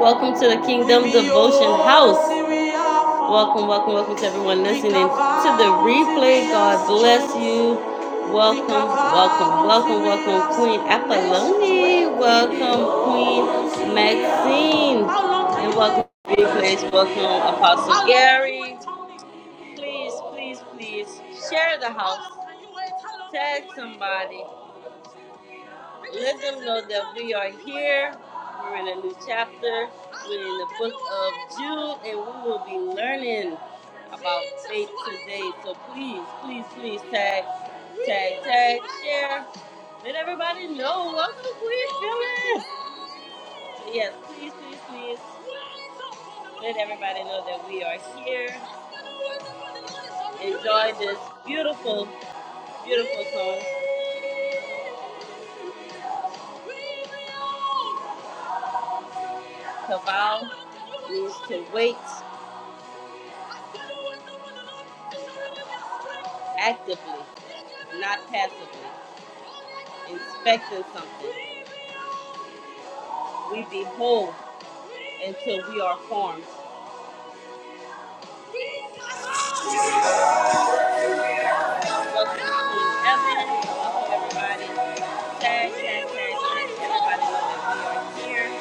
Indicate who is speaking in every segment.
Speaker 1: Welcome to the Kingdom Devotion House. Welcome, welcome, welcome to everyone listening to the replay. God bless you. Welcome, welcome, welcome, welcome, Queen Apolloni. Welcome, Queen Maxine. And welcome, Big Place. Welcome, Apostle Gary. Please, please, please share the house. Tag somebody. Let them know that we are here. We're in a new chapter. We're in the book of Jude, and we will be learning about faith today. So please, please, please tag, tag, tag, share. Let everybody know what we're feeling. Yes, please, please, please. Let everybody know that we are here. Enjoy this beautiful, beautiful song. Kaval means to wait actively, not passively. inspecting something. We behold until we are formed. Welcome to Evan. Welcome everybody. Tag, tag, tag, tag. Everybody know that we're here.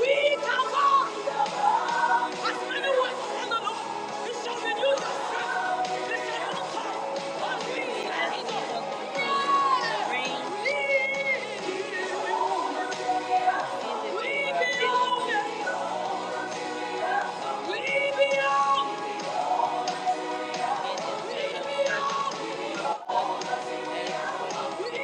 Speaker 1: We come on. As many ones as the Lord, you shall renew your strength. You shall mount up with wings as eagles. We belong. We belong. We belong. Thank you.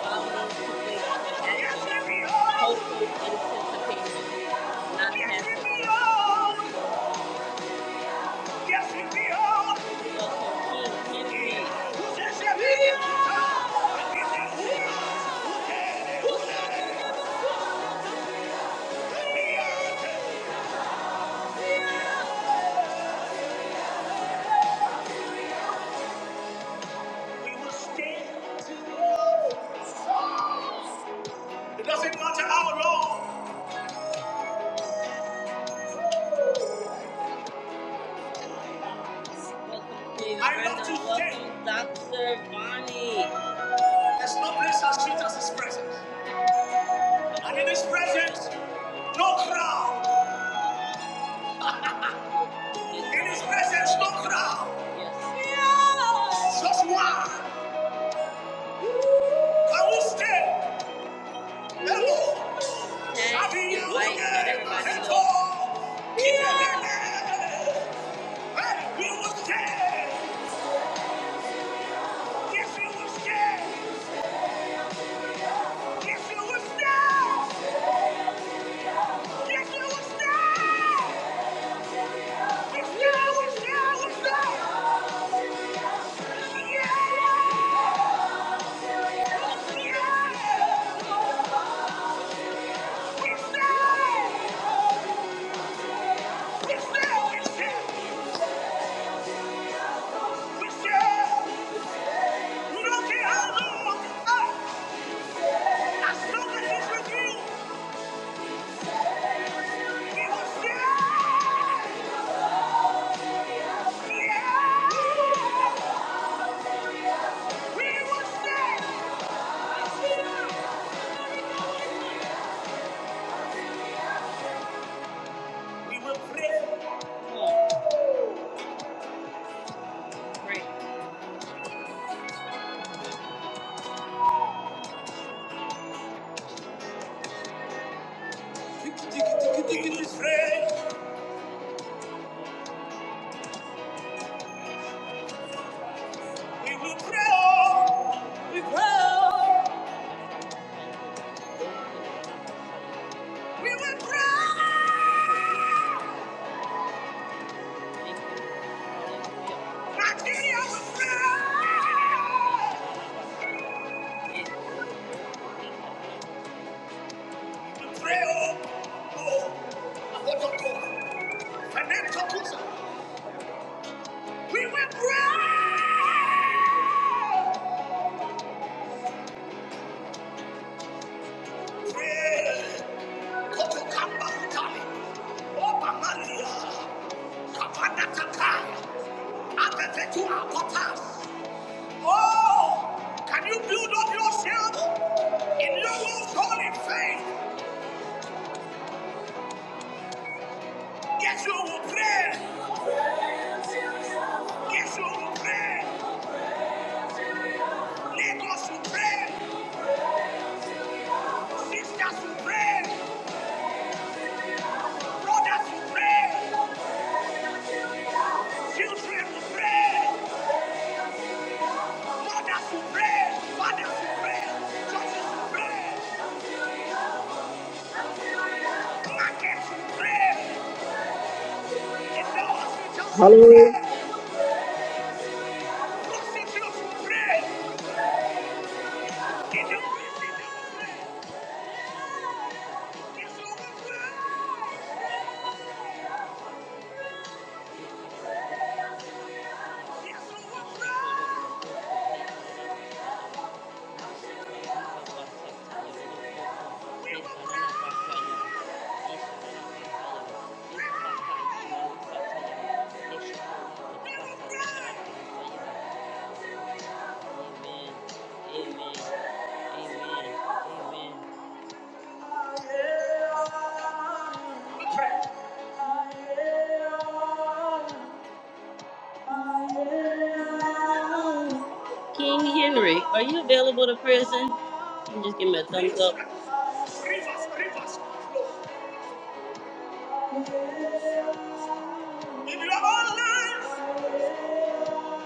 Speaker 1: It doesn't matter how long. I love to stay. Dr. Bonnie. There's no place as sweet as His presence. And in His presence, no crowd. In His presence, no crowd. Yes. Just one. Can we stay? Hello. Having you again. And all. Keep it in. the name. Hey, we will stay. Yes, we will stay. Yes, we will stay. Yes, we will stay. Yes, we will stay. We stay. Yeah. Yeah. We stay. We stay. We stay. We said, look at how the we will say, yeah. We will say, we will pray. We will pray. We will pray. We will. We will pray. Nigeria will pray. Pray, oh, oh, what don't go. And then Tokusa, we will pray. Pray, Kotokamba Hutali, Oba Maria, Kapanda Takai, Atetetua Potas. Oh, can you build up yourself in your own holy faith? Yes, you will pray. Yes, you will pray. Lagos will pray. Sisters will pray. Mothers will pray. Children will pray. Mothers will pray. Fathers will pray. Churches will pray. Markets will pray. In the hospitals will
Speaker 2: Hello.
Speaker 1: pray. Prostitutes will pray. In will pray. Yes, we will pray. Yes, we will pray. We will pray. We will pray. King Henry, are you available to prison? You can just give me a thumbs up.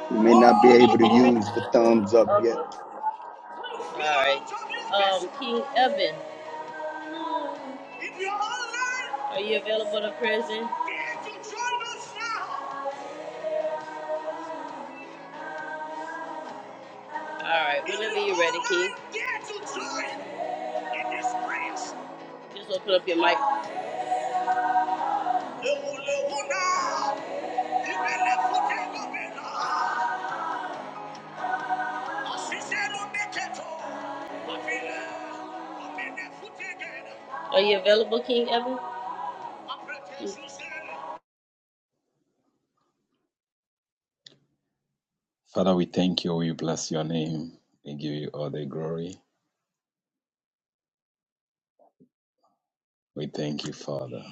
Speaker 3: You may not be able
Speaker 1: King
Speaker 3: to
Speaker 1: Henry?
Speaker 3: use the thumbs up yet.
Speaker 1: Okay. Alright. Um, King Evan, are you available to prison? All right, whenever you're ready, Keith. Just open up your mic. Are you available, King Evan?
Speaker 4: Father, we thank you. We bless your name. We give you all the glory. We thank you, Father.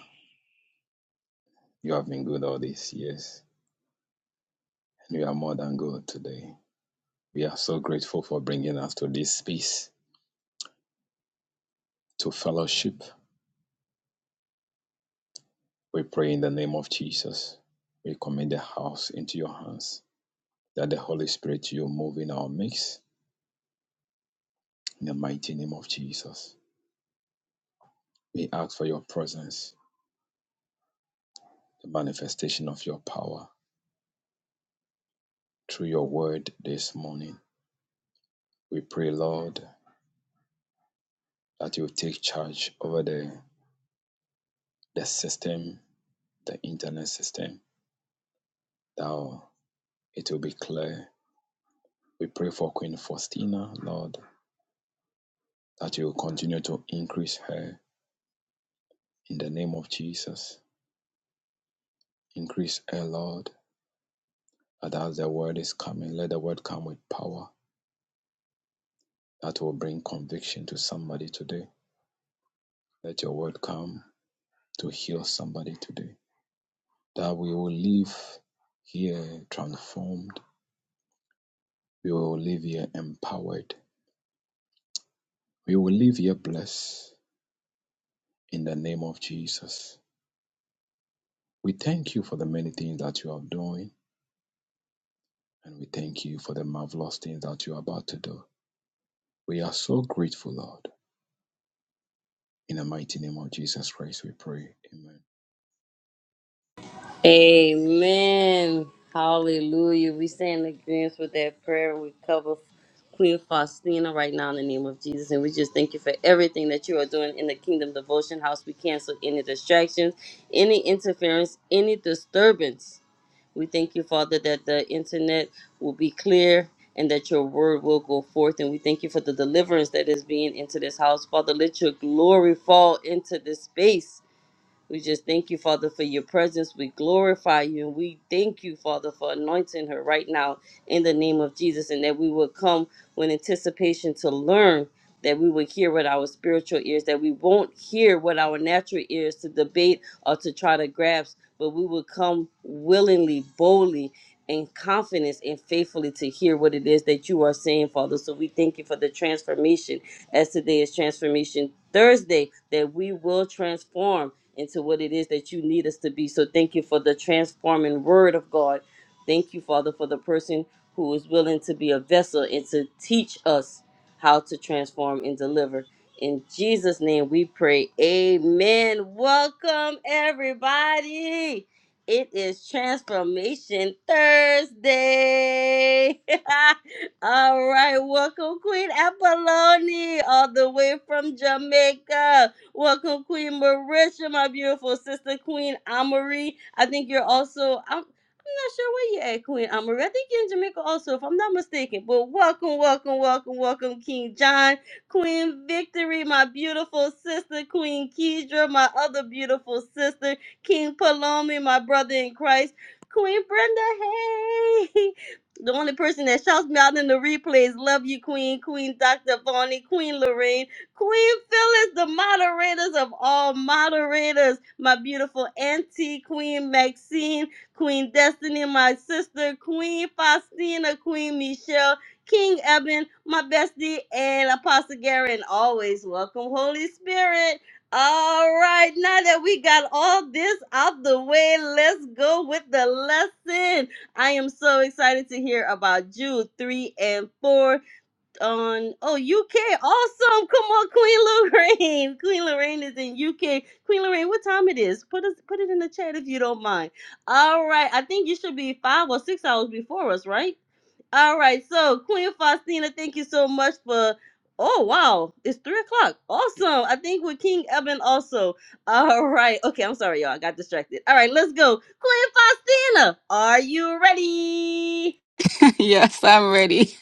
Speaker 4: You have been good all these years, and you are more than good today. We are so grateful for bringing us to this space, to fellowship. We pray in the name of Jesus. We commit the house into your hands, that the Holy Spirit you move in our midst, in the mighty name of Jesus. We ask for your presence, the manifestation of your power through your word this morning. We pray, Lord. that you take charge over the, the system, the internet system, that it will be clear. We pray for Queen Faustina, Lord, that you will continue to increase her in the name of Jesus. Increase her, Lord, that as the word is coming, let the word come with power that will bring conviction to somebody today. Let your word come to heal somebody today. That we will live here transformed. We will live here empowered We will leave here blessed in the name of Jesus. We thank you for the many things that you are doing, and we thank you for the marvelous things that you are about to do. We are so grateful, Lord. In the mighty name of Jesus Christ, we pray. Amen.
Speaker 1: Amen. Hallelujah. We stand in agreement with that prayer. We cover Queen Faustina right now in the name of Jesus. And we just thank you for everything that you are doing in the Kingdom Devotion House. We cancel any distractions, any interference, any disturbance. We thank you, Father, that the internet will be clear and that your word will go forth. And we thank you for the deliverance that is being into this house. Father, let your glory fall into this space we just thank you, Father, for your presence. We glorify you and we thank you, Father, for anointing her right now in the name of Jesus and that we will come with anticipation to learn, that we will hear with our spiritual ears, that we won't hear with our natural ears to debate or to try to grasp, but we will come willingly, boldly, in confidence and faithfully to hear what it is that you are saying, Father. So we thank you for the transformation as today is Transformation Thursday, that we will transform into what it is that you need us to be. So thank you for the transforming word of God. Thank you, Father, for the person who is willing to be a vessel and to teach us how to transform and deliver. In Jesus' name we pray. Amen. Welcome, everybody. It is Transformation Thursday. All right, welcome Queen Apolloni all the way from Jamaica. Welcome, Queen Marisha, my beautiful sister, Queen Amari. I think you're also, I'm, I'm not sure where you're at, Queen Amari. I think you're in Jamaica also, if I'm not mistaken. But welcome, welcome, welcome, welcome, King John, Queen Victory, my beautiful sister, Queen Kedra, my other beautiful sister, King Palomi, my brother in Christ, Queen Brenda, hey! The only person that shouts me out in the replays, love you, Queen, Queen Dr. Vonnie, Queen Lorraine. Queen Phyllis, the moderators of all moderators, my beautiful auntie, Queen Maxine, Queen Destiny, my sister, Queen Faustina, Queen Michelle, King Eben, my bestie, and Apostle Gary, and always welcome, Holy Spirit. All right, now that we got all this out the way, let's go with the lesson. I am so excited to hear about Jude 3 and 4 on oh UK. Awesome. Come on, Queen Lorraine. Queen Lorraine is in UK. Queen Lorraine, what time it is? Put us put it in the chat if you don't mind. All right. I think you should be five or six hours before us, right? All right. So Queen Faustina, thank you so much for Oh wow, it's three o'clock. Awesome. I think with King Eben also. All right. Okay, I'm sorry, y'all. I got distracted. All right, let's go. Queen Faustina, are you ready?
Speaker 5: yes, I'm ready.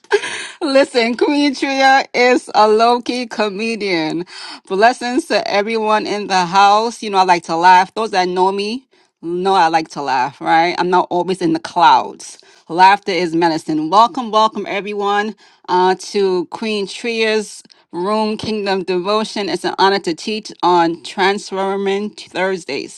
Speaker 5: Listen, Queen Tria is a low-key comedian. Blessings to everyone in the house. You know, I like to laugh. Those that know me know I like to laugh, right? I'm not always in the clouds. Laughter is medicine. Welcome, welcome everyone uh, to Queen Tria's Room Kingdom Devotion. It's an honor to teach on Transforming Thursdays.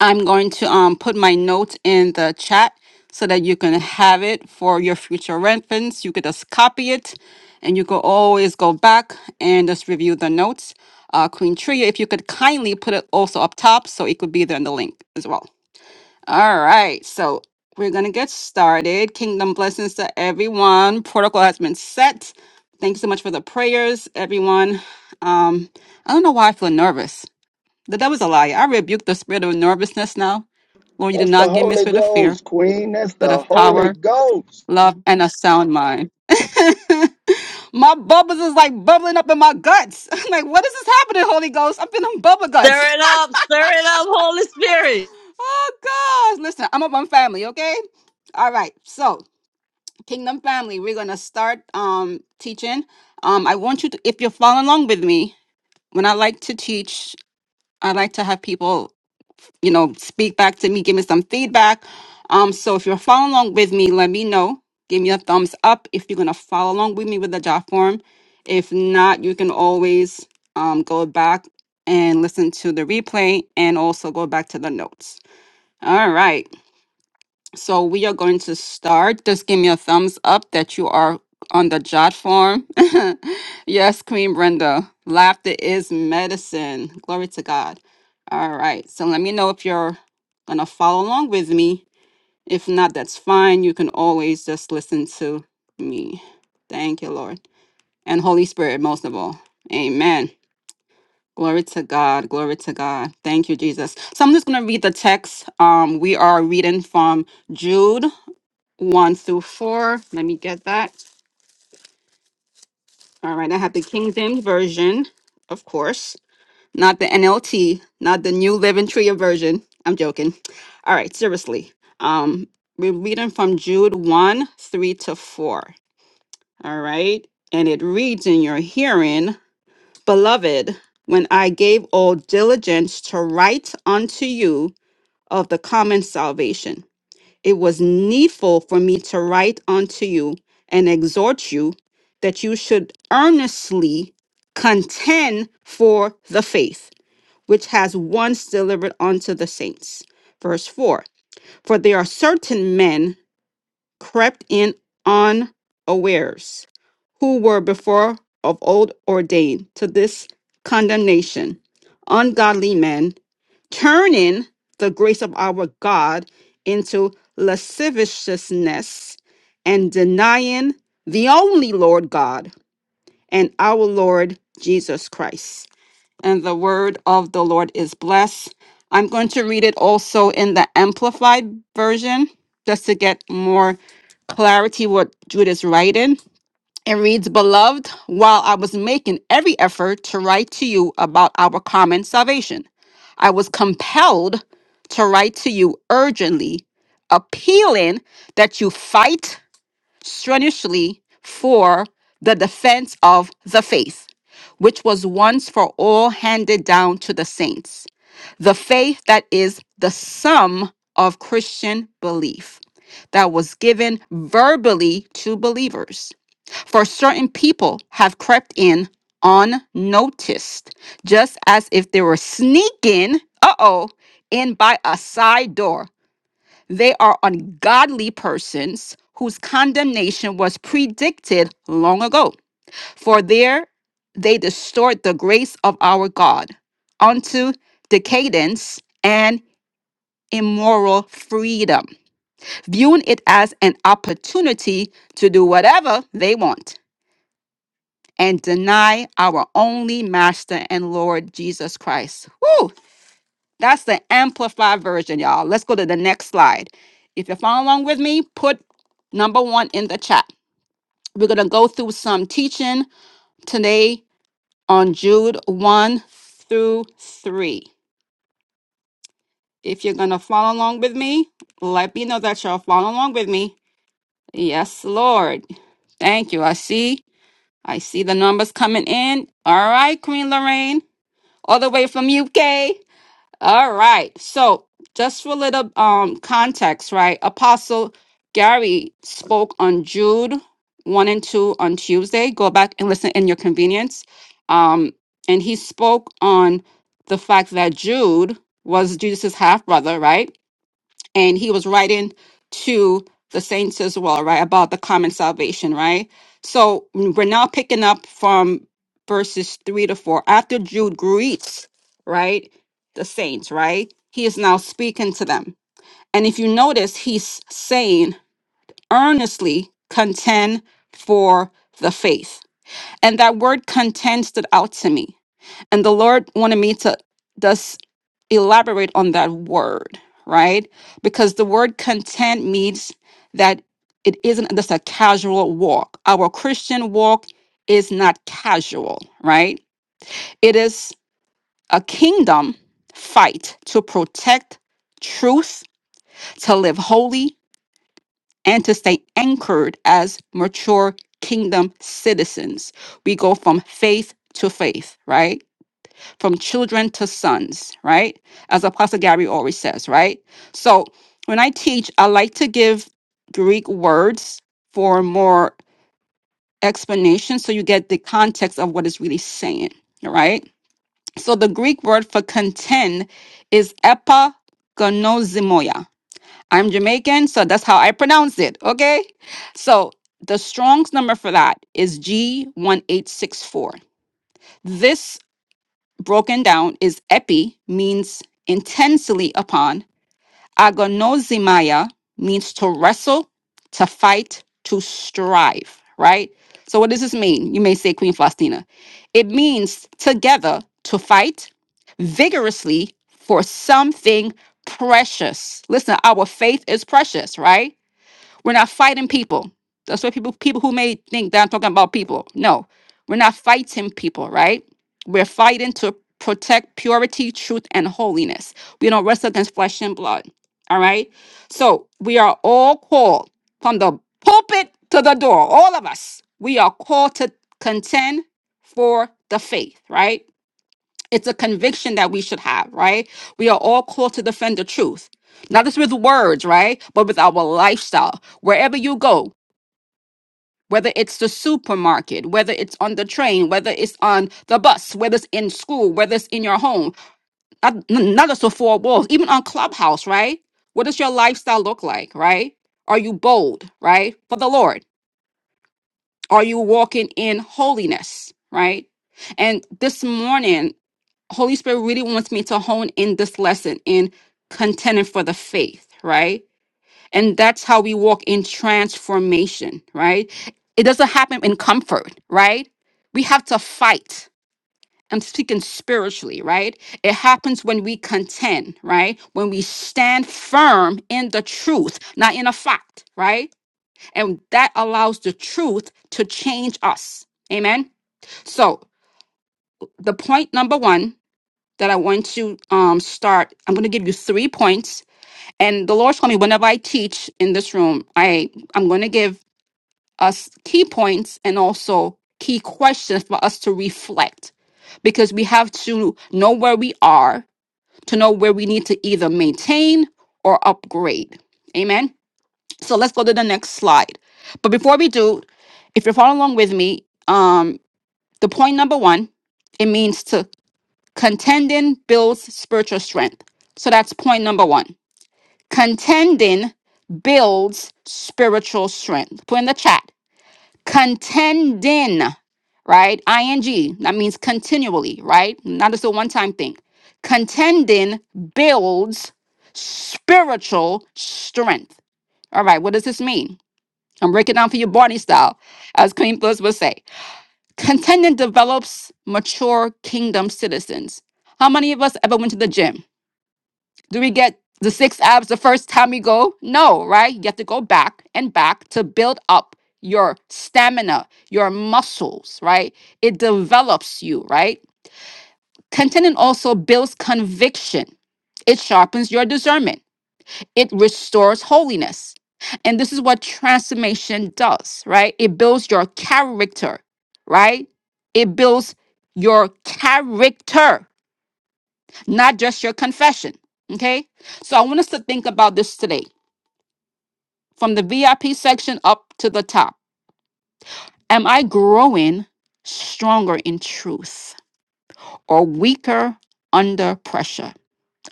Speaker 5: I'm going to um, put my note in the chat so that you can have it for your future reference. You could just copy it and you could always go back and just review the notes. Uh, Queen Tria, if you could kindly put it also up top so it could be there in the link as well. All right, so we're going to get started. Kingdom blessings to everyone. Protocol has been set. Thanks so much for the prayers, everyone. Um, I don't know why I feel nervous. That, that was a lie. I rebuke the spirit of nervousness now. Lord, you did
Speaker 3: That's the
Speaker 5: not give me a
Speaker 3: Holy
Speaker 5: spirit of fear,
Speaker 3: Ghost, Queen. That's
Speaker 5: but
Speaker 3: the
Speaker 5: of
Speaker 3: Holy
Speaker 5: power,
Speaker 3: Ghost.
Speaker 5: love, and a sound mind. my bubbles is like bubbling up in my guts. I'm like, what is this happening, Holy Ghost? I'm feeling bubble
Speaker 1: Stir
Speaker 5: guts.
Speaker 1: it up, stir it up, Holy Spirit.
Speaker 5: oh gosh. Listen, I'm up on family, okay? All right. So, Kingdom Family, we're gonna start um teaching. Um, I want you to if you're following along with me, when I like to teach, I like to have people you know, speak back to me, give me some feedback. Um, so if you're following along with me, let me know. Give me a thumbs up if you're gonna follow along with me with the job form. If not, you can always um, go back and listen to the replay and also go back to the notes. All right. So we are going to start. Just give me a thumbs up that you are on the jot form. yes, Queen Brenda. Laughter is medicine. Glory to God. All right. So let me know if you're going to follow along with me. If not, that's fine. You can always just listen to me. Thank you, Lord. And Holy Spirit, most of all. Amen. Glory to God. Glory to God. Thank you, Jesus. So I'm just going to read the text. Um, we are reading from Jude 1 through 4. Let me get that. All right, I have the King James Version, of course, not the NLT, not the New Living Tree version. I'm joking. All right, seriously. Um, we're reading from Jude 1 3 to 4. All right, and it reads in your hearing, Beloved, when I gave all diligence to write unto you of the common salvation. it was needful for me to write unto you and exhort you that you should earnestly contend for the faith which has once delivered unto the saints. Verse 4 For there are certain men crept in unawares, who were before of old ordained to this condemnation, ungodly men turning the grace of our God into lasciviousness and denying the only Lord God and our Lord Jesus Christ. And the word of the Lord is blessed. I'm going to read it also in the Amplified version just to get more clarity what Jude is writing it reads, Beloved, while I was making every effort to write to you about our common salvation, I was compelled to write to you urgently, appealing that you fight strenuously for the defense of the faith, which was once for all handed down to the saints, the faith that is the sum of Christian belief that was given verbally to believers for certain people have crept in unnoticed, just as if they were sneaking, uh oh, in by a side door. They are ungodly persons whose condemnation was predicted long ago. For there they distort the grace of our God unto decadence and immoral freedom, viewing it as an opportunity to do whatever they want and deny our only master and Lord Jesus Christ. Whew! That's the amplified version, y'all. Let's go to the next slide. If you're following along with me, put number one in the chat. We're going to go through some teaching today on Jude 1 through 3. If you're going to follow along with me, let me know that you're following along with me. Yes, Lord. Thank you. I see. I see the numbers coming in. All right, Queen Lorraine. all the way from UK. All right. So, just for a little um context, right? Apostle Gary spoke on Jude 1 and 2 on Tuesday. Go back and listen in your convenience. Um and he spoke on the fact that Jude was Jesus's half brother, right? and he was writing to the saints as well, right, about the common salvation, right? So mm, we're now picking up from verses three to four. After Jude greets, right, the saints, right, he is now speaking to them. And if you notice, he's saying, earnestly contend for the faith. And that word contend stood out to me. And the Lord wanted me to elaborate on that word, right? Because the word content means that it isn't just a casual walk. Our Christian walk is not casual, right? It is a kingdom fight to protect truth, to live holy, and to stay anchored as mature kingdom citizens. We go from faith to faith, right? from children to sons, right? As Apostle Gary always says, right? So when I teach, I like to give Greek words for more explanation so you get the context of what it's really saying, all right? So the Greek word for contend is epagonosimoia. I'm Jamaican, so that's how I pronounce it, okay? So the Strong's number for that is G1864. This broken down is epi means intensely upon. Agonozimaya means to wrestle, to fight, to strive, right? So what does this mean? You may say Queen Faustina. It means together to fight vigorously for something precious. Listen, our faith is precious, right? We're not fighting people. That's why people people who may think that I'm talking about people. No, we're not fighting people, right? We're fighting to protect purity, truth, and holiness. We don't wrestle against flesh and blood. All right. So we are all called from the pulpit to the door. All of us. We are called to contend for the faith, right? It's a conviction that we should have, right? We are all called to defend the truth, not just with words, right? But with our lifestyle. Wherever you go, whether it's the supermarket, whether it's on the train, whether it's on the bus, whether it's in school, whether it's in your home, not, n- not just the four walls, even on Clubhouse, right? What does your lifestyle look like, right? Are you bold, right? For the Lord? Are you walking in holiness, right? And this morning, Holy Spirit really wants me to hone in this lesson in contending for the faith, right? And that's how we walk in transformation, right? It doesn't happen in comfort, right? We have to fight. I'm speaking spiritually, right? It happens when we contend, right? When we stand firm in the truth, not in a fact, right? And that allows the truth to change us. Amen. So, the point number one that I want to um, start. I'm going to give you three points. And the Lord told me whenever I teach in this room, I I'm going to give us key points and also key questions for us to reflect, because we have to know where we are to know where we need to either maintain or upgrade. Amen. So let's go to the next slide. But before we do, if you're following along with me, um, the point number one, it means to Contending builds spiritual strength. So that's point number one. Contending builds spiritual strength. Put in the chat. Contending, right? ING. That means continually, right? Not just a one time thing. Contending builds spiritual strength. All right, what does this mean? I'm breaking down for you, Barney style, as Queen Plus would say. Contending develops mature kingdom citizens. How many of us ever went to the gym? Do we get the six abs the first time we go? No, right? You have to go back and back to build up your stamina, your muscles, right? It develops you, right? Contentment also builds conviction, it sharpens your discernment, it restores holiness. And this is what transformation does, right? It builds your character, right? It builds your character not just your confession. Okay. So I want us to think about this today from the VIP section up to the top. Am I growing stronger in truth or weaker under pressure?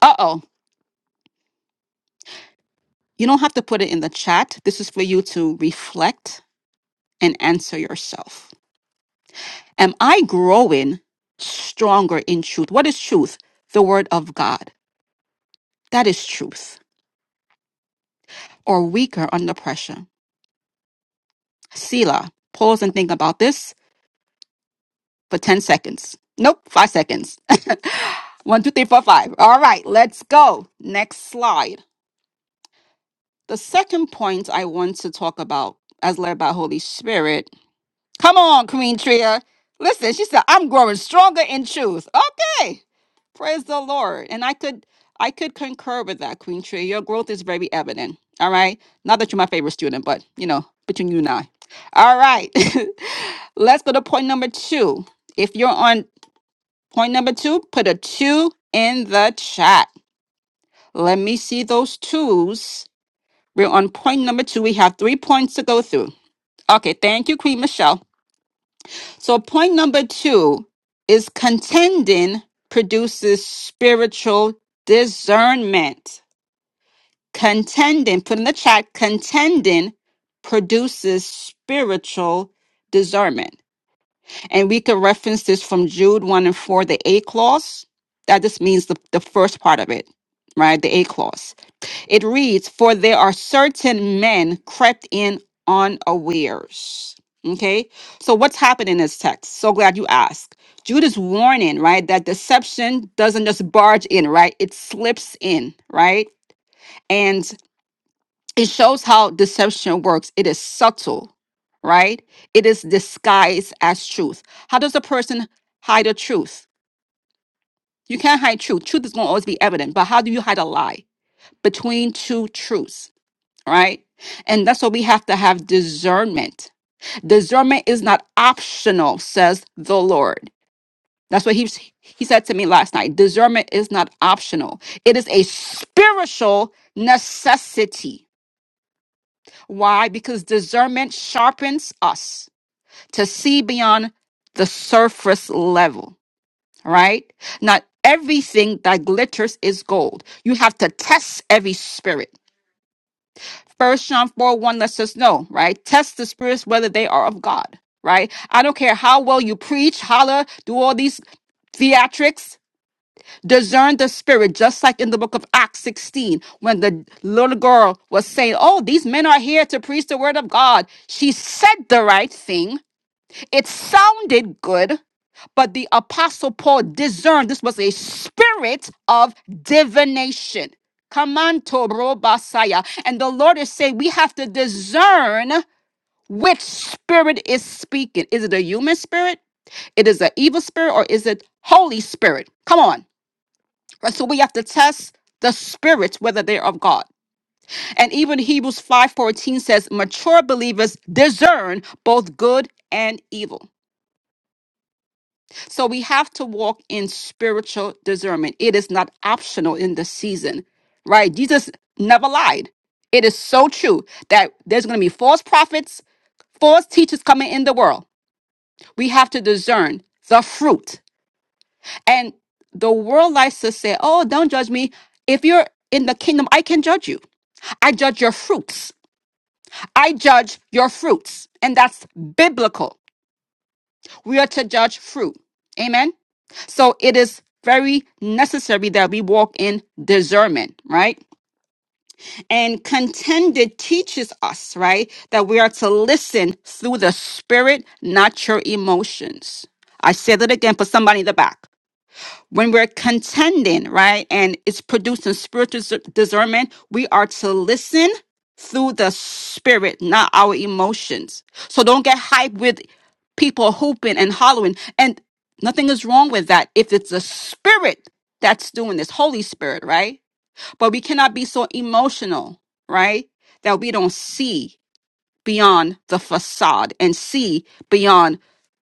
Speaker 5: Uh oh. You don't have to put it in the chat. This is for you to reflect and answer yourself. Am I growing stronger in truth? What is truth? The word of God. That is truth. Or weaker under pressure. Selah, pause and think about this for 10 seconds. Nope, five seconds. One, two, three, four, five. All right, let's go. Next slide. The second point I want to talk about, as led by Holy Spirit. Come on, Queen Tria. Listen, she said, I'm growing stronger in truth. Okay. Praise the Lord. And I could I could concur with that, Queen Tria. Your growth is very evident. All right. Not that you're my favorite student, but you know, between you and I. All right. let's go to point number two. If you're on Point number two, put a two in the chat. Let me see those twos. We're on point number two. We have three points to go through. Okay, thank you, Queen Michelle. So, point number two is contending produces spiritual discernment. Contending, put in the chat, contending produces spiritual discernment. And we can reference this from Jude 1 and 4, the A clause. That just means the, the first part of it, right? The A clause. It reads, For there are certain men crept in unawares. Okay. So what's happened in this text? So glad you asked. Jude is warning, right? That deception doesn't just barge in, right? It slips in, right? And it shows how deception works. It is subtle, right? It is disguised as truth. How does a person hide a truth? You can't hide truth. Truth is going to always be evident, but how do you hide a lie between two truths, right? And that's what we have to have discernment. Discernment is not optional, says the Lord. That's what he, he said to me last night. Discernment is not optional, it is a spiritual necessity Why? Because discernment sharpens us to see beyond the surface level, right? Not everything that glitters is gold. You have to test every spirit. First John 4 1 lets us know, right? Test the spirits whether they are of God, right? I don't care how well you preach, holler, do all these theatrics discern the spirit, just like in the book of Acts 16, when the little girl was saying, Oh, these men are here to preach the word of God. She said the right thing. It sounded good, but the apostle Paul discerned this was a spirit of divination. Come on, Tobro Basaya. And the Lord is saying, We have to discern which spirit is speaking. Is it a human spirit? It is an evil spirit, or is it Holy Spirit? Come on. Right? So we have to test the spirits whether they're of God. And even Hebrews 5:14 says, mature believers discern both good and evil. So we have to walk in spiritual discernment. It is not optional in this season, right? Jesus never lied. It is so true that there's going to be false prophets, false teachers coming in the world. We have to discern the fruit. And the world likes to say, "Oh, don't judge me. If you're in the kingdom, I can judge you." I judge your fruits. I judge your fruits. And that's biblical. We are to judge fruit. Amen. So it is very necessary that we walk in discernment, right? And contended teaches us, right, that we are to listen through the spirit, not your emotions. I said it again for somebody in the back. when we're contending, right, and it's producing spiritual dis- discernment, we are to listen through the spirit, not our emotions. So don't get hyped with people hooping and hollering. And nothing is wrong with that if it's the spirit that's doing this, Holy Spirit, right? But we cannot be so emotional, right, that we don't see beyond the facade and see beyond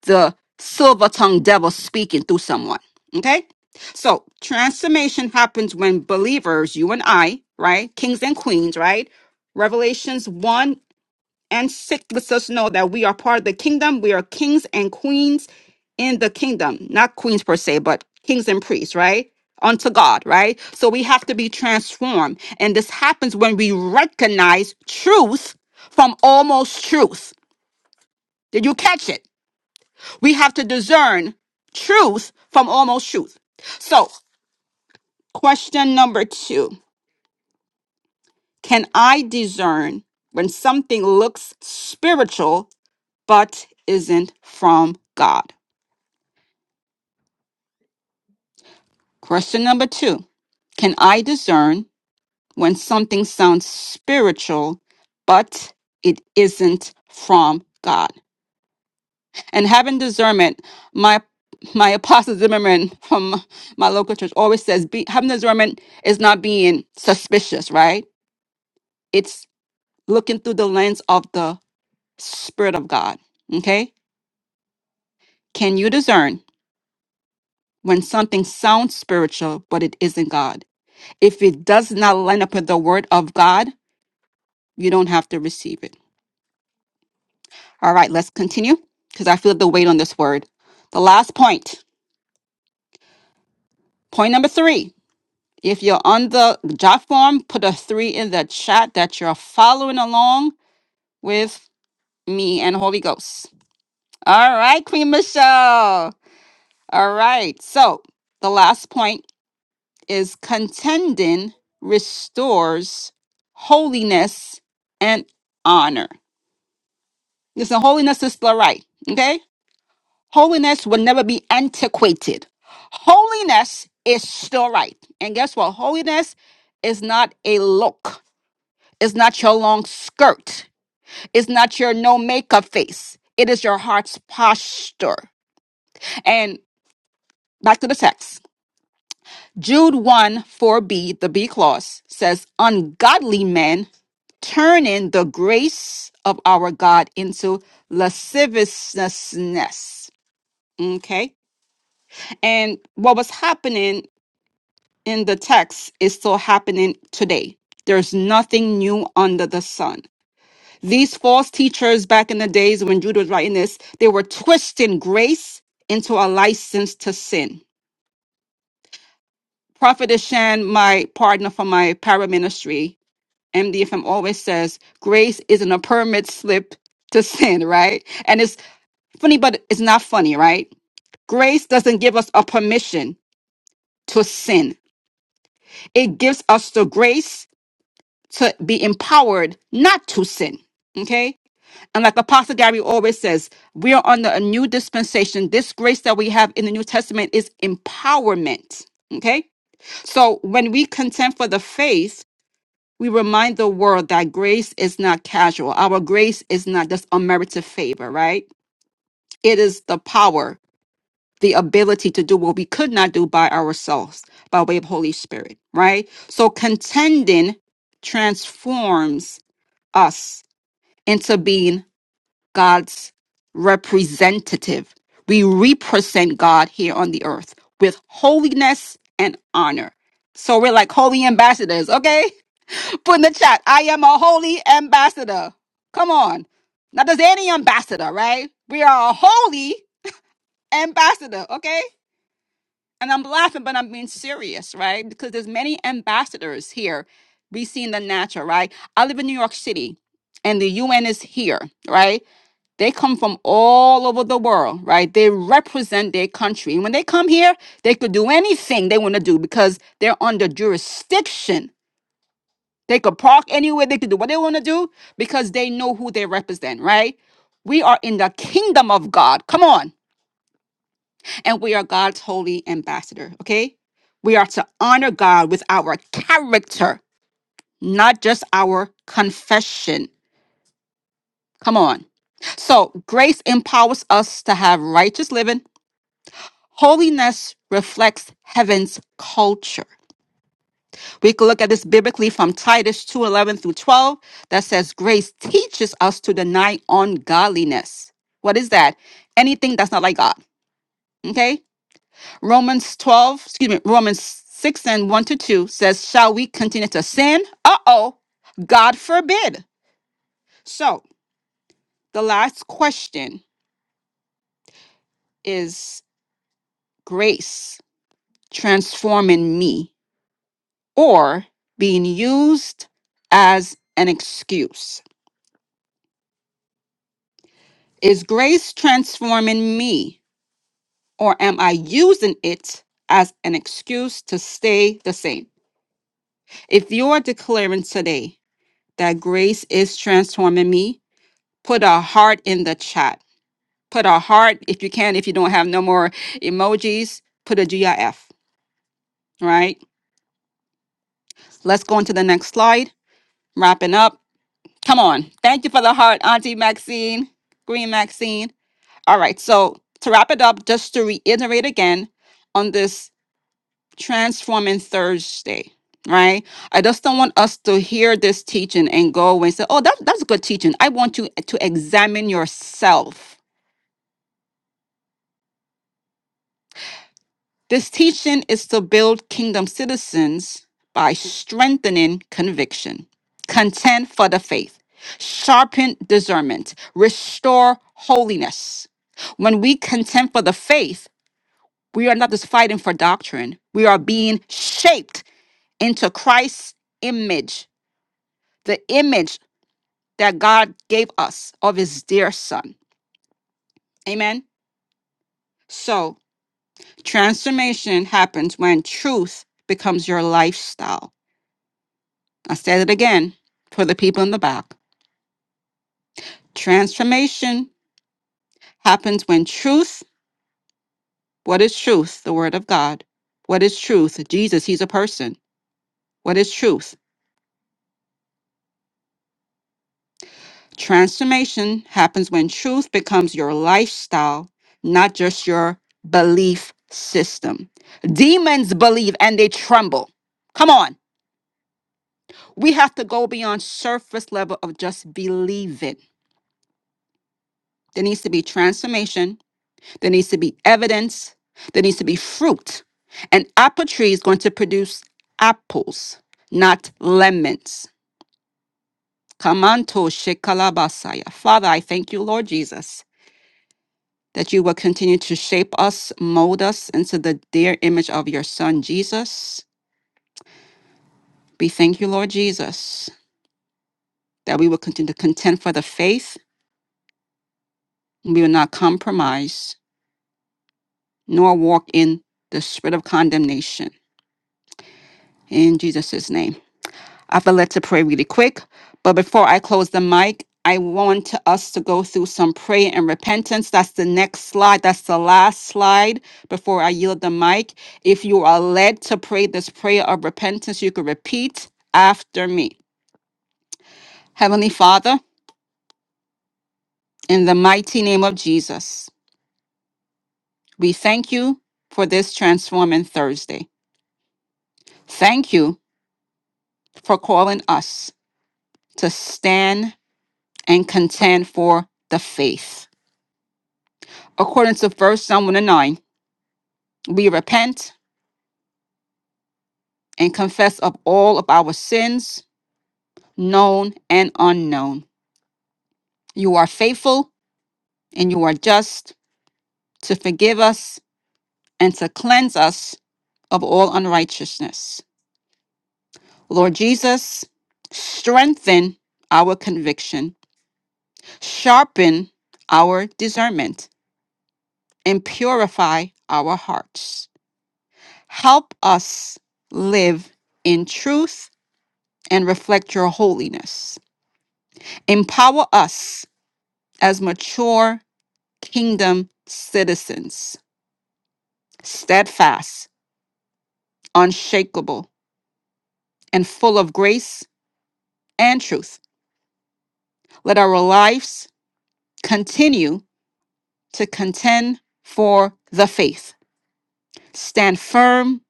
Speaker 5: the silver tongued devil speaking through someone. Okay? So transformation happens when believers, you and I, right? Kings and queens, right? Revelations 1 and 6 lets us know that we are part of the kingdom. We are kings and queens in the kingdom. Not queens per se, but kings and priests, right? Unto God, right? So we have to be transformed. And this happens when we recognize truth from almost truth. Did you catch it? We have to discern truth from almost truth. So, question number two Can I discern when something looks spiritual but isn't from God? Question number two Can I discern when something sounds spiritual but it isn't from God? and having discernment my my apostle zimmerman from my local church always says be, having discernment is not being suspicious right it's looking through the lens of the spirit of god okay can you discern when something sounds spiritual but it isn't god if it does not line up with the word of god you don't have to receive it all right let's continue because i feel the weight on this word the last point point number three If you're on the job form, put a three in the chat that you're following along with me and Holy Ghost. All right, Queen Michelle. All right. So the last point is contending restores holiness and honor. Listen, holiness is the right. Okay. Holiness will never be antiquated. Holiness is still right. And guess what? Holiness is not a look. It's not your long skirt. It's not your no makeup face. It is your heart's posture. And back to the text. Jude 1 4b, the B clause says, Ungodly men turning the grace of our God into lasciviousness. Okay. And what was happening in the text is still happening today. There's nothing new under the sun These false teachers back in the days when Judah was writing this, they were twisting grace into a license to sin. Prophet Ashan, my partner for my para ministry, MDFM always says, grace isn't a permit slip to sin, right? And it's funny, but it's not funny, right? Grace doesn't give us a permission to sin. It gives us the grace to be empowered not to sin. Okay. And like Apostle Gary always says, we are under a new dispensation. This grace that we have in the New Testament is empowerment. Okay? So when we contend for the faith, we remind the world that grace is not casual. Our grace is not just unmerited favor, right? It is the power, the ability to do what we could not do by ourselves by way of Holy Spirit, right? So contending transforms us into being God's representative. We represent God here on the earth with holiness and honor. So we're like holy ambassadors, okay? Put in the chat, I am a holy ambassador. Come on. Not just any ambassador, right? We are a holy ambassador, okay? And I'm laughing, but I'm being serious, right? Because there's many ambassadors here we see in the natural, right? I live in New York City and the UN is here, right? They come from all over the world, right? They represent their country. And when they come here, they could do anything they want to do because they're under jurisdiction. They could park anywhere, they could do what they want to do because they know who they represent, right? We are in the kingdom of God. Come on. And we are God's holy ambassador, okay? We are to honor God with our character, not just our confession. Come on. So, grace empowers us to have righteous living Holiness reflects heaven's culture. We can look at this biblically from Titus 2 11 through 12 that says, Grace teaches us to deny ungodliness. What is that? Anything that's not like God. Okay? Romans 12, excuse me, Romans 6 and 1 to 2 says, Shall we continue to sin? Uh oh, God forbid. So the last question is grace transforming me or being used as an excuse? Is grace transforming me, or am I using it as an excuse to stay the same? If you are declaring today that grace is transforming me, put a heart in the chat. Put a heart if you can, if you don't have no more emojis, put a GIF, right? Let's go on to the next slide. Wrapping up. Come on. Thank you for the heart, Auntie Maxine, Green Maxine. All right. So to wrap it up, just to reiterate again on this transforming Thursday, right? I just don't want us to hear this teaching and go away and say, oh, that, that's good teaching. I want you to examine yourself. This teaching is to build kingdom citizens by strengthening conviction, contend for the faith, sharpen discernment, restore holiness. When we contend for the faith, We are not just fighting for doctrine. We are being shaped into Christ's image, the image that God gave us of his dear son. Amen. So transformation happens when truth becomes your lifestyle. I said it again for the people in the back. Transformation happens when truth, what is truth? The word of God. What is truth? Jesus, he's a person. What is truth? Transformation happens when truth becomes your lifestyle, not just your belief system. Demons believe and they tremble. Come on. We have to go beyond surface level of just believe it. There needs to be transformation. There needs to be evidence. There needs to be fruit. An apple tree is going to produce apples, not lemons. Kamanto shekalabasaya. Father, I thank you, Lord Jesus that you will continue to shape us, mold us into the dear image of your Son, Jesus. We thank you, Lord Jesus, that we will continue to contend for the faith. We will not compromise nor walk in the spirit of condemnation. In Jesus' name. I feel led to pray really quick. But before I close the mic, I want to- us to go through some prayer and repentance. That's the next slide. That's the last slide before I yield the mic. If you are led to pray this prayer of repentance, you can repeat after me. Heavenly Father, in the mighty name of Jesus, we thank you for this transforming Thursday. Thank you for calling us to stand and contend for the faith according to First Samuel 9. we repent and confess of all of our sins, known and unknown. You are faithful and you are just to forgive us and to cleanse us of all unrighteousness. Lord Jesus, strengthen our conviction, sharpen our discernment, and purify our hearts. Help us live in truth and reflect your holiness. Empower us as mature kingdom citizens, steadfast, unshakable, and full of grace and truth. Let our lives continue to contend for the faith, stand firm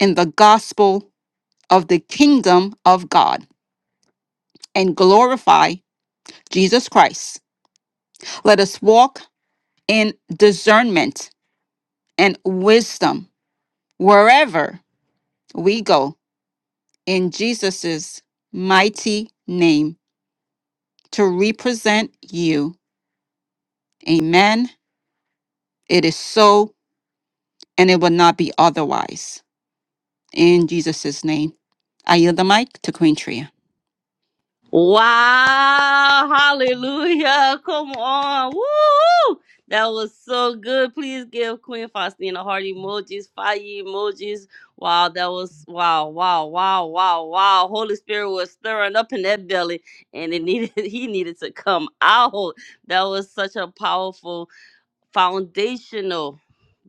Speaker 5: in the gospel of the kingdom of God, and glorify Jesus Christ. Let us walk in discernment and wisdom wherever we go in Jesus' mighty name to represent you. Amen. It is so, and it will not be otherwise. In Jesus' name. I yield the mic to Queen Tria.
Speaker 1: Wow, hallelujah. Come on. Woo! That was so good. Please give Queen Faustina heart emojis, fire emojis. Wow, that was wow, wow, wow, wow, wow. Holy Spirit was stirring up in that belly and it needed he needed to come out. That was such a powerful foundational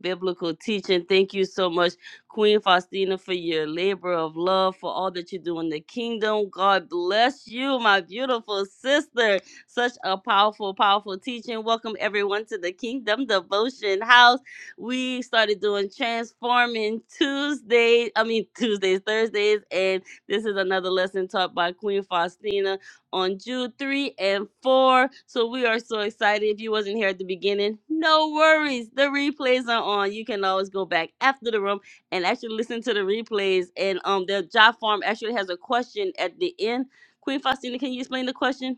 Speaker 1: biblical teaching. Thank you so much, Queen Faustina, for your labor of love, for all that you do in the kingdom. God bless you, my beautiful sister. Such a powerful, powerful teaching. Welcome everyone to the Kingdom Devotion House. We started doing transforming Tuesday, I mean Tuesdays, Thursdays, and this is another lesson taught by Queen Faustina on June 3 and 4. So we are so excited. If you wasn't here at the beginning, no worries. The replays are on. You can always go back after the room and actually listen to the replays. And um the job form actually has a question at the end. Queen Faustina, can you explain the question?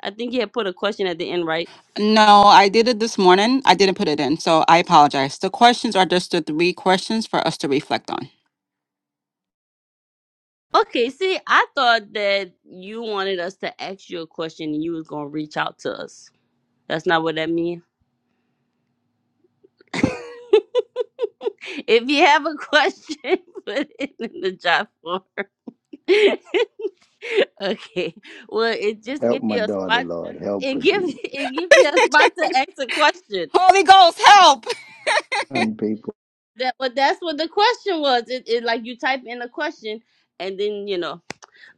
Speaker 1: I think you had put a question at the end, right?
Speaker 5: No, I did it this morning. I didn't put it in, so I apologize. The questions are just the three questions for us to reflect on.
Speaker 1: Okay, see, I thought that you wanted us to ask you a question and you was gonna reach out to us. That's not what that means. if you have a question, put it in the job form. okay. Well, it just
Speaker 3: Help
Speaker 1: give
Speaker 3: my
Speaker 1: you a
Speaker 3: daughter,
Speaker 1: spot.
Speaker 3: Lord. Help
Speaker 1: It
Speaker 3: her,
Speaker 1: give
Speaker 3: Jesus.
Speaker 1: it give you a spot to ask a question.
Speaker 5: Holy Ghost, help!
Speaker 3: Son, people,
Speaker 1: That but that's what the question was. It, it like you type in a question, and then you know.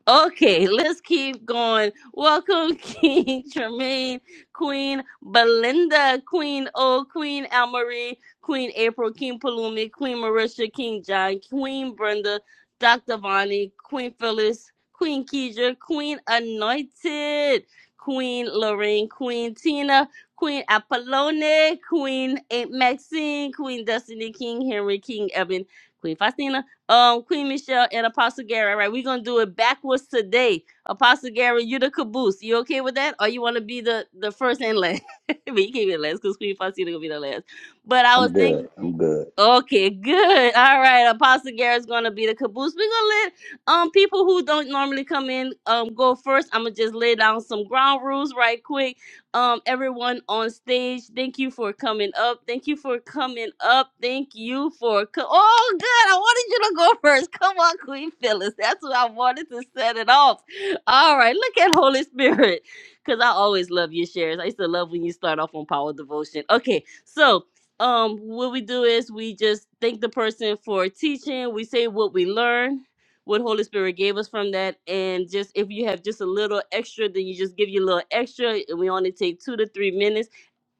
Speaker 1: Okay, let's keep going. Welcome, King Tremaine, Queen Belinda, Queen O, Queen Almarie, Queen April, King Palumi, Queen Marisha, King John, Queen Brenda, Dr. Vonnie, Queen Phyllis, Queen Keidra, Queen Anointed, Queen Lorraine, Queen Tina, Queen Apollone, Queen Aunt Maxine, Queen Destiny, King Henry, King Evan, Queen Faustina, um, Queen Michelle and Apostle Gary. All right, we're gonna do it backwards today. Apostle Gary, you the caboose. You okay with that, or you want to be the the first and last? but you can't be the last because Queen Faustina gonna be the last. But I was
Speaker 3: I'm
Speaker 1: thinking.
Speaker 3: good. I'm good.
Speaker 1: Okay, good. All right. Apostle Garrett's gonna be the caboose. We're gonna let um people who don't normally come in um go first. I'm gonna just lay down some ground rules right quick. Um, everyone on stage, thank you for coming up. Thank you for coming up. Thank you for co- oh good. I wanted you to go first. Come on, Queen Phyllis. That's what I wanted to set it off. All right, look at Holy Spirit. Cause I always love your shares. I used to love when you start off on power devotion. Okay, so um what we do is we just thank the person for teaching we say what we learned what holy spirit gave us from that and just if you have just a little extra then you just give you a little extra and we only take two to three minutes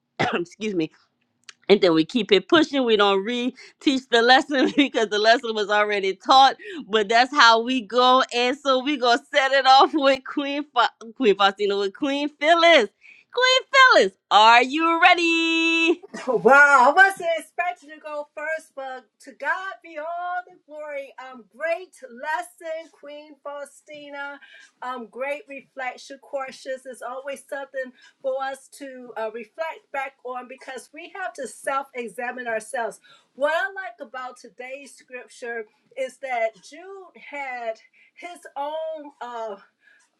Speaker 1: excuse me and then we keep it pushing we don't re-teach the lesson because the lesson was already taught but that's how we go and so we gonna set it off with queen Fa- queen faustina with queen phyllis queen phyllis are you ready
Speaker 6: Wow, I wasn't expecting to go first, but to God be all the glory. Um, great lesson, Queen Faustina. Um, great reflection courses is always something for us to uh, reflect back on because we have to self-examine ourselves. What I like about today's scripture is that Jude had his own. Uh,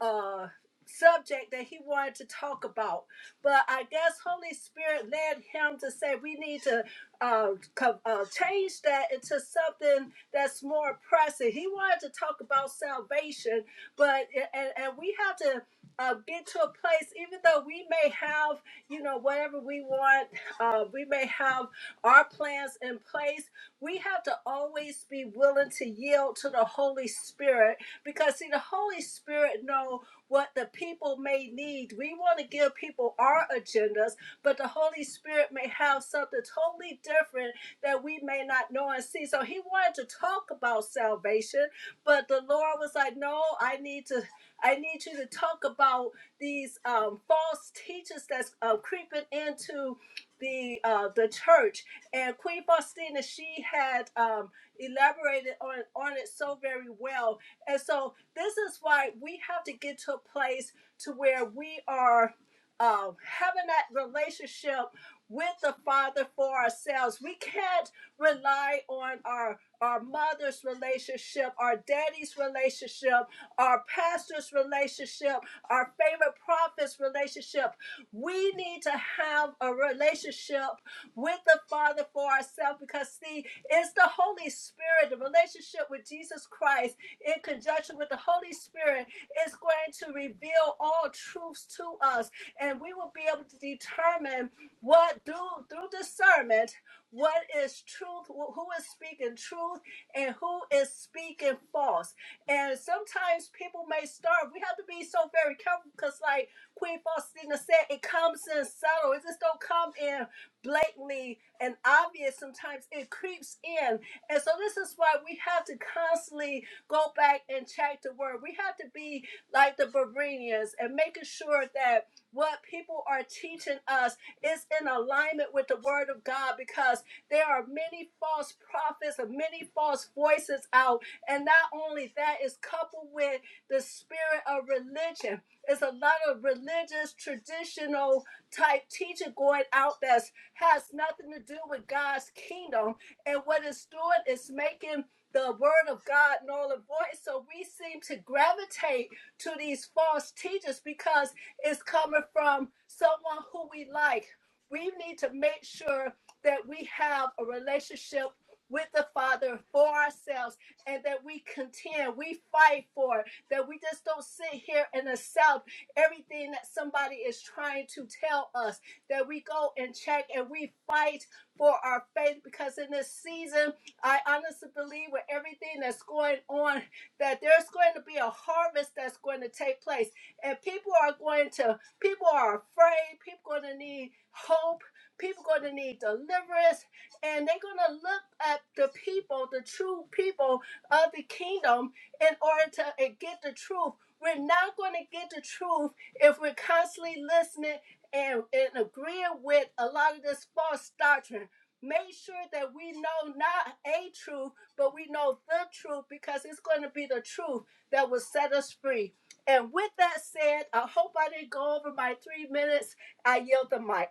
Speaker 6: uh subject that he wanted to talk about but i guess holy spirit led him to say we need to uh, co- uh change that into something that's more pressing he wanted to talk about salvation but and, and we have to uh, get to a place even though we may have you know whatever we want uh, we may have our plans in place we have to always be willing to yield to the holy spirit because see the holy spirit know what the people may need we want to give people our agendas but the holy spirit may have something totally different that we may not know and see so he wanted to talk about salvation but the lord was like no i need to i need you to talk about these um, false teachers that's uh, creeping into the uh, the church and queen faustina she had um, elaborated on on it so very well and so this is why we have to get to a place to where we are um, having that relationship with the Father for ourselves. We can't rely on our our mother's relationship, our daddy's relationship, our pastor's relationship, our favorite prophet's relationship. We need to have a relationship with the Father for ourselves because, see, it's the Holy Spirit, the relationship with Jesus Christ in conjunction with the Holy Spirit is going to reveal all truths to us, and we will be able to determine what through through discernment what is truth, who is speaking truth, and who is speaking false. And sometimes people may start. We have to be so very careful because, like Queen Faustina said, it comes in subtle. It just don't come in blatantly and obvious. Sometimes it creeps in, and so this is why we have to constantly go back and check the word. We have to be like the Bereans and making sure that what people are teaching us is in alignment with the word of God because there are many false prophets and many false voices out. And not only that is coupled with the spirit of religion. It's a lot of religious, traditional type teaching going out that has nothing to do with God's kingdom. And what it's doing is making the word of God null and void. So we seem to gravitate to these false teachers because it's coming from someone who we like. We need to make sure that we have a relationship with the Father for ourselves and that we contend, we fight for it, that we just don't sit here and accept everything that somebody is trying to tell us, that we go and check and we fight for our faith because in this season, I honestly believe with everything that's going on, that there's going to be a harvest that's going to take place. And people are going to, people are afraid, people are going to need hope, people are going to need deliverance, and they're going to look at the people, the true people of the kingdom, in order to uh, get the truth. We're not going to get the truth if we're constantly listening and, and agreeing with a lot of this false doctrine Make sure that we know not a truth, but we know the truth because it's going to be the truth that will set us free. And with that said, I hope I didn't go over my three minutes. I yield the mic.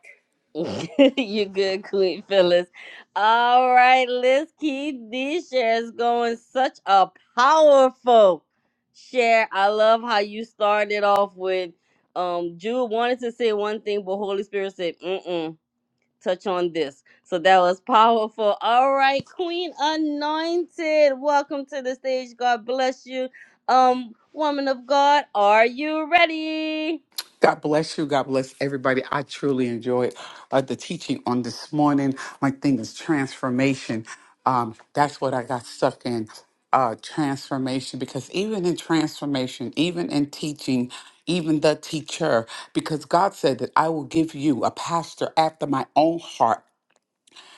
Speaker 1: you good, Queen Phyllis. All right, let's keep these shares going. Such a powerful share. I love how you started off with um Jude wanted to say one thing, but Holy Spirit said, mm-mm, touch on this. So that was powerful. All right, Queen Anointed. Welcome to the stage. God bless you. Um, woman of God, are you ready?
Speaker 7: God bless you. God bless everybody. I truly enjoyed uh, the teaching on this morning. My thing is transformation. Um, that's what I got stuck in uh, transformation because even in transformation, even in teaching, even the teacher, because God said that I will give you a pastor after my own heart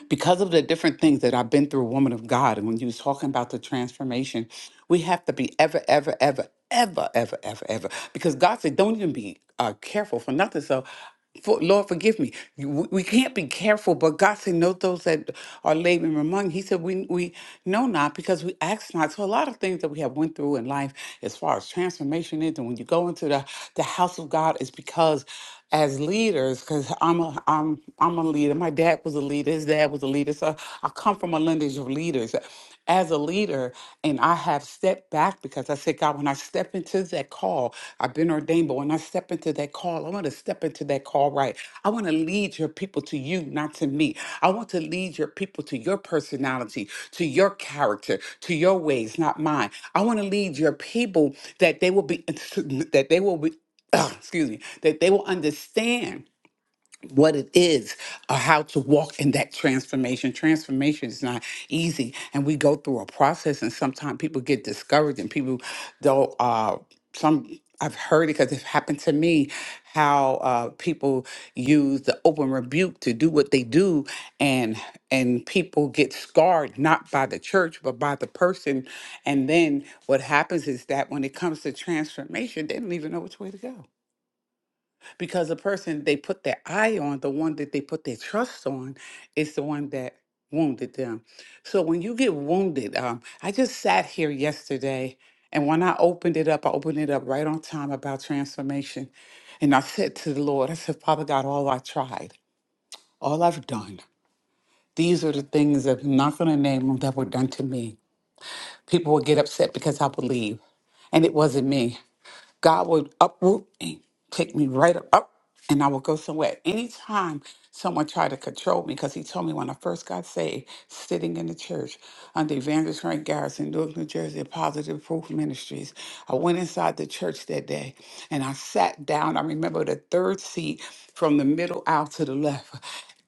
Speaker 7: because of the different things that I've been through, woman of God, and when you was talking about the transformation, we have to be ever, ever, ever, ever, ever, ever, ever, because God said, don't even be uh, careful for nothing. So, for, Lord, forgive me. You- We we can't be careful, but God said, know those that are laboring among. He said, we we know not because we ask not. So a lot of things that we have went through in life, as far as transformation is, and when you go into the the house of God, is because as leaders because I'm a I'm I'm a leader. My dad was a leader. His dad was a leader. So I come from a lineage of leaders. As a leader, and I have stepped back because I said, God, when I step into that call, I've been ordained, but when I step into that call, I want to step into that call right. I want to lead your people to you, not to me. I want to lead your people to your personality, to your character, to your ways, not mine. I want to lead your people that they will be that they will be. excuse me, that they will understand what it is or how to walk in that transformation. Transformation is not easy, and we go through a process, and sometimes people get discouraged, and people don't. Uh, some I've heard it because it happened to me how uh, people use the open rebuke to do what they do, and and people get scarred not by the church but by the person, and then what happens is that when it comes to transformation, they don't even know which way to go because the person they put their eye on, the one that they put their trust on, is the one that wounded them. So when you get wounded, um, I just sat here yesterday, and when I opened it up, I opened it up right on time about transformation. And I said to the Lord, I said, Father God, all I tried, all I've done, these are the things that I'm not going to name them that were done to me. People would get upset because I believe, and it wasn't me. God would uproot and take me right up, up and I would go somewhere. Anytime someone tried to control me, because he told me when I first got saved, sitting in the church under Evangelist Frank Garrison, Newark, New Jersey, Positive Proof Ministries, I went inside the church that day and I sat down. I remember the third seat from the middle aisle to the left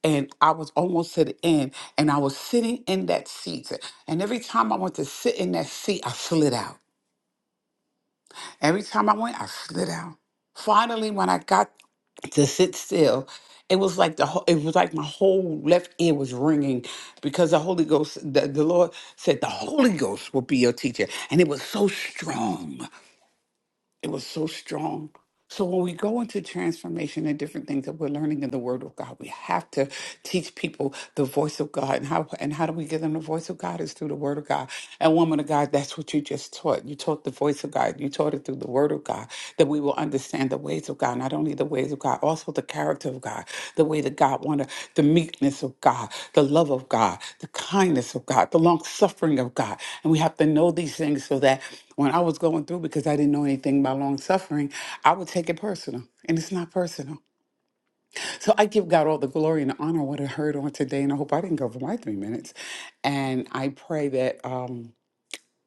Speaker 7: and I was almost to the end, and I was sitting in that seat. And every time I went to sit in that seat, I slid out. Every time I went, I slid down. Finally, when I got to sit still, it was like the whole, it was like my whole left ear was ringing because the Holy Ghost, the, the Lord said the Holy Ghost will be your teacher, and it was so strong. It was so strong. So when we go into transformation and different things that we're learning in the Word of God, we have to teach people the voice of God and how and how do we give them the voice of God is through the Word of God. And woman of God, that's what you just taught. You taught the voice of God. You taught it through the Word of God that we will understand the ways of God, not only the ways of God, also the character of God, the way that God wanted, the meekness of God, the love of God, the kindness of God, the long suffering of God, and we have to know these things so that when I was going through because I didn't know anything about long suffering. I would take it personal, and it's not personal. So I give God all the glory and the honor what I heard on today, and I hope I didn't go for my three minutes. And I pray that. Um,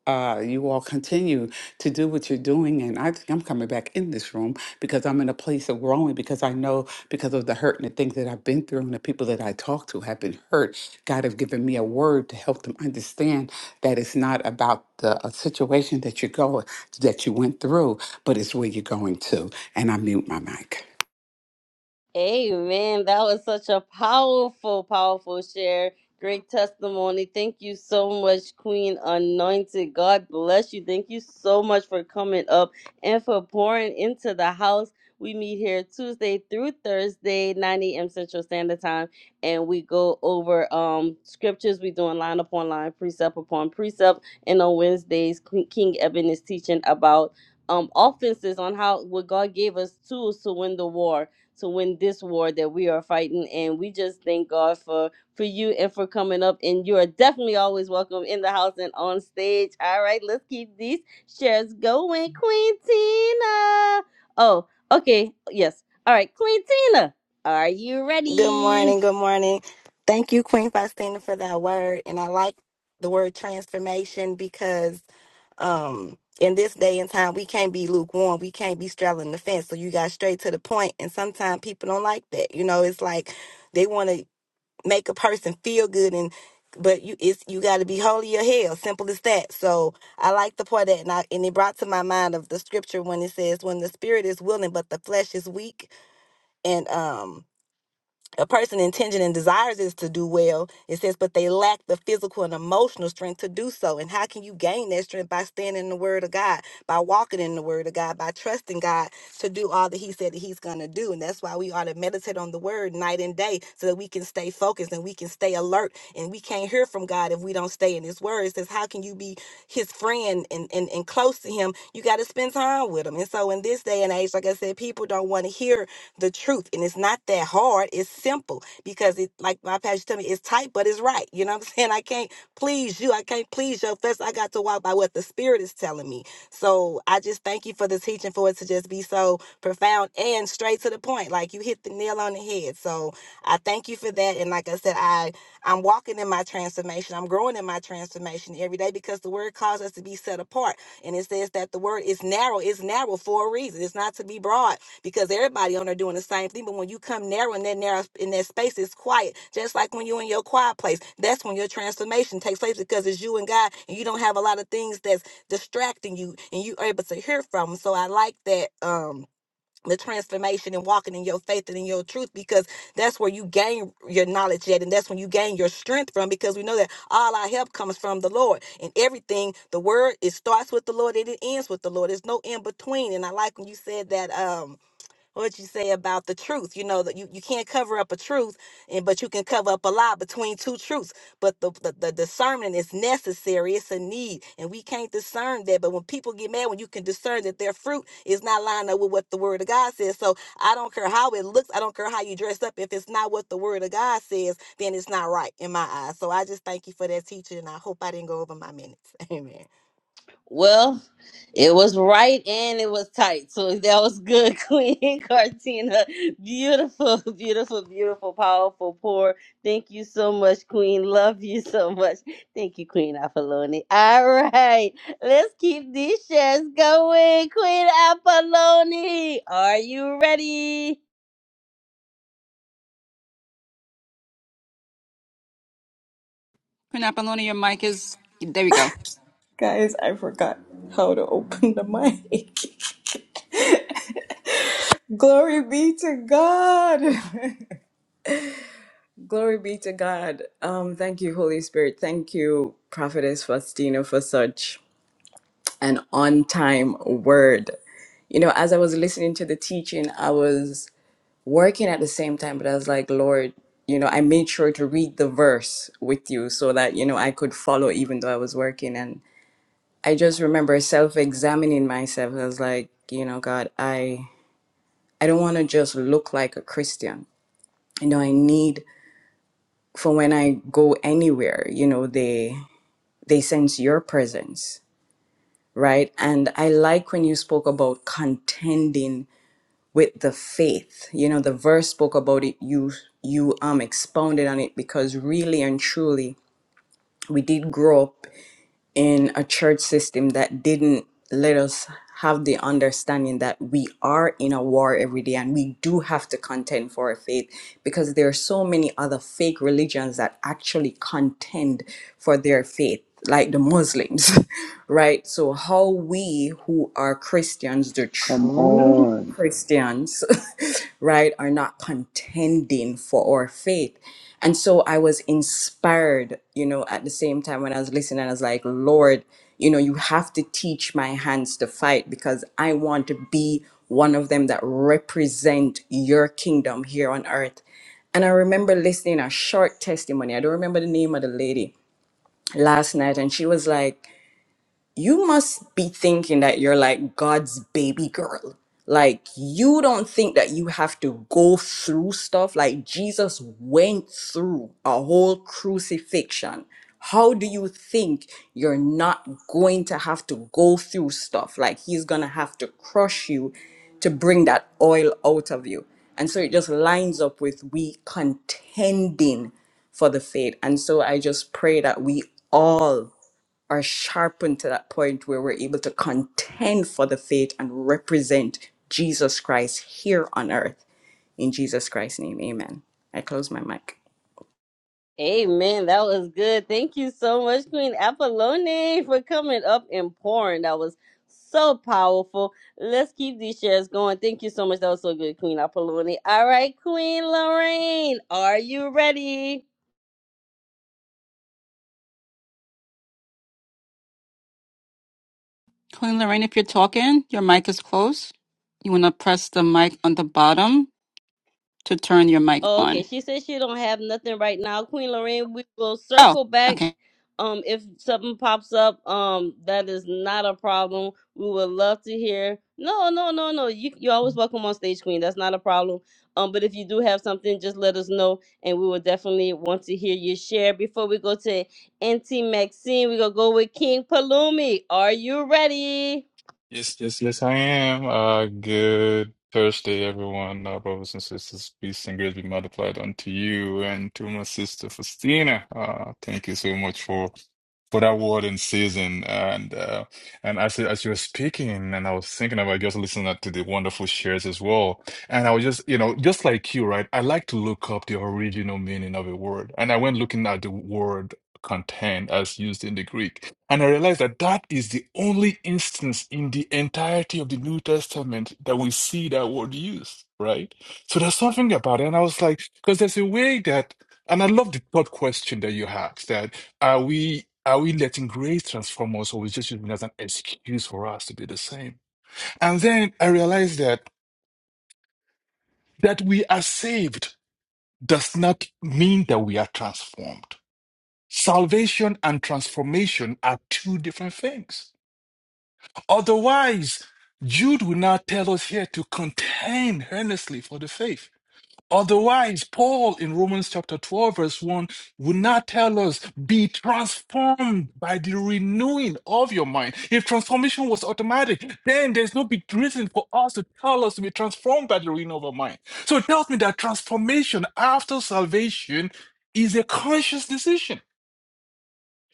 Speaker 7: uh, you all continue to do what you're doing. And I think I'm coming back in this room because I'm in a place of growing because I know because of the hurt and the things that I've been through and the people that I talk to have been hurt. God has given me a word to help them understand that it's not about the uh, situation that you go that you went through, but it's where you're going to. And I mute my mic.
Speaker 1: Amen. That was such a powerful, powerful share. Great testimony. Thank you so much, Queen Anointed. God bless you. Thank you so much for coming up and for pouring into the house. We meet here Tuesday through Thursday, 9 a.m. Central Standard Time, and we go over um scriptures. we doing line upon line, precept upon precept. And on Wednesdays, Queen- King Eben is teaching about um offenses on how what God gave us tools to win the war to win this war that we are fighting. And we just thank God for for you and for coming up. And you are definitely always welcome in the house and on stage. All right, let's keep these shares going, Queen Tina. Oh, okay, yes. All right, Queen Tina, are you
Speaker 8: Good
Speaker 1: ready?
Speaker 8: morning. Good morning. Thank you, Queen Faustina, for that word. And I like the word transformation because um in this day and time we can't be lukewarm. We can't be straddling the fence. So you got straight to the point. And sometimes people don't like that. You know, it's like they want to make a person feel good and but you it's you got to be holy or hell simple as that so i like the part that and, I, and it brought to my mind of the scripture when it says when the spirit is willing but the flesh is weak and um a person intention and desires is to do well it says but they lack the physical and emotional strength to do so and how can you gain that strength by standing in the word of god by walking in the word of god by trusting god to do all that he said that he's going to do and that's why we ought to meditate on the word night and day so that we can stay focused and we can stay alert and we can't hear from god if we don't stay in his word it says how can you be his friend and, and, and close to him you got to spend time with him and so in this day and age like i said people don't want to hear the truth. And it's not that hard. It's simple because it, like my pastor tell me, it's tight, but it's right. You know what I'm saying? I can't please you. I can't please your flesh. I got to walk by what the spirit is telling me. So I just thank you for the teaching for it to just be so profound and straight to the point. Like you hit the nail on the head. So I thank you for that. And like I said, I I'm walking in my transformation. I'm growing in my transformation every day because the word calls us to be set apart. And it says that the word is narrow. It's narrow for a reason. It's not to be broad because everybody on there doing the same thing. But when you come narrow in that narrow in that space, it's quiet. Just like when you're in your quiet place, that's when your transformation takes place because it's you and God, and you don't have a lot of things that's distracting you, and you are able to hear from. 'em. So I like that. Um, the transformation and walking in your faith and in your truth because that's where you gain your knowledge at and that's when you gain your strength from because we know that all our help comes from the lord and everything the word it starts with the lord and it ends with the lord there's no in between and i like when you said that um what you say about the truth you know that you, you can't cover up a truth and but you can cover up a lie between two truths but the, the, the discernment is necessary it's a need and we can't discern that but when people get mad when you can discern that their fruit is not lining up with what the word of god says so i don't care how it looks i don't care how you dress up if it's not what the word of god says then it's not right in my eyes so i just thank you for that teaching and i hope i didn't go over my minutes amen
Speaker 1: Well, it was right and it was tight. So that was good, Queen Cartina. Beautiful, beautiful, beautiful, powerful, poor. Thank you so much, Queen. Love you so much. Thank you, Queen Apollone. All right. Let's keep these shares going. Queen Apollone, are you ready?
Speaker 5: Queen Apollonia, your mic is. There we go.
Speaker 9: Guys, I forgot how to open the mic. Glory be to God. Glory be to God. Um, thank you, Holy Spirit. Thank you, Prophetess Faustina, for such an on time word. You know, as I was listening to the teaching, I was working at the same time, but I was like, Lord, you know, I made sure to read the verse with you so that, you know, I could follow even though I was working. And I just remember self examining myself. I was like, you know, God, I. I don't want to just look like a Christian. You know, I need for when I go anywhere, you know, they they sense your presence, right? And I like when you spoke about contending with the faith. You know, the verse spoke about it, you you um expounded on it because really and truly we did grow up in a church system that didn't let us have the understanding that we are in a war every day and we do have to contend for our faith because there are so many other fake religions that actually contend for their faith like the muslims right so how we who are christians the
Speaker 3: Come
Speaker 9: true
Speaker 3: on.
Speaker 9: christians right are not contending for our faith and so I was inspired, you know, at the same time when I was listening, I was like, Lord, you know, you have to teach my hands to fight because I want to be one of them that represent your kingdom here on earth. And I remember listening a short testimony. I don't remember the name of the lady last night. And she was like, you must be thinking that you're like God's baby girl. Like, you don't think that you have to go through stuff. Like, Jesus went through a whole crucifixion. How do you think you're not going to have to go through stuff? Like, he's going to have to crush you to bring that oil out of you. And so it just lines up with we contending for the faith. And so I just pray that we all are sharpened to that point where we're able to contend for the faith and represent Jesus Christ here on earth. In Jesus Christ's name, amen. I close my mic.
Speaker 1: Amen. That was good. Thank you so much, Queen Apollone, for coming up and pouring. That was so powerful. Let's keep these shares going. Thank you so much. That was so good, Queen Apollone. All right, Queen Lorraine, are you ready?
Speaker 5: Queen Lorraine, if you're talking, your mic is closed. You want to press the mic on the bottom to turn your mic
Speaker 1: Oh, okay.
Speaker 5: on.
Speaker 1: She says she don't have nothing right now. Queen Lorraine, we will
Speaker 5: Oh,
Speaker 1: circle back.
Speaker 5: okay.
Speaker 1: Um, if something pops up, um, that is not a problem. We would love to hear. No, no, no, no. You you're always welcome on stage, Queen. That's not a problem. Um, but if you do have something, just let us know, and we will definitely want to hear your share. Before we go to Auntie Maxine, we gonna go with King Palumi. Are you ready?
Speaker 10: Yes, yes, yes, I am. Uh, good Thursday, everyone. Uh, brothers and sisters, peace and grace be multiplied unto you and to my sister Faustina. Uh, thank you so much for for that word in season. And uh, and as as you were speaking, and I was thinking about just listening to the wonderful shares as well. And I was just, you know, just like you, right? I like to look up the original meaning of a word, and I went looking at the word content as used in the Greek. And I realized that that is the only instance in the entirety of the New Testament that we see that word used, right? So there's something about it. And I was like, because there's a way that, and I love the third question that you asked that are we, are we letting grace transform us or is it just using it as an excuse for us to be the same? And then I realized that, that we are saved does not mean that we are transformed. Salvation and transformation are two different things. Otherwise, Jude will now tell us here to contend earnestly for the faith. Otherwise, Paul in Romans chapter 12, verse 1 would not tell us, be transformed by the renewing of your mind. If transformation was automatic, then there's no big reason for us to tell us to be transformed by the renewing of our mind. So it tells me that transformation after salvation is a conscious decision.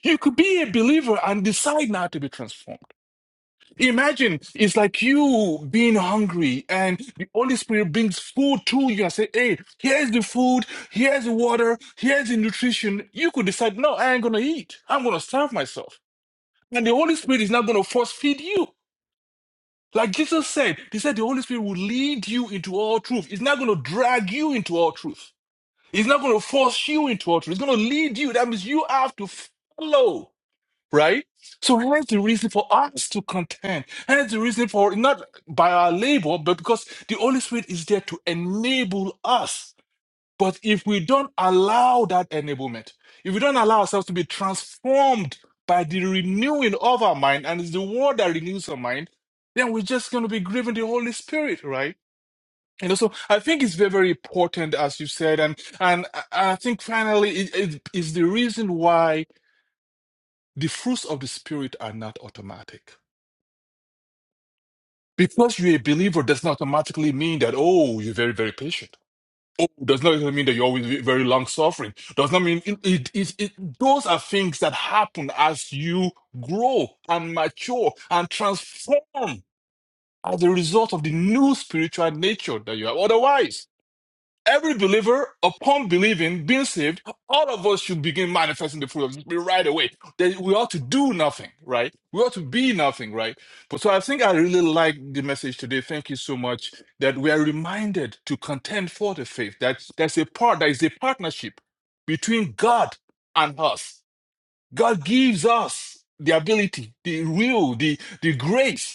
Speaker 10: You could be a believer and decide not to be transformed. Imagine it's like you being hungry and the Holy Spirit brings food to you and say, Hey, here's the food, here's the water, here's the nutrition. You could decide, No, I ain't gonna eat. I'm gonna starve myself. And the Holy Spirit is not gonna force feed you. Like Jesus said, He said the Holy Spirit will lead you into all truth. It's not gonna drag you into all truth. It's not gonna force you into all truth. It's gonna lead you. That means you have to follow right? So here's the reason for us to contend. Here's the reason for not by our labor, but because the Holy Spirit is there to enable us. But if we don't allow that enablement, if we don't allow ourselves to be transformed by the renewing of our mind, and it's the word that renews our mind, then we're just going to be grieving the Holy Spirit, right? You know, so I think it's very, very important, as you said, and and I I think finally it, it is the reason why the fruits of the Spirit are not automatic. Because you're a believer does not automatically mean that, oh, you're very, very patient. Oh, does not mean that you're always very long suffering. Does not mean it, it, it, it- those are things that happen as you grow and mature and transform as a result of the new spiritual nature that you have. Otherwise, Every believer, upon believing, being saved, all of us should begin manifesting the fruit of the Spirit right away. That we ought to do nothing, right? We ought to be nothing, right? But so I think I really like the message today. Thank you so much. That we are reminded to contend for the faith. That that's a part. That is a partnership between God and us. God gives us the ability, the will, the the grace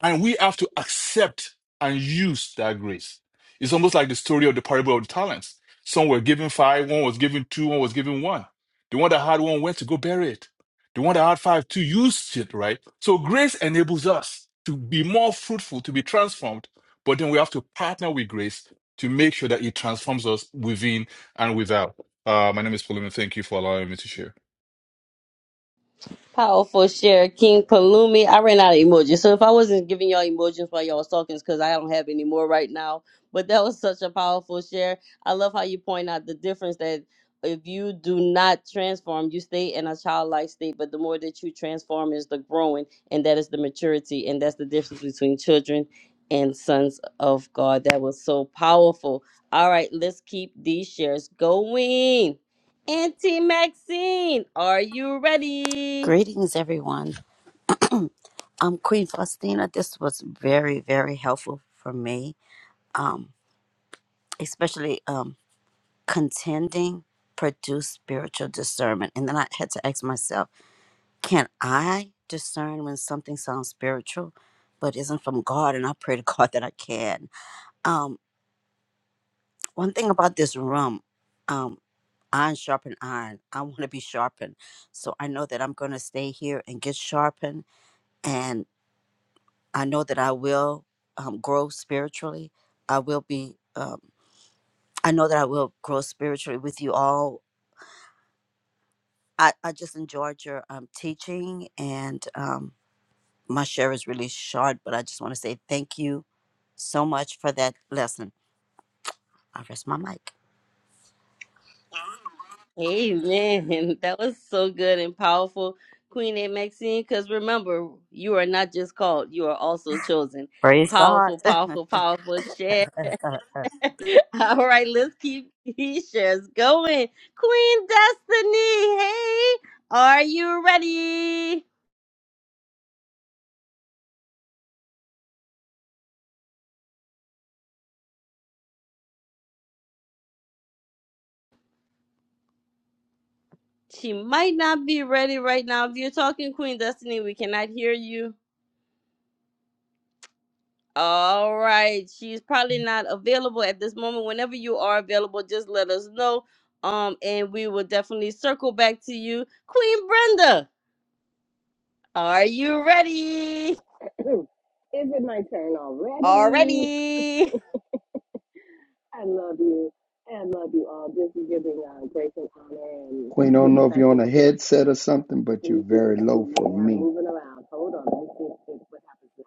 Speaker 10: and we have to accept and use that grace. It's almost like the story of the parable of the talents. Some were given five, one was given two, one was given one. The one that had one went to go bury it. The one that had five, two used it, right? So grace enables us to be more fruitful, to be transformed. But then we have to partner with grace to make sure that it transforms us within and without. Uh, my name is Pauline. Thank you for allowing me to share.
Speaker 1: Powerful share, King Palumi. I ran out of emojis, so if I wasn't giving y'all emojis while y'all was talking, it's because I don't have any more right now. But that was such a powerful share. I love how you point out the difference that if you do not transform, you stay in a childlike state. But the more that you transform, is the growing, and that is the maturity, and that's the difference between children and sons of God. That was so powerful. All right, let's keep these shares going. Auntie Maxine, are you ready?
Speaker 11: Greetings, everyone. Um, Queen Faustina, this was very, very helpful for me, um, especially um, contending produce spiritual discernment. And then I had to ask myself, can I discern when something sounds spiritual but isn't from God? And I pray to God that I can. Um, one thing about this room, um, iron sharpen iron. I want to be sharpened. So I know that I'm going to stay here and get sharpened I know that I will um, grow spiritually. I will be. Um, I know that I will grow spiritually with you all. I, I just enjoyed your um, teaching, and um, my share is really short, but I just want to say thank you so much for that lesson. I rest my mic.
Speaker 1: Amen. That was so good and powerful, Queen A. Maxine. Because remember, you are not just called, you are also chosen.
Speaker 11: Praise God.
Speaker 1: Powerful, powerful, powerful share. All right, let's keep these shares going. Queen Destiny, hey, are you ready? She might not be ready right now. If you're talking, Queen Destiny, we cannot hear you. All right. She's probably not available at this moment. Whenever you are available, just let us know. Um, and we will definitely circle back to you. Queen Brenda, are you ready?
Speaker 12: Is it my turn already?
Speaker 1: Already.
Speaker 12: I love you. I love you all. This is giving uh, grace and honor and
Speaker 3: Queen, I don't know if you're
Speaker 12: respect.
Speaker 3: on a headset or something, but you're
Speaker 12: And
Speaker 3: very low for
Speaker 12: yeah, I'm
Speaker 3: me.
Speaker 12: moving around. Hold on. Let me see if- what happens now.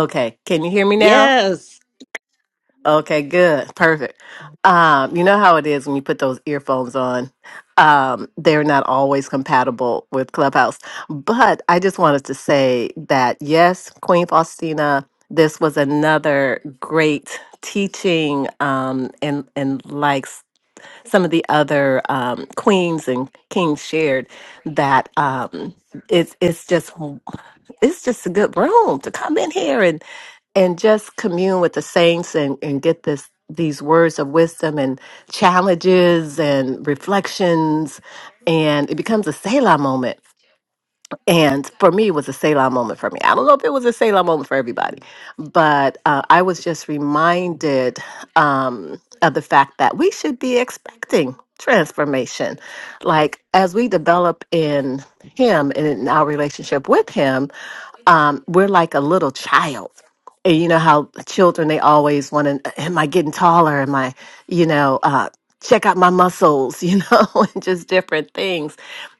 Speaker 12: Okay, can you hear me now?
Speaker 1: Yes.
Speaker 12: Okay, good. Perfect. Um, you know how it is when you put those earphones on. Um, they're not always compatible with Clubhouse. But I just wanted to say that yes, Queen Faustina, this was another great teaching um and and some of the other um, queens and kings shared that um, it's it's just it's just a good room to come in here and and just commune with the saints and, and get this these words of wisdom and challenges and reflections and it becomes a Selah moment and for me, it was a Selah moment for me. I don't know if it was a Selah moment for everybody, but uh, I was just reminded um, of the fact that we should be expecting transformation. Like, as we develop in Him and in our relationship with Him, um, we're like a little child. And you know how children they always want to am i getting taller am i you know uh check out my muscles you know and just different things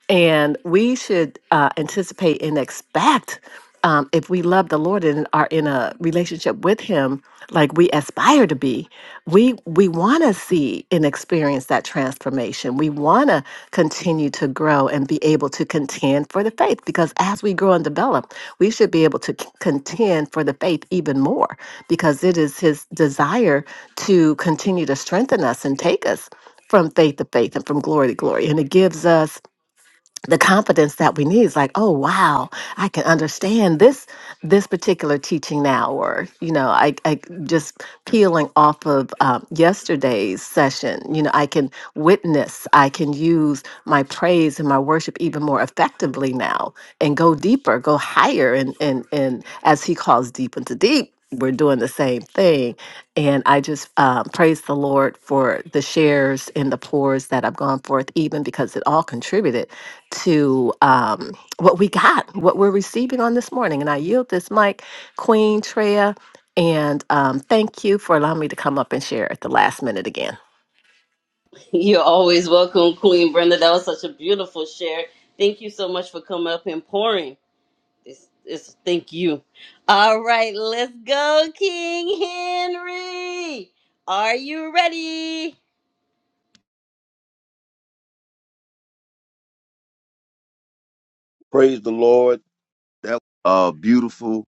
Speaker 12: and we should uh anticipate and expect um if we love the lord and are in a relationship with him like we aspire to be we we want to want to see and experience that transformation. We want to continue to grow and be able to contend for the faith because as we grow and develop, we should be able to c- contend for the faith even more because it is His desire to continue to strengthen us and take us from faith to faith and from glory to glory. And it gives us the confidence that we need is like oh wow i can understand this this particular teaching now or you know i, I just peeling off of um, yesterday's session you know i can witness i can use my praise and my worship even more effectively now and go deeper go higher and and and as he calls deep into deep we're doing the same thing and i just um, praise the lord for the shares and the pours that have gone forth even because it all contributed to um, what we got, what we're receiving on this morning. And I yield this mic, Queen Treya, and um, thank you for allowing me to come up and share at the last minute again.
Speaker 1: You're always welcome, Queen Brenda. That was such a beautiful share. Thank you so much for coming up and pouring. It's, it's thank you. All right, let's go, King Henry. Are you ready?
Speaker 13: Praise the Lord. That was uh beautiful.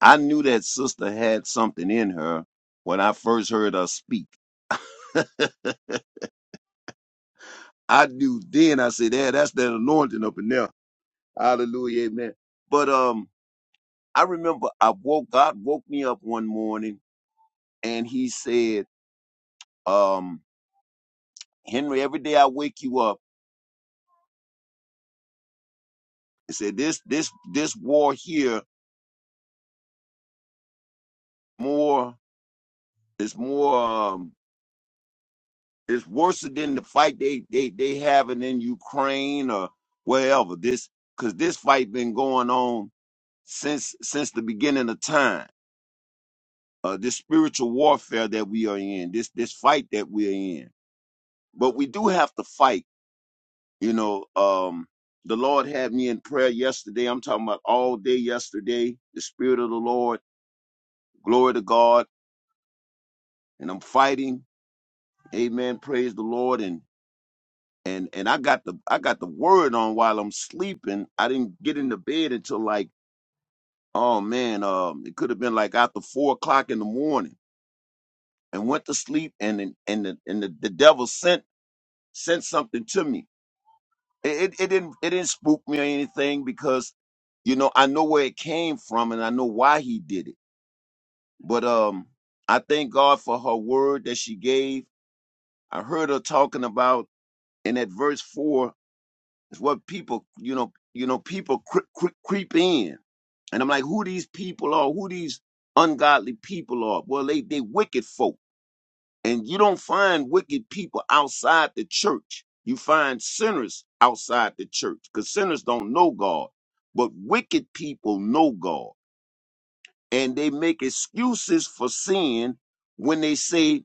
Speaker 13: I knew that sister had something in her when I first heard her speak. I knew then. I said, "Yeah, that's that anointing up in there." Hallelujah, amen. But um, I remember I woke. God woke me up one morning, and He said, "Um, Henry, every day I wake you up, He said this, this, this war here more is more. Um, It's worse than the fight they they they having in Ukraine or wherever. This because this fight been going on since since the beginning of time. Uh, this spiritual warfare that we are in, this this fight that we are in. But we do have to fight. You know, um, the Lord had me in prayer yesterday. I'm talking about all day yesterday. The Spirit of the Lord, glory to God, and I'm fighting. Amen. Praise the Lord. and. and and I got the I got the word on while I'm sleeping. I didn't get into bed until like oh man, um, it could have been like after four o'clock in the morning, and went to sleep, and then- and the, and the, the devil sent sent something to me. It, it it didn't it didn't spook me or anything because you know I know where it came from and I know why he did it. But um, I thank God for her word that she gave. I heard her talking about in that verse four. It's what people, you know, you know, people cre- cre- creep in, and I'm like, who these people are? Who these ungodly people are? Well, they they wicked folk, and you don't find wicked people outside the church. You find sinners outside the church, because sinners don't know God, but wicked people know God, and they make excuses for sin when they say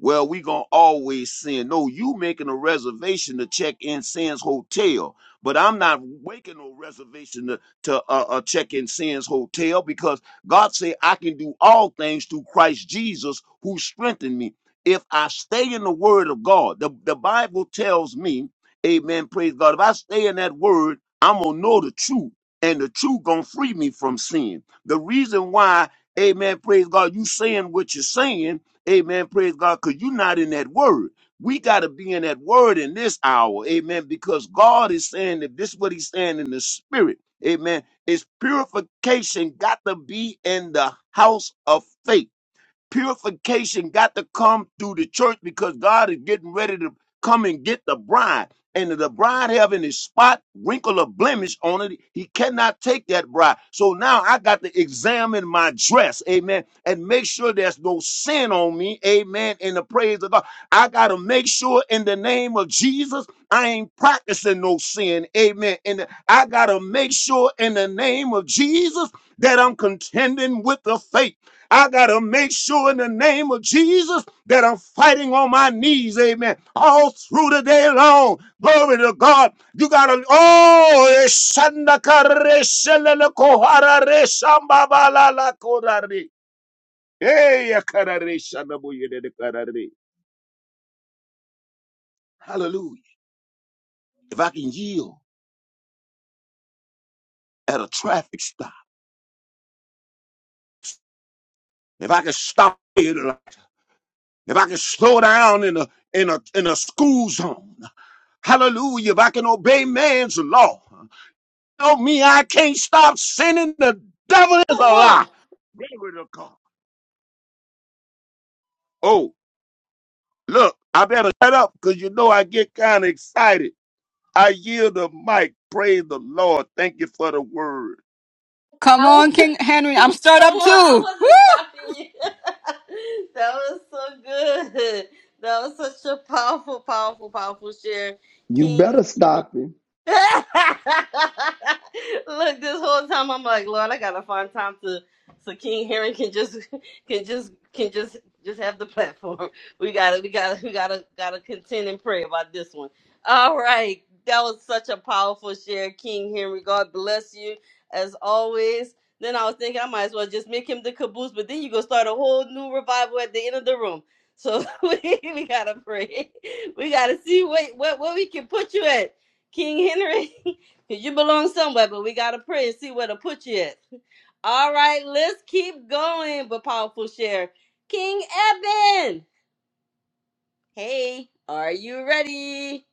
Speaker 13: well, we gonna always sin. No, you making a reservation to check in Sands Hotel, but I'm not making no reservation to, to uh, uh, check in Sands Hotel because God said I can do all things through Christ Jesus who strengthened me. If I stay in the Word of God, the, the Bible tells me, Amen. Praise God. If I stay in that Word, I'm gonna know the truth, and the truth gonna free me from sin. The reason why, Amen. Praise God. You saying what you're saying Amen. Praise God. Because you're not in that word. We got to be in that word in this hour. Amen. Because God is saying that this is what he's saying in the spirit. Amen. It's purification got to be in the house of faith. Purification got to come through the church because God is getting ready to come and get the bride. And if the bride having a spot, wrinkle, or blemish on it, he cannot take that bride. So now I got to examine my dress, amen, and make sure there's no sin on me, amen, in the praise of God. I got to make sure in the name of Jesus, I ain't practicing no sin, amen. And I got to make sure in the name of Jesus that I'm contending with the faith. I got to make sure in the name of Jesus that I'm fighting on my knees, amen, all through the day long. Glory to God. You got to, oh, Hey, hallelujah. If I can yield at a traffic stop, if I can stop, if I can slow down in a in a in a school zone, hallelujah, if I can obey man's law. don't mean I can't stop sinning. The devil is
Speaker 1: Come
Speaker 13: a lie.
Speaker 1: on.
Speaker 13: Glory to God. Oh, look, I better shut up because you know I get kind of excited. I yield the mic. Praise the Lord. Thank you for the word.
Speaker 5: Come
Speaker 1: I want.
Speaker 5: on, King Henry. I'm stirred
Speaker 1: Come
Speaker 5: up
Speaker 1: on, I
Speaker 5: too. Woo!
Speaker 1: wasn't stopping you. that was so good. That was such a powerful, powerful, powerful share,
Speaker 3: You
Speaker 1: King.
Speaker 3: better stop it.
Speaker 1: Look, this whole time I'm like, Lord, I gotta find time to so King Herring can just can just can just just have the platform. We gotta we gotta we gotta gotta contend and pray about this one. All right. That was such a powerful share, King Henry. God bless you as always. Then I was thinking I might as well just make him the caboose, but then you go start a whole new revival at the end of the room. So we, we gotta pray. We gotta see what, what what we can put you at. King Henry, 'cause you belong somewhere, but we gotta pray and see where to put you at. All right, let's keep going But powerful share. King Eben, hey, are you ready?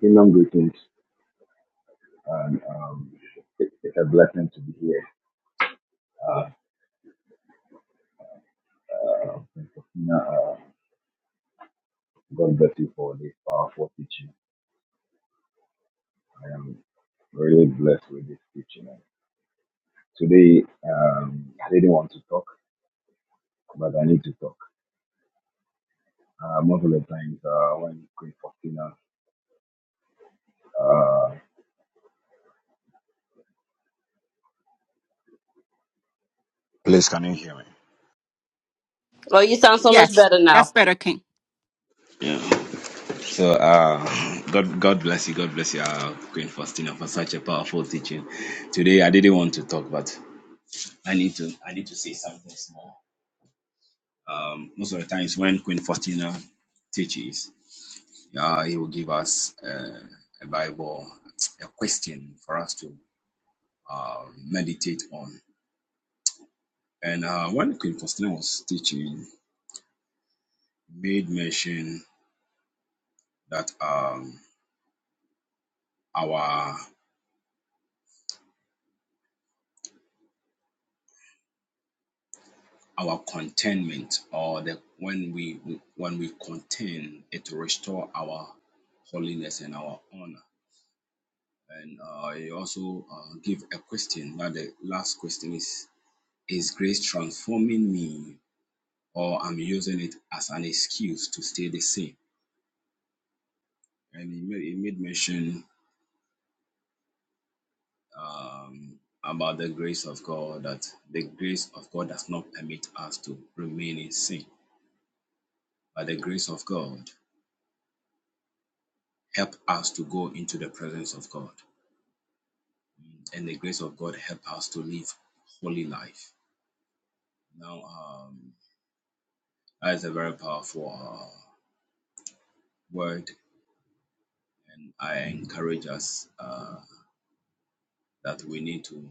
Speaker 4: Kingdom greetings, and um, it, it's a blessing to be here. Uh, uh, Christina, uh, God bless you for this powerful teaching. I am really blessed with this teaching. Today, um, I didn't want to talk, but I need to talk. uh, multiple times uh, when Queen Faustina. Please, can you hear me?
Speaker 1: Oh, you sound so much
Speaker 5: Yes,
Speaker 1: better now.
Speaker 5: that's better, King.
Speaker 4: Yeah. So, uh, God, God bless you. God bless you, uh, Queen Faustina, for such a powerful teaching. Today, I didn't want to talk, but I need to. I need to say something small. Most of the times, when Queen Faustina teaches, uh, he will give us uh, a Bible, a question for us to uh, meditate on. And uh, when Queen Faustina was teaching, made mention that um, our our contentment or the when we when we control our holiness and our honor and uh, you also uh, give a question now the last question is is grace transforming me or i'm using it as an excuse to stay the same and it may even permit us to remain same but the grace um, as for uh, word i guess uh, that we need to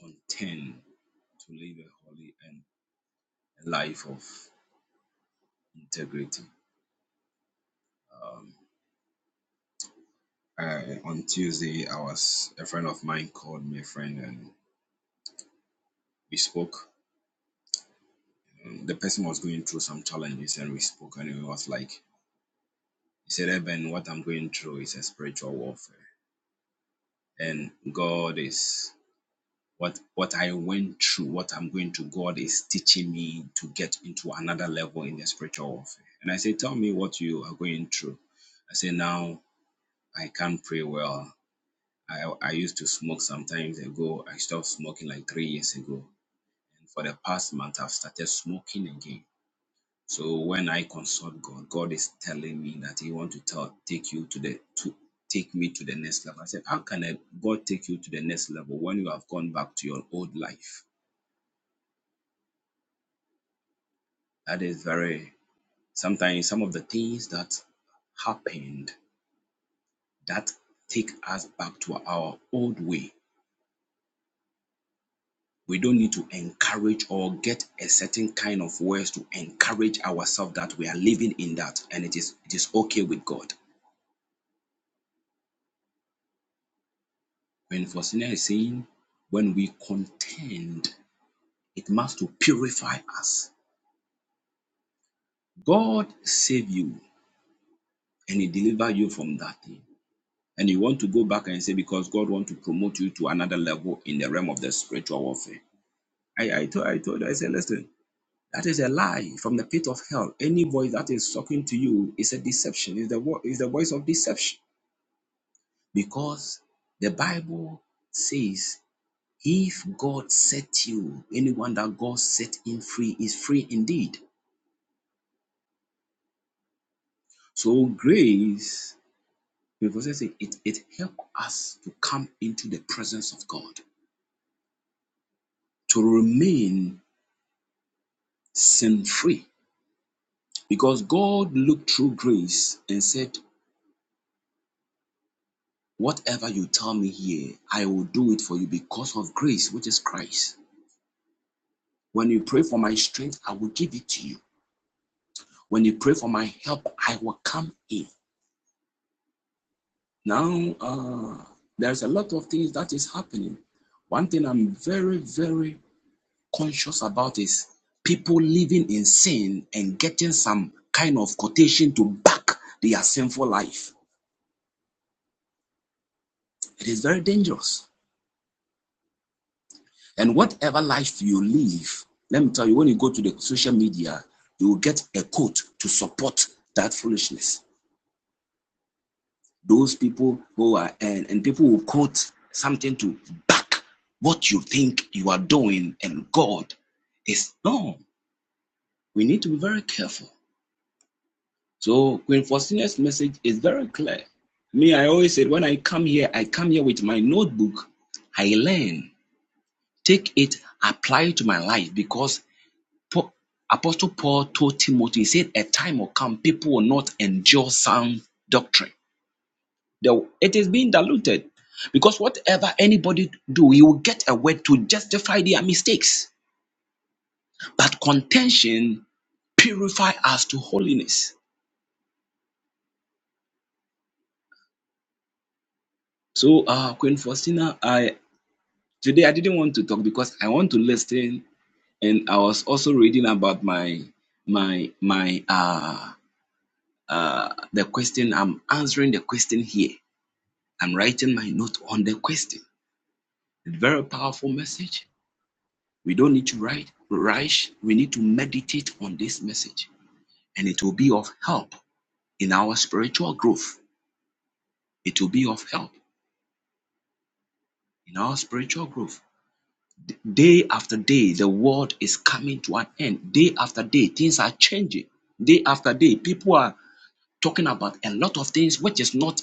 Speaker 4: contend to live a holy and a life of integrity Um, I, on Tuesday, I was a friend of mine called me a friend and we spoke. Um, The person was going through some challenges and we spoke and it was like he said, "Eben, what I'm going through is a spiritual warfare and God, what what I went teaching me to get into that level in the spiritual warfare." And I said, "Tell me what you are going through." I said, "Now I can't pray well. I I used to smoke sometimes ago. I stopped smoking like three years ago for the smoking." I consult God, God is telling me that He want to tell, take you to the to take me to the next level. I said, How can I, God take you to the next level when you have gone back to your old life? That is very sometimes some of the things that happened that take us back to our old way. We don't need to encourage or get a certain kind of words to encourage ourselves that we are living in that and it is it is okay with God. When Faustina is saying when we contend It must to purify us. God save you and he deliver you from that thing. And you want to go back and say, because God want to promote you to another level in the realm of the spiritual warfare. I, I, told, I told her, I said, listen, that is a lie from the pit of hell. Any voice that is talking to you is a deception, is the, wo- is the voice of deception. Because the Bible says, if God set you, anyone that God set in free is free indeed. So grace The Bible says it, it, it helps us to come into the presence of God, to remain sin free. Because God looked through grace and said, Whatever you tell me here, I will do it for you because of grace, which is Christ. When you pray for my strength, I will give it to you. When you pray for my help, I will come in. Now, uh, there's a lot of things that is happening. One thing I'm very, very conscious about is people living in sin and getting some kind of quotation to back their sinful life. It is very dangerous. And whatever life you live, let me tell you, when you go to the social media, you will get a quote to support that foolishness. Those people who are, and, and people will quote something to back what you think you are doing, and God is no. We need to be very careful. So Queen Faustina's message is very clear. Me, I always said when I come here, I come here with my notebook. I learn, take it, apply it to my life because Paul, Apostle Paul told Timothy, he said, a time will come, people will not endure sound doctrine. The- It is being diluted because whatever anybody do, he will get a word to justify their mistakes. But contention purify us to holiness. So, uh, Queen Faustina, I. Today I didn't want to talk because I want to listen and I was also reading about my my my uh uh the question I'm answering the question here. I'm writing my note on the question. Very powerful message. We don't need to write rush. We need to meditate on this message and it will be of help in our spiritual growth. It will be of help in our spiritual growth. Day after day, the world is coming to an end. Day after day, things are changing. Day after day, people are talking about a lot of things which is not.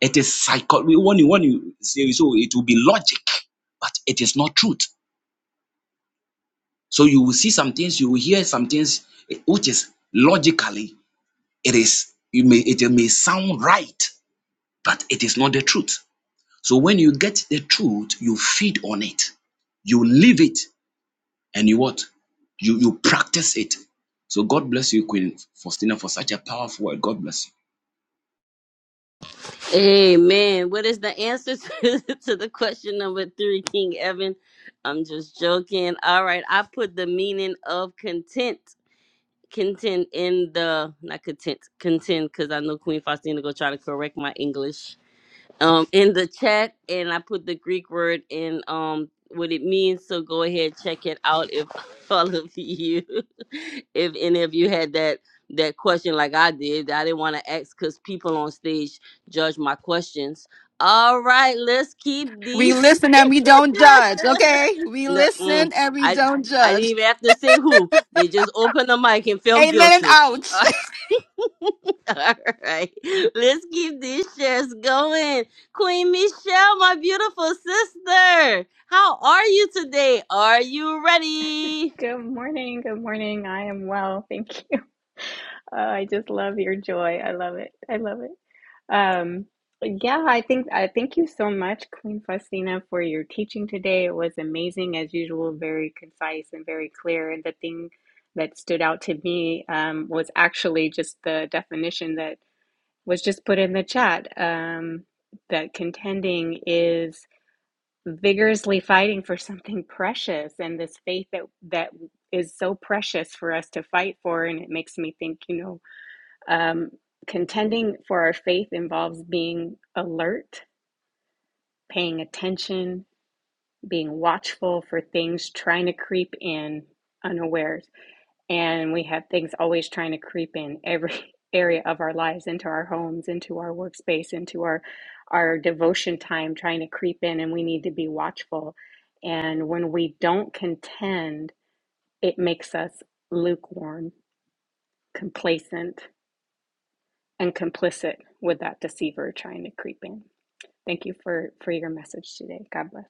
Speaker 4: It is psychology. When you when you say so, it will be logic, but it is not truth. So you will see some things, you will hear some things eh, which is logically it is you may it may sound right, but it is not the truth. So when you get the truth, you feed on it, you live it, and you what you you practice it so god bless you queen faustina for such a powerful word god bless you
Speaker 1: Amen. What is the answer to, to the question number three, King Evan? I'm just joking. All right, I put the meaning of content, content in the not content, content, because I know Queen Faustina go try to correct my English. um in the chat and I put the Greek word in um what it means. So go ahead check it out if all of you if any of you had that that question like I did. I didn't want to ask because people on stage judge my questions. All right, let's keep
Speaker 5: We
Speaker 1: these
Speaker 5: listen and we don't judge, okay? We
Speaker 1: no,
Speaker 5: listen
Speaker 1: mm,
Speaker 5: and we
Speaker 1: I
Speaker 5: don't
Speaker 1: I didn't
Speaker 5: judge.
Speaker 1: even have to say who. They just opened the mic and felt
Speaker 5: Amen and
Speaker 1: guilty.
Speaker 5: out.
Speaker 1: All right, let's keep these shares going. Queen Michelle, my beautiful sister, how are you today? Are you ready?
Speaker 14: Good morning. Good morning. I am well. Thank you. Uh, I just love your joy. I love it. I love it. Um, yeah, I think I thank you so much, Queen Faustina, for your teaching today. It was amazing as usual, very concise and very clear. And the thing that stood out to me um, was actually just the definition that was just put in the chat. Um, that contending is vigorously fighting for something precious and this faith that that is so precious for us to fight for and it makes me think you know um, contending for our faith involves being alert paying attention being watchful for things trying to creep in unawares and we have things always trying to creep in every area of our lives into our homes into our workspace into our our devotion time trying to creep in and we need to be watchful and when we don't contend it makes us lukewarm complacent and complicit with that deceiver trying to creep in thank you for for your message today god bless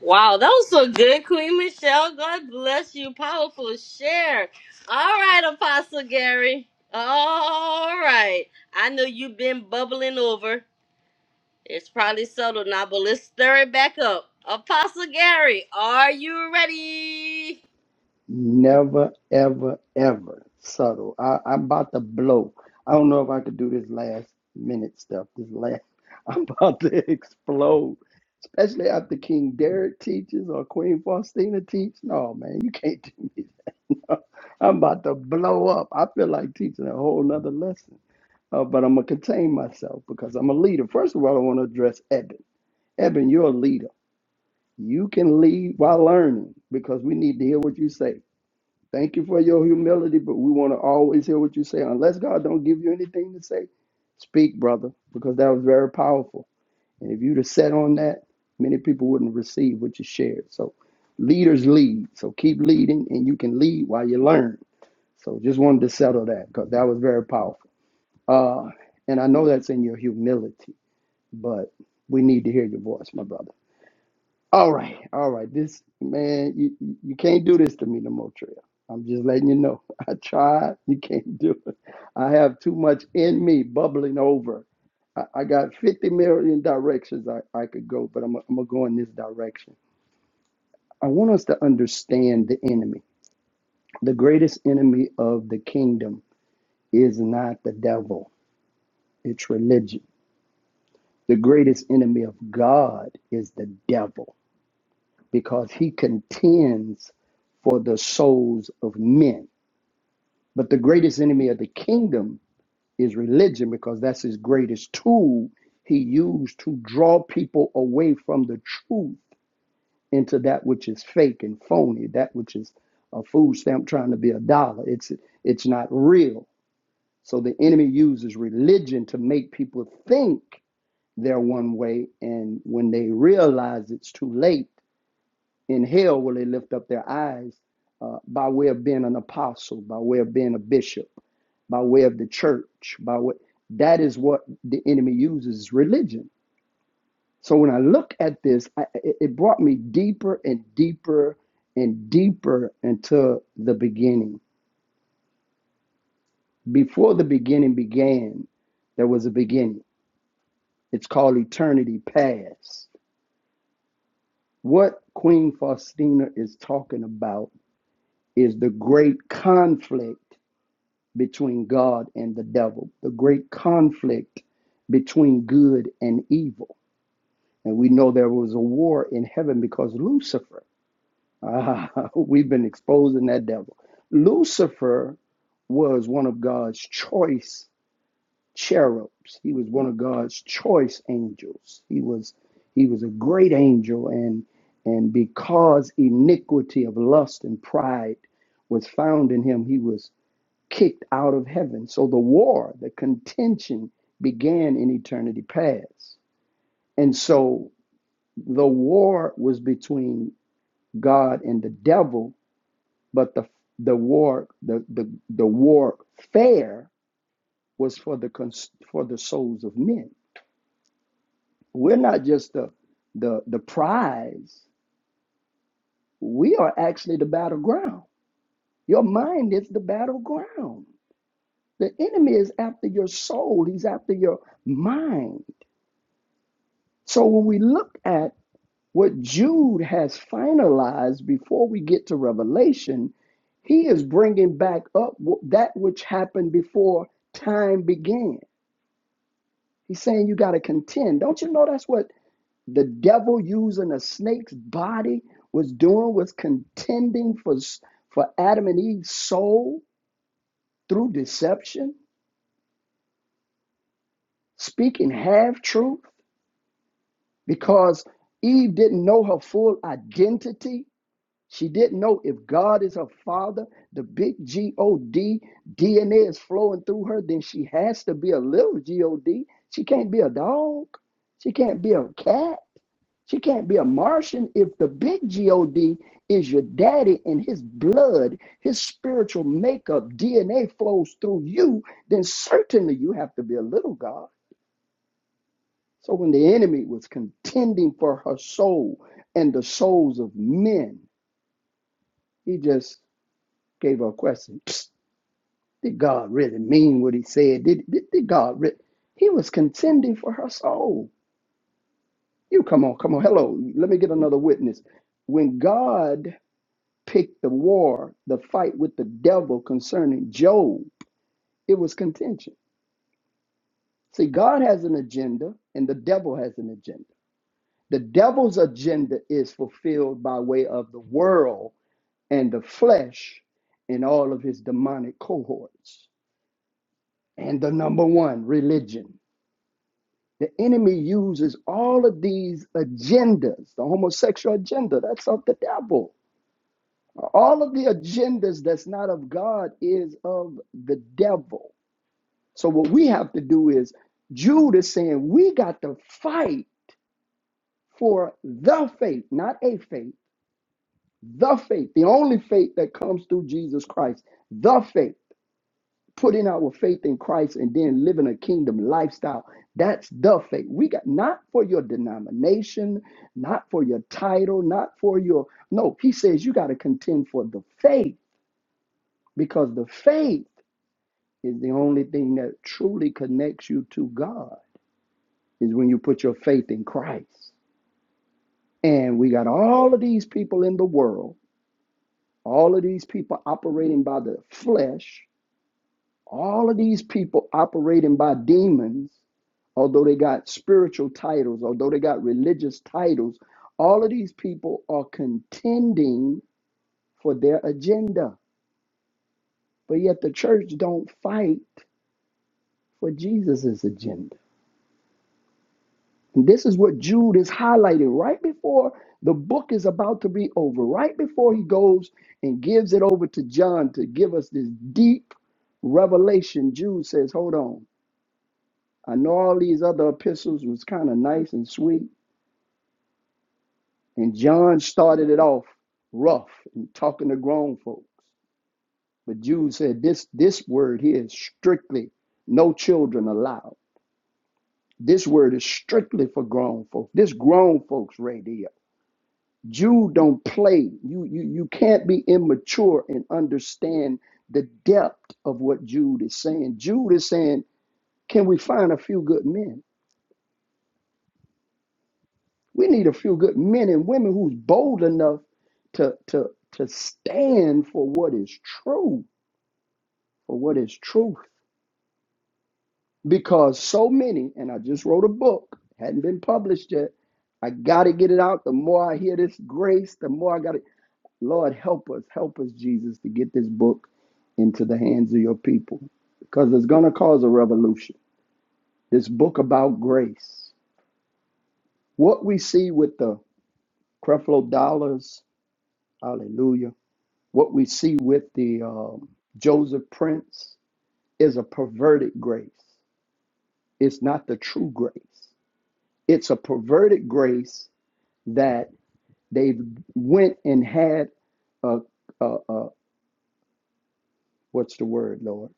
Speaker 1: Wow, that was so good, Queen Michelle. God bless you. Powerful share. All right, Apostle Gary. All right. I know you've been bubbling over. It's probably subtle now, but let's stir it back up. Apostle Gary, are you ready?
Speaker 3: Never, ever, ever subtle. I, I'm about to blow. I don't know if I could do this last minute stuff. This last, I'm about to explode. Especially after King Derek teaches or Queen Faustina teach. No, man, you can't do me. I'm about to blow up. I feel like teaching a whole nother lesson. Uh, but I'm going to contain myself because I'm a leader. First of all, I want to address Eben. Eben, you're a leader. You can lead while learning because we need to hear what you say. Thank you for your humility, but we want to always hear what you say. Unless God don't give you anything to say, speak, brother, because that was very powerful. And if you'd have sat on that, many people wouldn't receive what you shared. So leaders lead. So keep leading and you can lead while you learn. So just wanted to settle that because that was very powerful. Uh, and I know that's in your humility, but we need to hear your voice, my brother. All right, all right. This man, you you you can't do this to me no more, Trill. I'm just letting you know. I tried. You can't do it. I have too much in me bubbling over. I, I got 50 million directions I, I could go, but I'm, I'm gonna go in this direction. I want us to understand the enemy. The greatest enemy of the kingdom is not the devil, it's religion. The greatest enemy of God is the devil. because he contends for the souls of men. But the greatest enemy of the kingdom is religion because that's his greatest tool he used to draw people away from the truth into that which is fake and phony, that which is a food stamp trying to be a dollar. It's it's not real. So the enemy uses religion to make people think they're one way and when they realize it's too late In hell will they lift up their eyes uh, by way of being an apostle, by way of being a bishop, by way of the church, by way that is what the enemy uses religion. So when I look at this, I, it it brought me deeper and deeper and deeper into the beginning. Before the beginning began, there was a beginning. It's called eternity past. What Queen Faustina is talking about is the great conflict between God and the devil, the great conflict between good and evil. And we know there was a war in heaven because Lucifer, ah, we've been exposing that devil. Lucifer was one of God's choice cherubs. He was one of God's choice angels. He was he was a great angel and and because iniquity of lust and pride was found in him, he was kicked out of heaven. So the war, the contention began in eternity past. And so the war was between God and the devil, but the the war the the, the war fair was for the cons- for the souls of men. We're not just the the the prize. We are actually the battleground. Your mind is the battleground. The enemy is after your soul. He's after your mind. So when we look at what Jude has finalized before we get to Revelation, he is bringing back up that which happened before time began. He's saying you got to contend. Don't you know that's what the devil using a snake's body was doing was contending for for Adam and Eve's soul through deception, speaking half truth because Eve didn't know her full identity She didn't know if God is her father, the big G O D DNA is flowing through her, then she has to be a little G O D. She can't be a dog. She can't be a cat. She can't be a Martian if the big G O D is your daddy and his blood, his spiritual makeup, DNA flows through you, then certainly you have to be a little God. So when the enemy was contending for her soul and the souls of men, he just gave her a question. Psst, did God really mean what he said? Did, did, did God really? He was contending for her soul. You come on, come on. Hello, let me get another witness. When God picked the war, the fight with the devil concerning Job, it was contention. See, God has an agenda and the devil has an agenda. The devil's agenda is fulfilled by way of the world and the flesh and all of his demonic cohorts. And the number one, religion. The enemy uses all of these agendas, the homosexual agenda, that's of the devil. All of the agendas that's not of God is of the devil. So what we have to do is Jude is saying we got to fight for the faith, not a faith, the faith, the only faith that comes through Jesus Christ, the faith. putting our faith in Christ and then living a kingdom lifestyle. That's the faith. We got not for your denomination, not for your title, not for your no. He says you got to contend for the faith because the faith is the only thing that truly connects you to God is when you put your faith in Christ. And we got all of these people in the world, all of these people operating by the flesh, All of these people operating by demons, although they got spiritual titles, although they got religious titles, all of these people are contending for their agenda. But yet the church don't fight for Jesus's agenda. And this is what Jude is highlighting right before the book is about to be over, right before he goes and gives it over to John to give us this deep revelation. Jude says, Hold on. I know all these other epistles was kind of nice and sweet, and John started it off rough and talking to grown folks. But Jude said this this word here is strictly no children allowed. This word is strictly for grown folks. This grown folks radio. Jude don't play. You you you can't be immature and understand the depth of what Jude is saying. Jude is saying, can we find a few good men? We need a few good men and women who's bold enough to to to stand for what is true, for what is truth. Because so many, and I just wrote a book, hadn't been published yet. I gotta get it out. The more I hear this grace, the more I gotta Lord help us, help us, Jesus, to get this book into the hands of your people. Because it's gonna cause a revolution. This book about grace. What we see with the Creflo Dollars, hallelujah What we see with the um, Joseph Prince is a perverted grace. It's not the true grace. It's a perverted grace that they went and had a, a, a what's the word, Lord?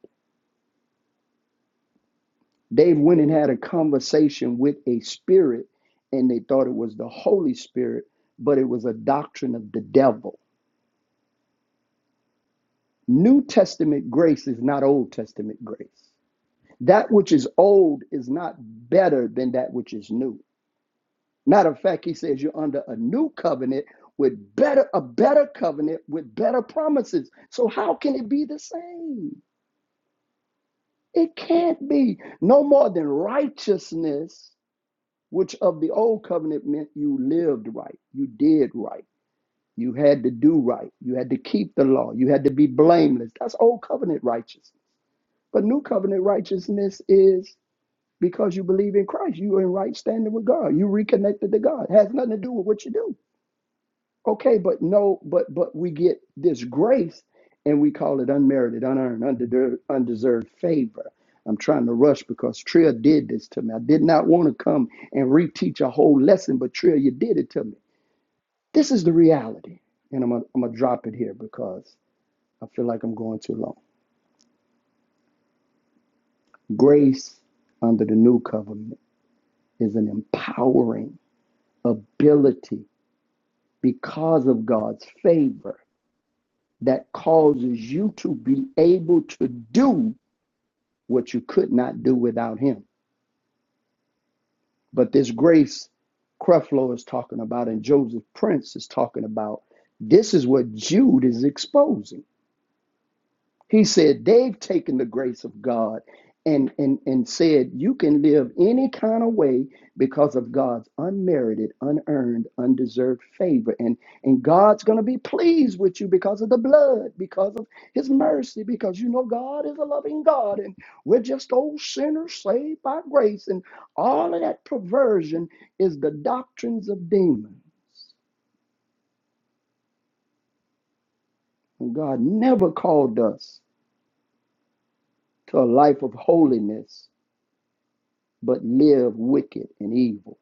Speaker 3: They went and had a conversation with a spirit, and they thought it was the Holy Spirit, but it was a doctrine of the devil. New Testament grace is not Old Testament grace. That which is old is not better than that which is new. Matter of fact, he says you're under a new covenant with better a better covenant with better promises. So how can it be the same? It can't be. No more than righteousness, which of the old covenant meant you lived right, you did right, you had to do right, you had to keep the law, you had to be blameless. That's old covenant righteousness. But new covenant righteousness is because you believe in Christ, you are in right standing with God, you reconnected to God. It has nothing to do with what you do. Okay, but no, but but we get this grace and we call it unmerited, unearned, undeserved, undeserved favor. I'm trying to rush because Trill did this to me. I did not want to come and reteach a whole lesson, but Trill, you did it to me. This is the reality. And I'm gonna, I'm gonna drop it here because I feel like I'm going too long. Grace under the new covenant is an empowering ability because of God's favor that causes you to be able to do what you could not do without him. But this grace Creflo is talking about and Joseph Prince is talking about, this is what Jude is exposing. He said they've taken the grace of God and, and, and said you can live any kind of way because of God's unmerited, unearned, undeserved favor. And, and God's going to be pleased with you because of the blood, because of his mercy, because you know God is a loving God and we're just old sinners saved by grace. And all of that perversion is the doctrines of demons. And God never called us to a life of holiness but live wicked and evil.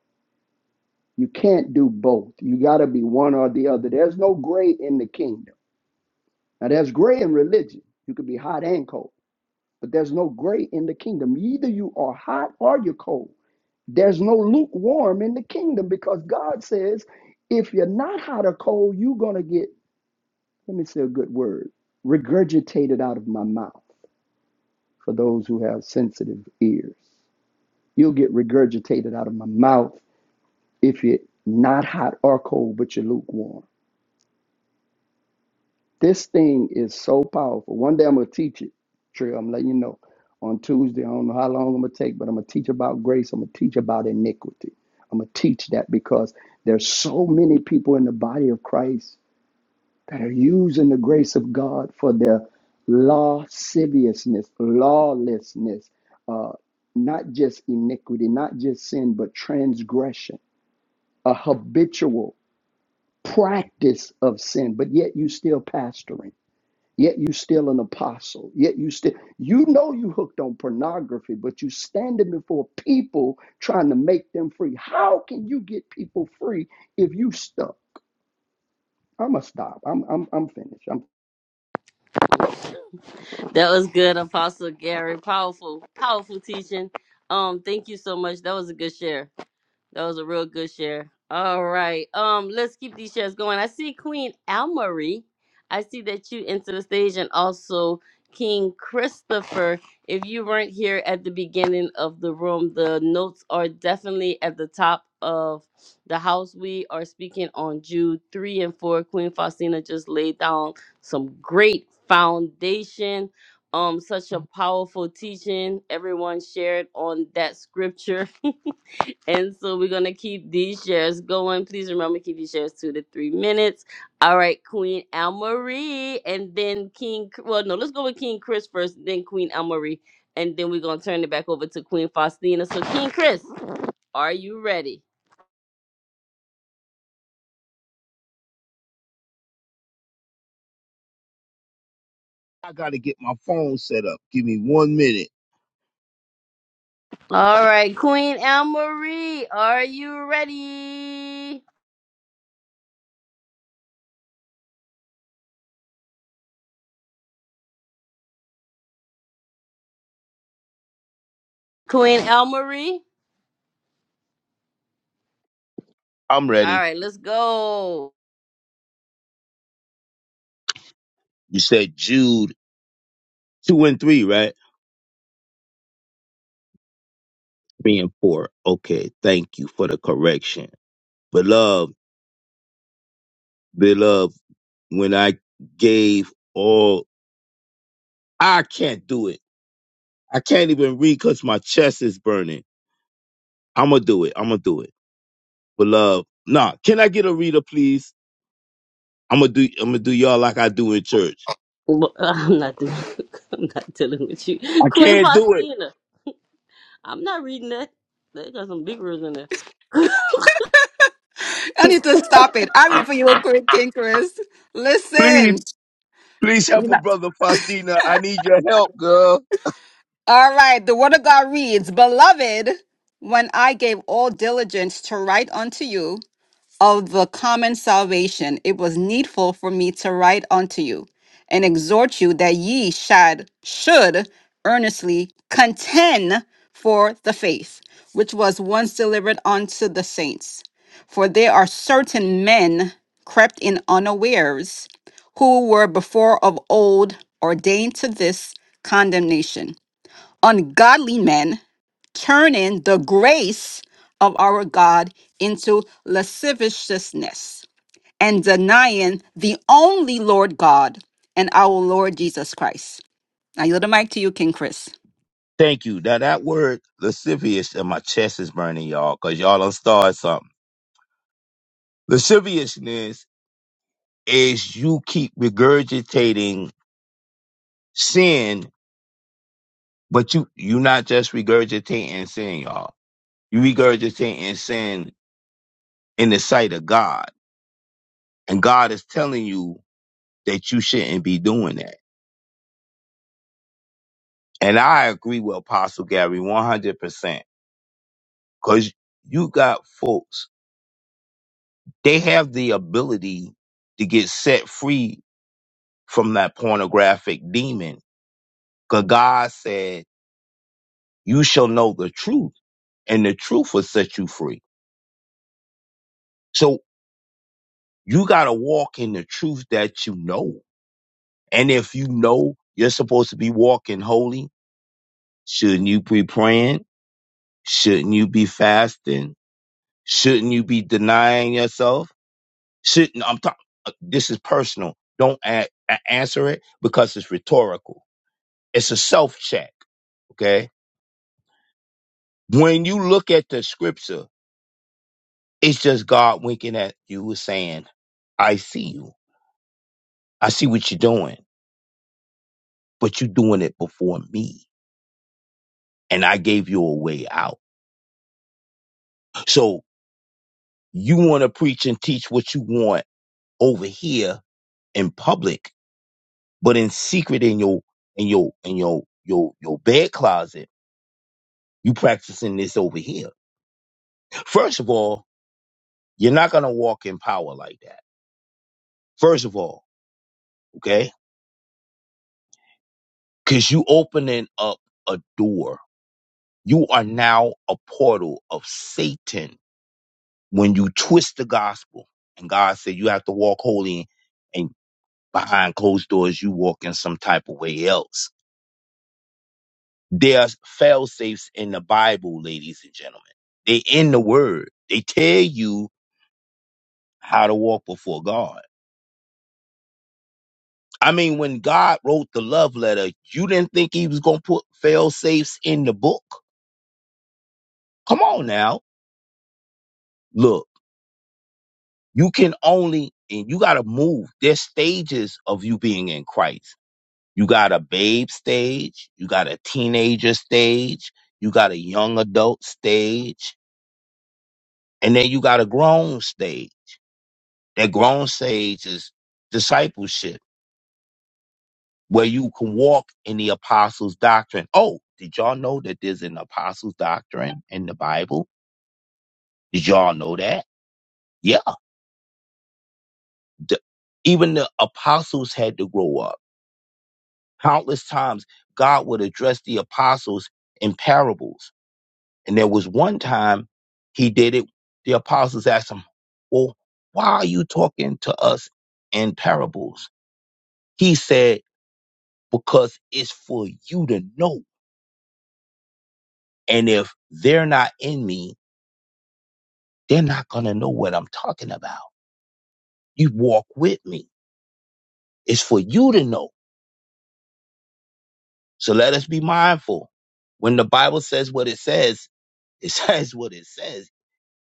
Speaker 3: You can't do both. You got to be one or the other. There's no gray in the kingdom. Now, there's gray in religion. You could be hot and cold, but there's no gray in the kingdom. Either you are hot or you're cold. There's no lukewarm in the kingdom because God says if you're not hot or cold, you're going to get, let me say a good word, regurgitated out of my mouth for those who have sensitive ears. You'll get regurgitated out of my mouth if you're not hot or cold, but you're lukewarm. This thing is so powerful. One day I'm gonna teach it, Trill. I'm letting you know. On Tuesday, I don't know how long I'm gonna take, but I'm gonna teach about grace. I'm gonna teach about iniquity. I'm gonna teach that because there's so many people in the body of Christ that are using the grace of God for their lasciviousness, lawlessness, uh, not just iniquity, not just sin, but transgression, a habitual. practice of sin, but yet you still pastoring, yet you still an apostle, yet you still you know you hooked on pornography, but you standing before people trying to make them free. How can you get people free if you stuck? I'ma stop. I'm I'm I'm finished. I'm
Speaker 1: That was good, Apostle Gary. Powerful, powerful teaching. Um, thank you so much. That was a good share. That was a real good share. All right. Um, let's keep these shares going. I see Queen Almarie. I see that you into the stage and also King Christopher. If you weren't here at the beginning of the room, the notes are definitely at the top of the house. We are speaking on Jude 3 and 4. Queen Faustina just laid down some great foundation. Um, such a powerful teaching. Everyone shared on that scripture and so we're gonna keep these shares going. Please remember keep your shares two to three minutes. All right, Queen Almarie, and then King. Well, no, let's go with King Chris first, then Queen Almarie, and then we're gonna turn it back over to Queen Faustina. So, King Chris, are you ready?
Speaker 15: I gotta get my phone set up. Give me one minute.
Speaker 1: All right, Queen Almarie, are you ready? Queen Almarie.
Speaker 15: I'm
Speaker 1: All
Speaker 15: ready.
Speaker 1: right, let's go.
Speaker 15: You said Jude two and three, right? Three and four. Okay, thank you for the correction. Beloved, beloved, when I gave all I can't do it. I can't even read because my chest is burning. I'ma do it. I'ma do it. Beloved. Nah, can I get a reader, please? I'ma do I'ma do y'all like I do in church.
Speaker 1: Well, I'm not doing. I'm not dealing with you,
Speaker 15: I
Speaker 1: Queen
Speaker 15: can't do
Speaker 1: Faustina. I'm not reading that. They got some big words in there.
Speaker 5: I
Speaker 15: it.
Speaker 5: need to stop it. I'm here for you, quick, King Chris.
Speaker 15: Please,
Speaker 5: Listen.
Speaker 15: please help a brother Faustina. I need your help, girl.
Speaker 5: All right. The word of God reads, Beloved, when I gave all diligence to write unto you, of the common salvation, it was needful for me to write unto you and exhort you that ye should, should earnestly contend for the faith, which was once delivered unto the saints. For there are certain men crept in unawares, who were before of old ordained to this condemnation, ungodly men turning the grace of our God into lasciviousness and denying the only Lord God and our Lord Jesus Christ. I yield the mic to you, King Chris.
Speaker 15: Thank you. Now that word lascivious and my chest is burning, y'all, because y'all done started something. Lasciviousness is you keep regurgitating sin, but you you not just regurgitating sin, y'all. You regurgitating sin in the sight of God. And God is telling you that you shouldn't be doing that. And I agree with Apostle Gary 100%. Because you got folks, they have the ability to get set free from that pornographic demon. Because God said, You shall know the truth, and the truth will set you free. So you got to walk in the truth that you know. And if you know you're supposed to be walking holy, shouldn't you be praying? Shouldn't you be fasting? Shouldn't you be denying yourself? Shouldn't no, I'm talking? This is personal. Don't a- a- answer it because it's rhetorical. It's a self check. Okay. When you look at the scripture It's just God winking at you and saying, I see you. I see what you're doing, but you're doing it before me. And I gave you a way out. So you want to preach and teach what you want over here in public, but in secret in your in your in your your your bed closet, you practicing this over here. First of all, you're not gonna walk in power like that. First of all, okay? Cause you opening up a door You are now a portal of Satan when you twist the gospel. And God said you have to walk holy and behind closed doors, you walk in some type of way else. There's fail safes in the Bible, ladies and gentlemen. They in the word. They tell you how to walk before God. I mean, when God wrote the love letter, you didn't think he was going to put fail safes in the book. Come on now. Look. You can only, and you got to move. There's stages of you being in Christ. You got a babe stage, you got a teenager stage, you got a young adult stage, and then you got a grown stage. That grown stage is discipleship, where you can walk in the apostles' doctrine. Oh, did y'all know that there's an apostles' doctrine in the Bible? Did y'all know that? Yeah. The- even the apostles had to grow up Countless times, God would address the apostles in parables. And there was one time he did it. The apostles asked him, Well, why are you talking to us in parables? He said, Because it's for you to know. And if they're not in me, they're not going to know what I'm talking about. You walk with me. It's for you to know. So let us be mindful. When the Bible says what it says, it says what it says.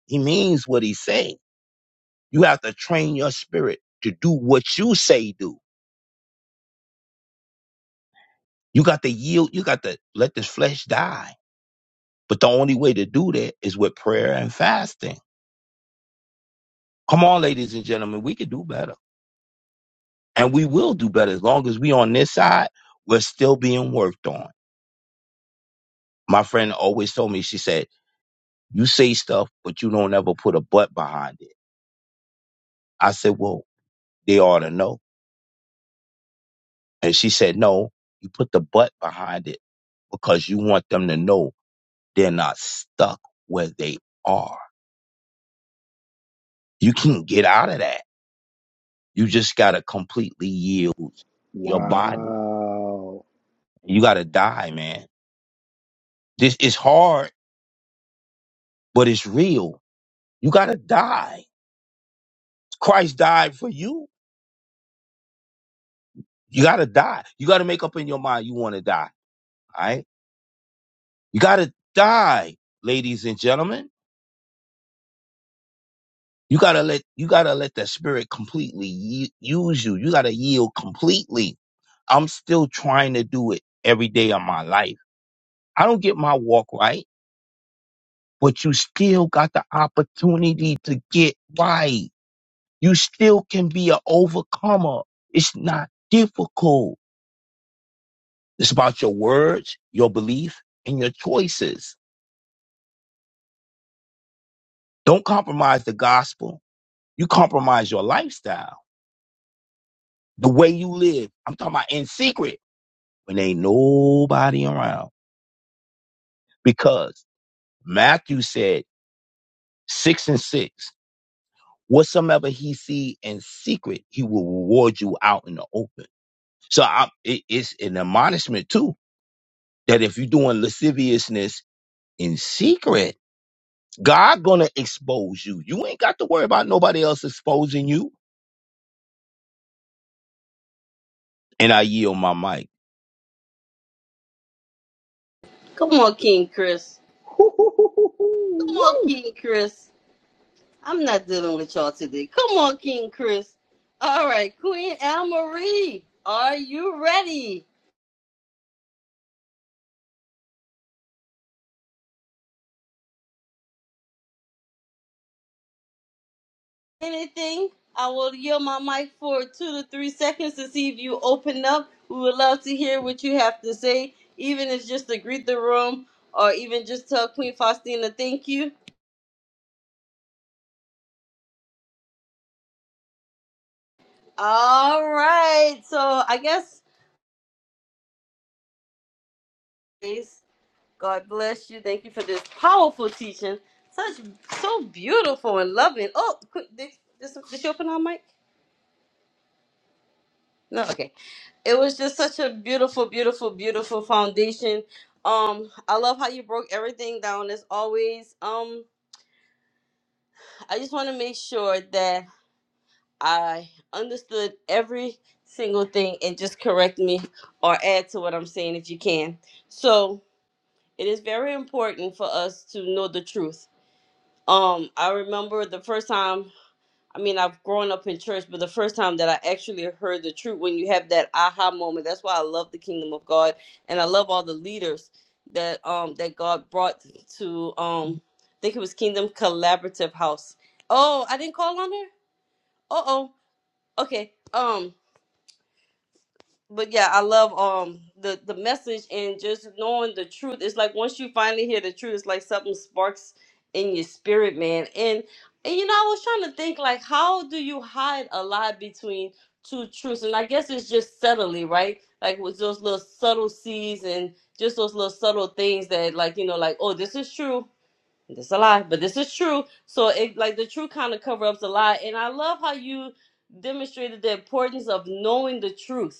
Speaker 15: He means what he's saying You have to train your spirit to do what you say do. You got to yield. You got to let this flesh die. But the only way to do that is with prayer and fasting. Come on, ladies and gentlemen, we can do better. And we will do better as long as we on this side, we're still being worked on. My friend always told me, she said, you say stuff, but you don't ever put a but behind it. I said, well, they ought to know. And she said, no, you put the but behind it because you want them to know They're not stuck where they are. You can get out of that. You just gotta completely yield your body.
Speaker 3: wow.
Speaker 15: You gotta die, man. This is hard, but it's real. You gotta die. Christ died for you. You gotta die. You gotta make up in your mind you wanna die. All right? You gotta die, ladies and gentlemen. You gotta let you gotta let that spirit completely ye- use you. You gotta yield completely. I'm still trying to do it every day of my life I don't get my walk right, but you still got the opportunity to get right. You still can be an overcomer. It's not difficult. It's about your words, your belief, and your choices. Don't compromise the gospel. You compromise your lifestyle, the way you live. I'm talking about in secret when ain't nobody around. Because Matthew said six and six, whatsoever he see in secret, he will reward you out in the open So I, it, it's an admonishment too that if you're doing lasciviousness in secret, God gonna expose you. You ain't got to worry about nobody else exposing you. And I yield my mic.
Speaker 1: Come on, King Chris. Come
Speaker 3: Hoo-hoo-hoo-hoo-hoo.
Speaker 1: on,
Speaker 3: Woo.
Speaker 1: King Chris. I'm not dealing with y'all today. Come on, King Chris. All right, Queen Anne Marie, are you ready? Anything? I will yield my mic for two to three seconds to see if you open up. We would love to hear what you have to say, even if it's just to greet the room or even just tell Queen Faustina thank you. All right, so I guess. God bless you. Thank you for this powerful teaching. Such so beautiful and loving. Oh, quick, did, did, did you open our mic? No, okay. It was just such a beautiful, beautiful, beautiful foundation. Um, I love how you broke everything down as always. Um, I just want to make sure that I understood every single thing and just correct me or add to what I'm saying if you can. So it is very important for us to know the truth Um, I remember the first time. I mean, I've grown up in church, but the first time that I actually heard the truth, when you have that aha moment, that's why I love the kingdom of God, and I love all the leaders that um that God brought to um. I think it was Kingdom Collaborative House. Oh, I didn't call on her. Uh oh. Okay. Um but yeah, I love um the the message and just knowing the truth. It's like once you finally hear the truth, it's like something sparks in your spirit, man. And, and you know, I was trying to think like, how do you hide a lie between two truths? And I guess it's just subtly, right? Like with those little subtle seeds and just those little subtle things that, like you know, like oh, this is true, this is a lie, but this is true. So it like the truth kind of cover up the lie. And I love how you demonstrated the importance of knowing the truth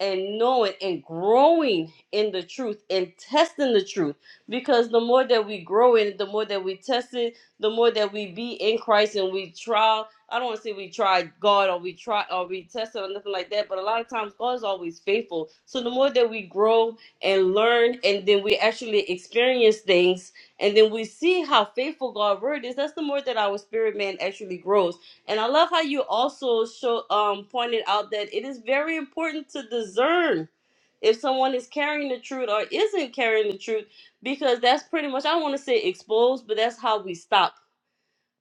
Speaker 1: and knowing and growing in the truth and testing the truth because the more that we grow in it the more that we test it the more that we be in christ and we try i don't want to say we try god or we try or we test it or nothing like that but a lot of times god is always faithful so the more that we grow and learn and then we actually experience things and then we see how faithful God's word is that's the more that our spirit man actually grows and I love how you also show um pointed out that it is very important to discern if someone is carrying the truth or isn't carrying the truth because that's pretty much I don't want to say exposed, but that's how we stop.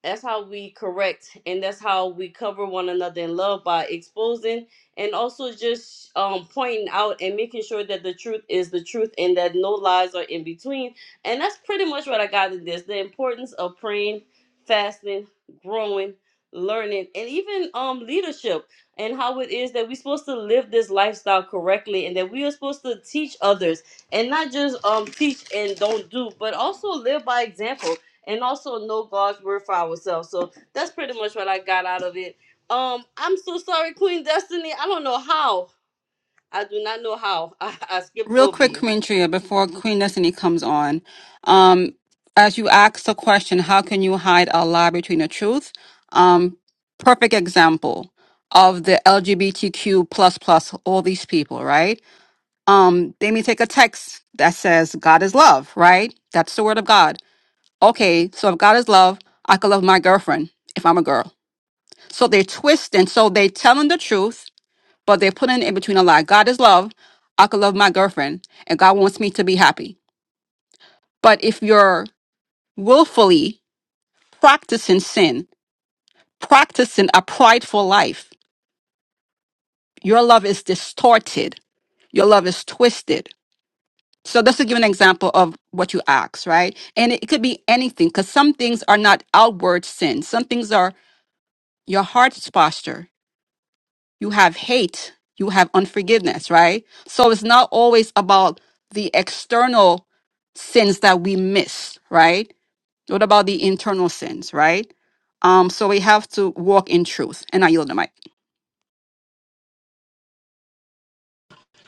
Speaker 1: That's how we correct and that's how we cover one another in love by exposing and also just um, pointing out and making sure that the truth is the truth and that no lies are in between. And that's pretty much what I got in this. The importance of praying, fasting, growing, learning, and even um leadership and how it is that we're supposed to live this lifestyle correctly and that we are supposed to teach others and not just um teach and don't do, but also live by example and also know God's word for ourselves. So that's pretty much what I got out of it. Um, I'm so sorry, Queen Destiny. I don't know how. I do not know how. I, I skipped
Speaker 5: Real
Speaker 1: over
Speaker 5: quick,
Speaker 1: you.
Speaker 5: Queen Tria, before Queen Destiny comes on. Um, as you ask the question, how can you hide a lie between the truth? Um, perfect example of the LGBTQ plus plus all these people, right? um they may take a text that says god is love right that's the word of god okay so if god is love i could love my girlfriend if i'm a girl so they twist and so they telling the truth but they're putting in between a lie god is love i could love my girlfriend and god wants me to be happy but if you're willfully practicing sin practicing a prideful life your love is distorted your love is twisted So this will give an example of what you ask, right? And it could be anything because some things are not outward sin. Some things are your heart's posture. You have hate. You have unforgiveness, right? So it's not always about the external sins that we miss, right? What about the internal sins, right? Um, so we have to walk in truth. And I yield the mic.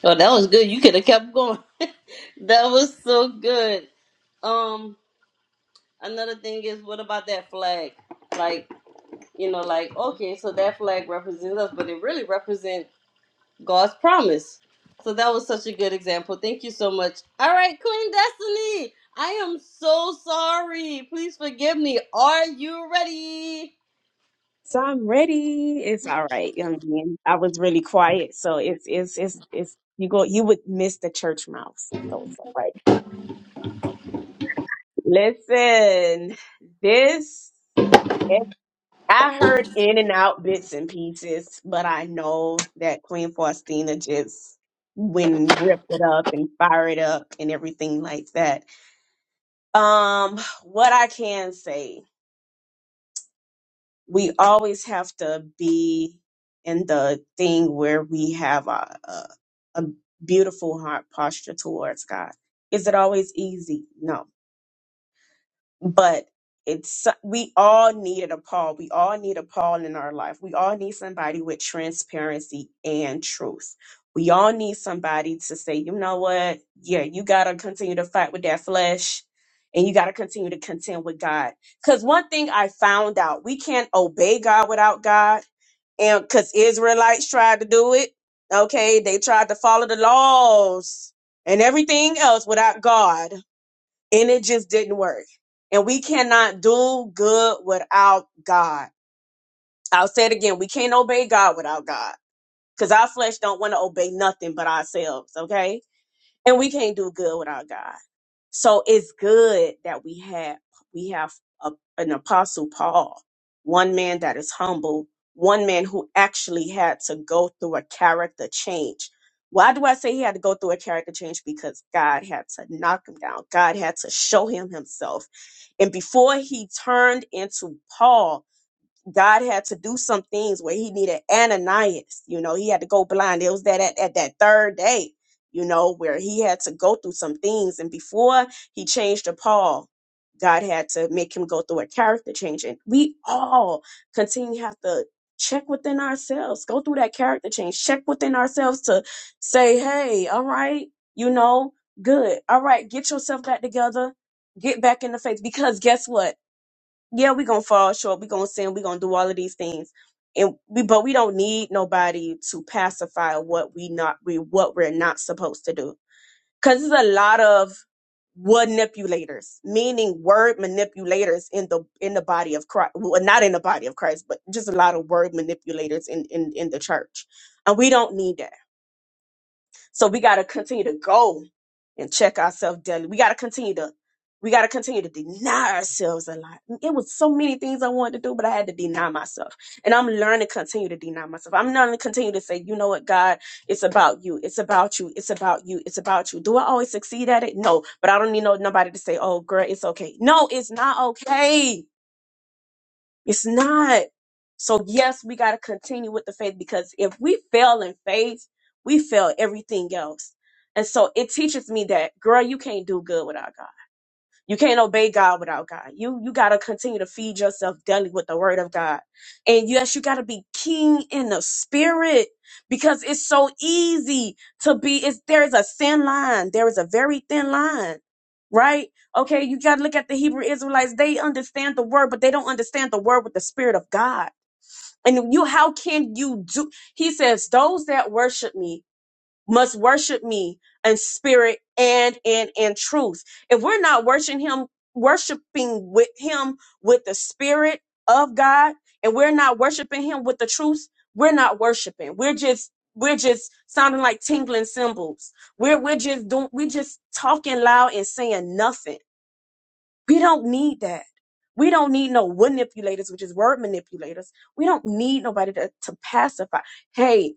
Speaker 1: Oh, that was good. You could have kept going. that was so good. Um, another thing is, what about that flag? Like, you know, like okay, so that flag represents us, but it really represents. God's promise. So that was such a good example. Thank you so much. All right, Queen Destiny, I am so sorry. Please forgive me. Are you ready?
Speaker 16: So I'm ready. It's all right, young man. I was really quiet, so it's it's it's it's you go you would miss the church mouse. So it's all right. Listen, this if I heard in and out bits and pieces, but I know that Queen Faustina just when rip it up and fire it up and everything like that. Um, what I can say. we always have to be in the thing where we have a, a, a beautiful heart posture towards God. Is it always easy? No but it's we all needed a Paul. We all need a Paul in our life. We all need somebody with transparency and truth. We all need somebody to say, you know what? Yeah, you gotta continue to fight with that flesh and you gotta continue to contend with God. Cause one thing I found out, we can't obey God without God. And cause Israelites tried to do it. Okay, they tried to follow the laws and everything else without God and it just didn't work. And we cannot do good without God. I'll say it again. We can't obey God without God because our flesh don't want to obey nothing but ourselves. Okay and we can't do good without God. So it's good that we have we have a, an apostle Paul, one man that is humble, one man who actually had to go through a character change. Why do I say he had to go through a character change? Because God had to knock him down. God had to show him himself. And before he turned into Paul, God had to do some things where he needed Ananias. You know, he had to go blind. It was that at, at that third day, you know, where he had to go through some things. And before he changed to Paul, God had to make him go through a character change. And we all continue to have to check within ourselves, go through that character change, check within ourselves to say, hey, all right, you know, good. All right, get yourself back together. Get back in the faith because guess what? yeah, we're gonna fall short, we're gonna sin, we're gonna do all of these things. And we but we don't need nobody to pacify what we not we what we're not supposed to do. Cause there's a lot of manipulators, meaning word manipulators in the in the body of Christ. Well, not in the body of Christ, but just a lot of word manipulators in in, in the church. And we don't need that so we got to continue to go and check ourselves daily. We got to continue to, we got to continue to deny ourselves a lot. It was so many things I wanted to do, but I had to deny myself. And I'm learning to continue to deny myself. I'm learning to continue to say, you know what, God, it's about you. It's about you. It's about you. It's about you. Do I always succeed at it? No, but I don't need no, nobody to say, oh, girl, it's okay. No, it's not okay it's not. So yes, we got to continue with the faith because if we fail in faith, we fail everything else. And so it teaches me that, girl, you can't do good without God. You can't obey God without God. You you gotta continue to feed yourself daily with the word of God. And yes, you gotta be keen in the spirit because it's so easy to be it's there is a thin line. There is a very thin line. Right? Okay, you gotta look at the Hebrew Israelites. They understand the word, but they don't understand the word with the spirit of God. And you how can you do he says, those that worship me must worship me in spirit and in in truth. If we're not worshiping him, worshiping with him with the spirit of God, and we're not worshiping him with the truth, we're not worshiping. We're just we're just sounding like tingling cymbals. We're we're just doing we just talking loud and saying nothing. We don't need that. We don't need no manipulators, which is word manipulators. We don't need nobody to, to pacify. Hey,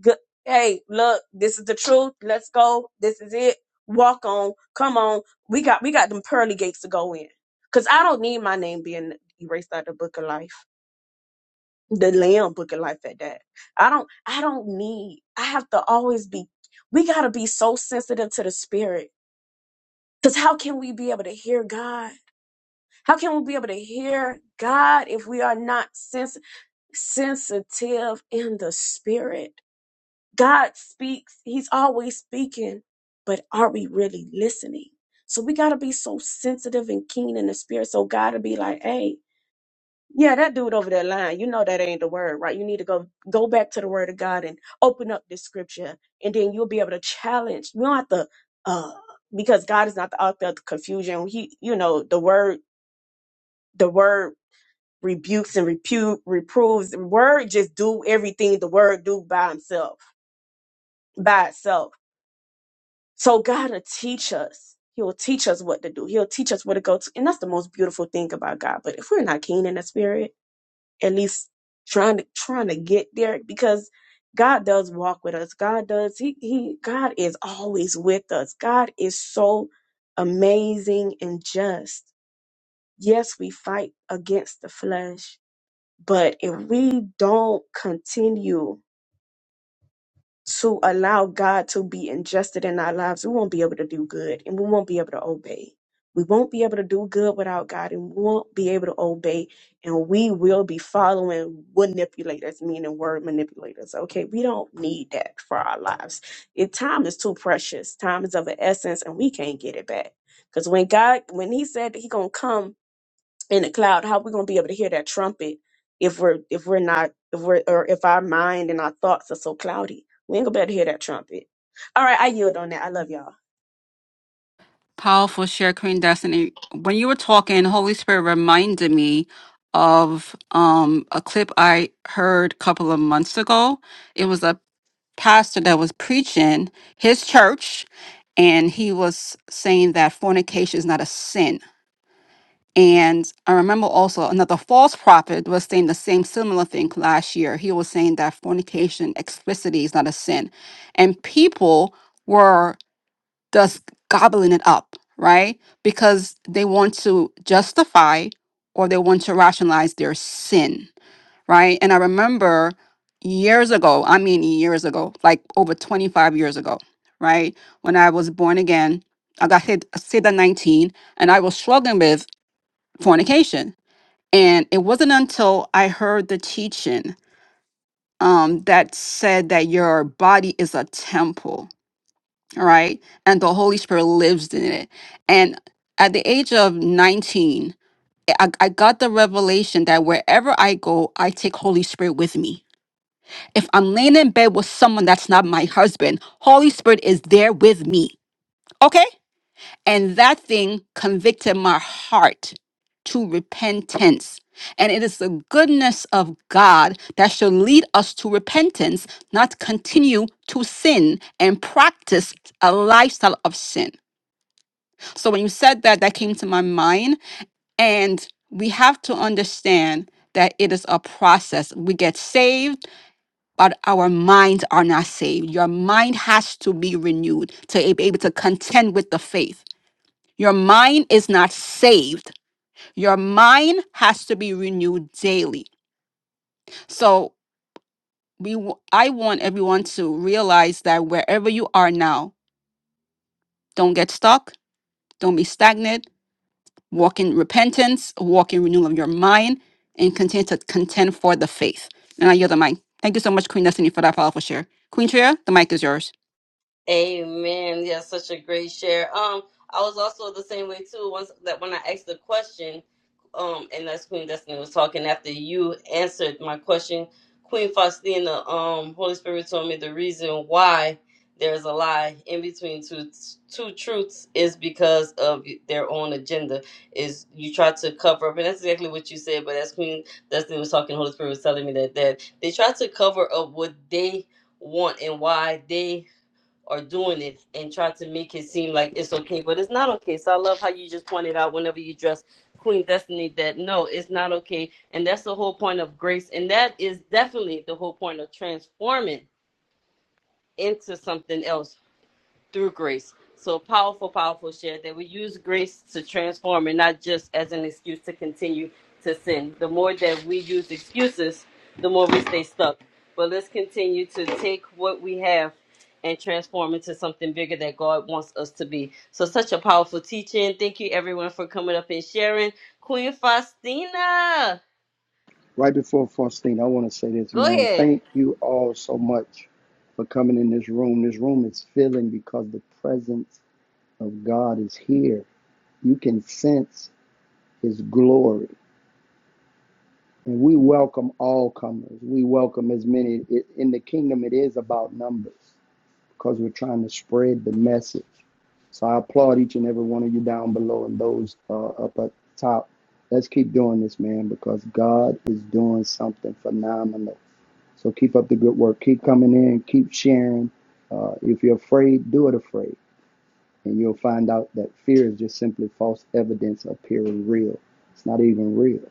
Speaker 16: Good. Hey, look, this is the truth. Let's go. This is it. Walk on. Come on. We got we got them pearly gates to go in. Cause I don't need my name being erased out of the book of life. The Lamb book of life at that. I don't I don't need I have to always be we gotta be so sensitive to the spirit. Cause how can we be able to hear God? How can we be able to hear God if we are not sens- sensitive in the spirit? God speaks, He's always speaking, but are we really listening? So we got to be so sensitive and keen in the spirit. So God to be like, hey, yeah, that dude over that line, you know that ain't the word, right? You need to go go back to the word of God and open up this scripture, and then you'll be able to challenge. We don't have to, uh, because God is not the author of confusion. He, you know, the word, the word rebukes and repute, reproves. The word just do everything the word do by himself, by itself So God will teach us. He will teach us what to do. He'll teach us where to go to. And that's the most beautiful thing about God. But if we're not keen in the spirit, at least trying to trying to get there, because God does walk with us. God does he he God is always with us. God is so amazing and just. Yes, we fight against the flesh, but if we don't continue to allow God to be ingested in our lives, we won't be able to do good and we won't be able to obey. We won't be able to do good without God and we won't be able to obey. And we will be following manipulators, meaning word manipulators. Okay. We don't need that for our lives. It, time is too precious. Time is of an essence and we can't get it back. Because when God, when he said that he going to come in the cloud how are we going to be able to hear that trumpet if we're if we're not if we're or if our mind and our thoughts are so cloudy we ain't gonna be able to hear that trumpet all right i yield on that i love y'all
Speaker 5: Powerful share, Queen Destiny. When you were talking, Holy Spirit reminded me of um, a clip I heard a couple of months ago. It was a pastor that was preaching his church, and he was saying that fornication is not a sin. And I remember also another false prophet was saying the same similar thing last year. He was saying that fornication explicitly is not a sin. And people were just gobbling it up, right? Because they want to justify or they want to rationalize their sin, right? And I remember years ago, I mean, years ago, like over 25 years ago, right? When I was born again, I got hit, saved at 19, and I was struggling with fornication. And it wasn't until I heard the teaching um, that said that your body is a temple all right? And the Holy Spirit lives in it. And at the age of 19, I, I got the revelation that wherever I go, I take Holy Spirit with me. If I'm laying in bed with someone that's not my husband, Holy Spirit is there with me. Okay? And that thing convicted my heart to repentance. And it is the goodness of God that should lead us to repentance, not continue to sin and practice a lifestyle of sin. So when you said that, that came to my mind. And we have to understand that it is a process. We get saved, but our minds are not saved. Your mind has to be renewed to be able to contend with the faith. Your mind is not saved. Your mind has to be renewed daily. So we, w- I want everyone to realize that wherever you are now, don't get stuck. Don't be stagnant. walk in repentance, walk in renewal of your mind, and continue to contend for the faith. And I yield the mic. Thank you so much, Queen Destiny, for that powerful share. Queen Tria, the mic is yours.
Speaker 1: Amen. Yeah, such a great share. Um, I was also the same way too. Once that when I asked the question, um, and that's Queen Destiny was talking after you answered my question, Queen Faustina, um, Holy Spirit told me the reason why there's a lie in between two two truths is because of their own agenda. Is you try to cover up, and that's exactly what you said. But as Queen Destiny was talking, Holy Spirit was telling me that that they try to cover up what they want and why they are doing it and try to make it seem like it's okay, but it's not okay. So I love how you just pointed out whenever you dress Queen Destiny that no, it's not okay. And that's the whole point of grace. And that is definitely the whole point of transforming into something else through grace. So powerful, powerful share that we use grace to transform and not just as an excuse to continue to sin. The more that we use excuses, the more we stay stuck. But let's continue to take what we have and transform into something bigger that God wants us to be. So such a powerful teaching. Thank you everyone for coming up and sharing. Queen Faustina,
Speaker 3: Right before Faustine, I want to say this,
Speaker 1: go
Speaker 3: man.
Speaker 1: ahead.
Speaker 3: Thank you all so much for coming in this room. This room is filling because the presence of God is here. You can sense His glory. And we welcome all comers. We welcome as many. In the kingdom, it is about numbers because we're trying to spread the message. So I applaud each and every one of you down below and those uh, up at top. Let's keep doing this, man, because God is doing something phenomenal. So keep up the good work. Keep coming in. Keep sharing. Uh, if you're afraid, do it afraid and you'll find out that fear is just simply false evidence appearing real. It's not even real.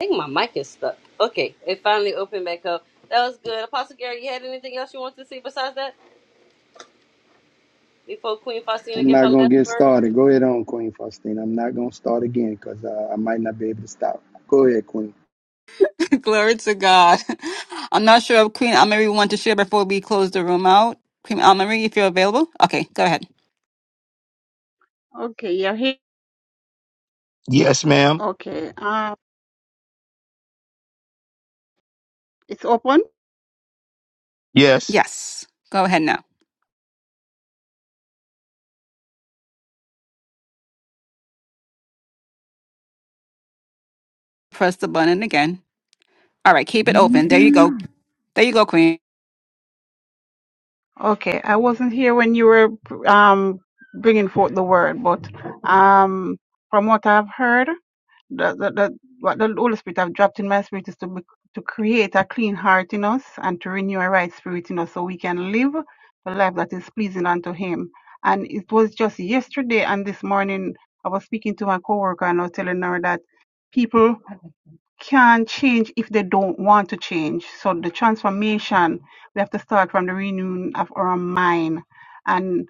Speaker 1: I think my mic is stuck. Okay, it finally opened back up. That was good. Apostle Gary, you had anything else you want to say besides that? before Queen Faustina
Speaker 3: I'm
Speaker 1: give
Speaker 3: not
Speaker 1: her
Speaker 3: going
Speaker 1: last
Speaker 3: to get
Speaker 1: word.
Speaker 3: started. Go ahead on, Queen Faustina. I'm not going to start again because uh, I might not be able to stop. Go ahead, Queen.
Speaker 5: Glory to God. I'm not sure if Queen Almarie want to share before we close the room out. Queen Almarie, if you're available. Okay, go ahead.
Speaker 17: Okay, you're here.
Speaker 15: Yes, ma'am.
Speaker 17: Okay, uh, it's open.
Speaker 15: Yes.
Speaker 5: Yes. Go ahead now. Press the button again. All right, keep it open. There you go. There you go, Queen.
Speaker 17: Okay, I wasn't here when you were um bringing forth the word, but um from what I've heard, the the, the what the Holy Spirit have dropped in my spirit is to be, to create a clean heart in us and to renew a right spirit in us, so we can live a life that is pleasing unto Him. And it was just yesterday and this morning I was speaking to my coworker and I was telling her that people. can change if they don't want to change. So the transformation, we have to start from the renewing of our mind. And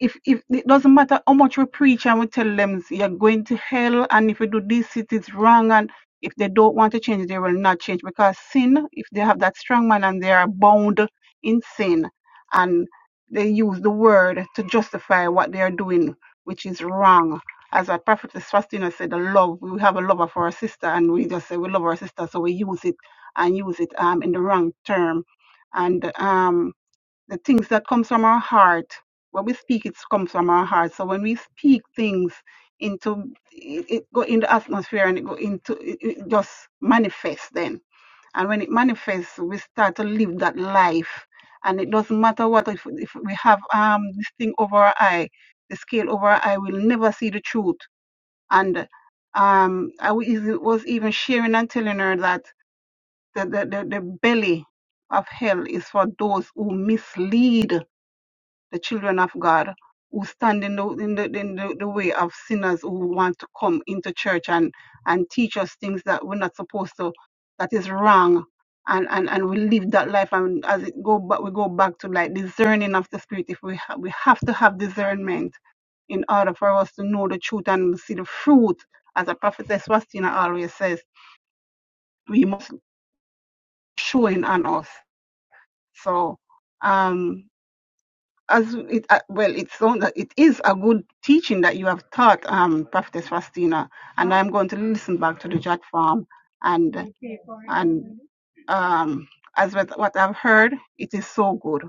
Speaker 17: if if it doesn't matter how much we preach and we tell them you're going to hell and if you do this it is wrong and if they don't want to change they will not change because sin if they have that strong man and they are bound in sin and they use the word to justify what they are doing which is wrong as our prophet Faustina said the love we have a lover for our sister and we just say we love our sister so we use it and use it um in the wrong term and um the things that comes from our heart when we speak it comes from our heart so when we speak things into it, it go in the atmosphere and it go into it, it just manifests then and when it manifests we start to live that life and it doesn't matter what if, if we have um this thing over our eye the scale over our eye we'll never see the truth and um i was was even sharing and telling her that the, the, the, the belly of hell is for those who mislead the children of God who stand in the, in the, in the, the way of sinners who want to come into church and, and teach us things that we're not supposed to, that is wrong. And, and, and we live that life and as it go back we go back to like discerning of the spirit if we ha- we have to have discernment in order for us to know the truth and see the fruit as a prophetess Wastina always says we must showing on us so um as it uh, well it's on that it is a good teaching that you have taught um prophetess fastina and i'm going to listen back to the jot farm and and um as with what i've heard it is so good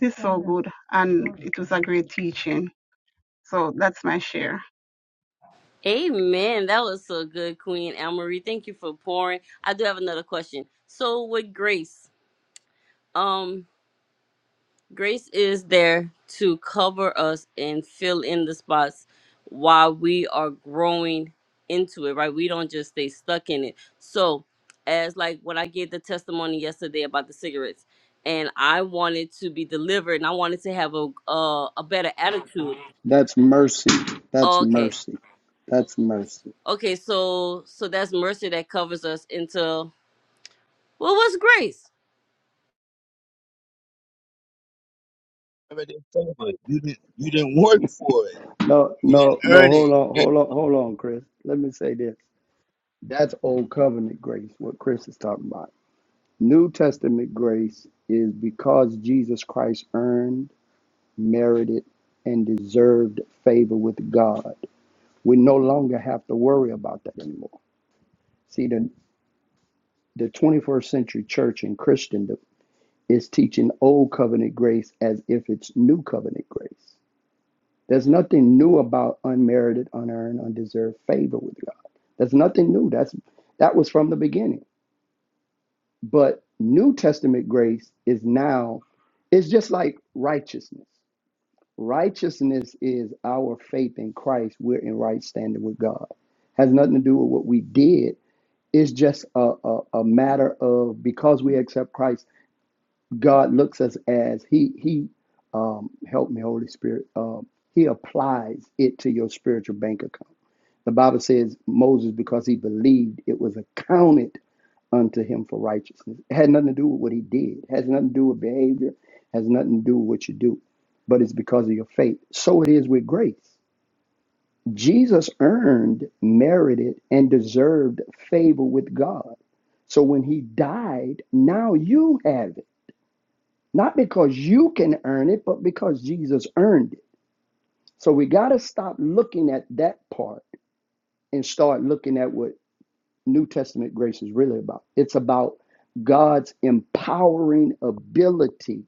Speaker 17: it is so good and it was a great teaching so that's my share
Speaker 1: Amen. That was so good, Queen Marie. Thank you for pouring. I do have another question. So with grace, um, grace is there to cover us and fill in the spots while we are growing into it, right? We don't just stay stuck in it. So as like what I gave the testimony yesterday about the cigarettes, and I wanted to be delivered and I wanted to have a uh, a better attitude.
Speaker 3: That's mercy. That's
Speaker 1: Okay.
Speaker 3: mercy. That's mercy.
Speaker 1: Okay, so so that's mercy that covers us into well, what's grace?
Speaker 15: Remember this Favor, You didn't. You didn't work for it.
Speaker 3: No,
Speaker 15: You didn't
Speaker 3: no, no.
Speaker 15: earn it.
Speaker 3: Hold on,
Speaker 15: It-
Speaker 3: hold on, hold on, Chris. Let me say this. That's old covenant grace, what Chris is talking about. New Testament grace is because Jesus Christ earned merited, and deserved favor with God. We no longer have to worry about that anymore. See, the, the 21st century church and Christendom is teaching old covenant grace as if it's new covenant grace. There's nothing new about unmerited, unearned, undeserved favor with God. There's nothing new. That's that was from the beginning. But New Testament grace is now, it's just like righteousness. Righteousness is our faith in Christ. We're in right standing with God. Has nothing to do with what we did. It's just a, a, a matter of because we accept Christ, God looks us as He He um, help me, Holy Spirit. Um, he applies it to your spiritual bank account. The Bible says Moses, because he believed, it was accounted unto him for righteousness. It had nothing to do with what he did. It has nothing to do with behavior. has nothing to do with what you do. But it's because of your faith. So it is with grace. Jesus earned, merited, and deserved favor with God. So when he died, now you have it. Not because you can earn it, but because Jesus earned it. So we got to stop looking at that part and start looking at what New Testament grace is really about. It's about God's empowering ability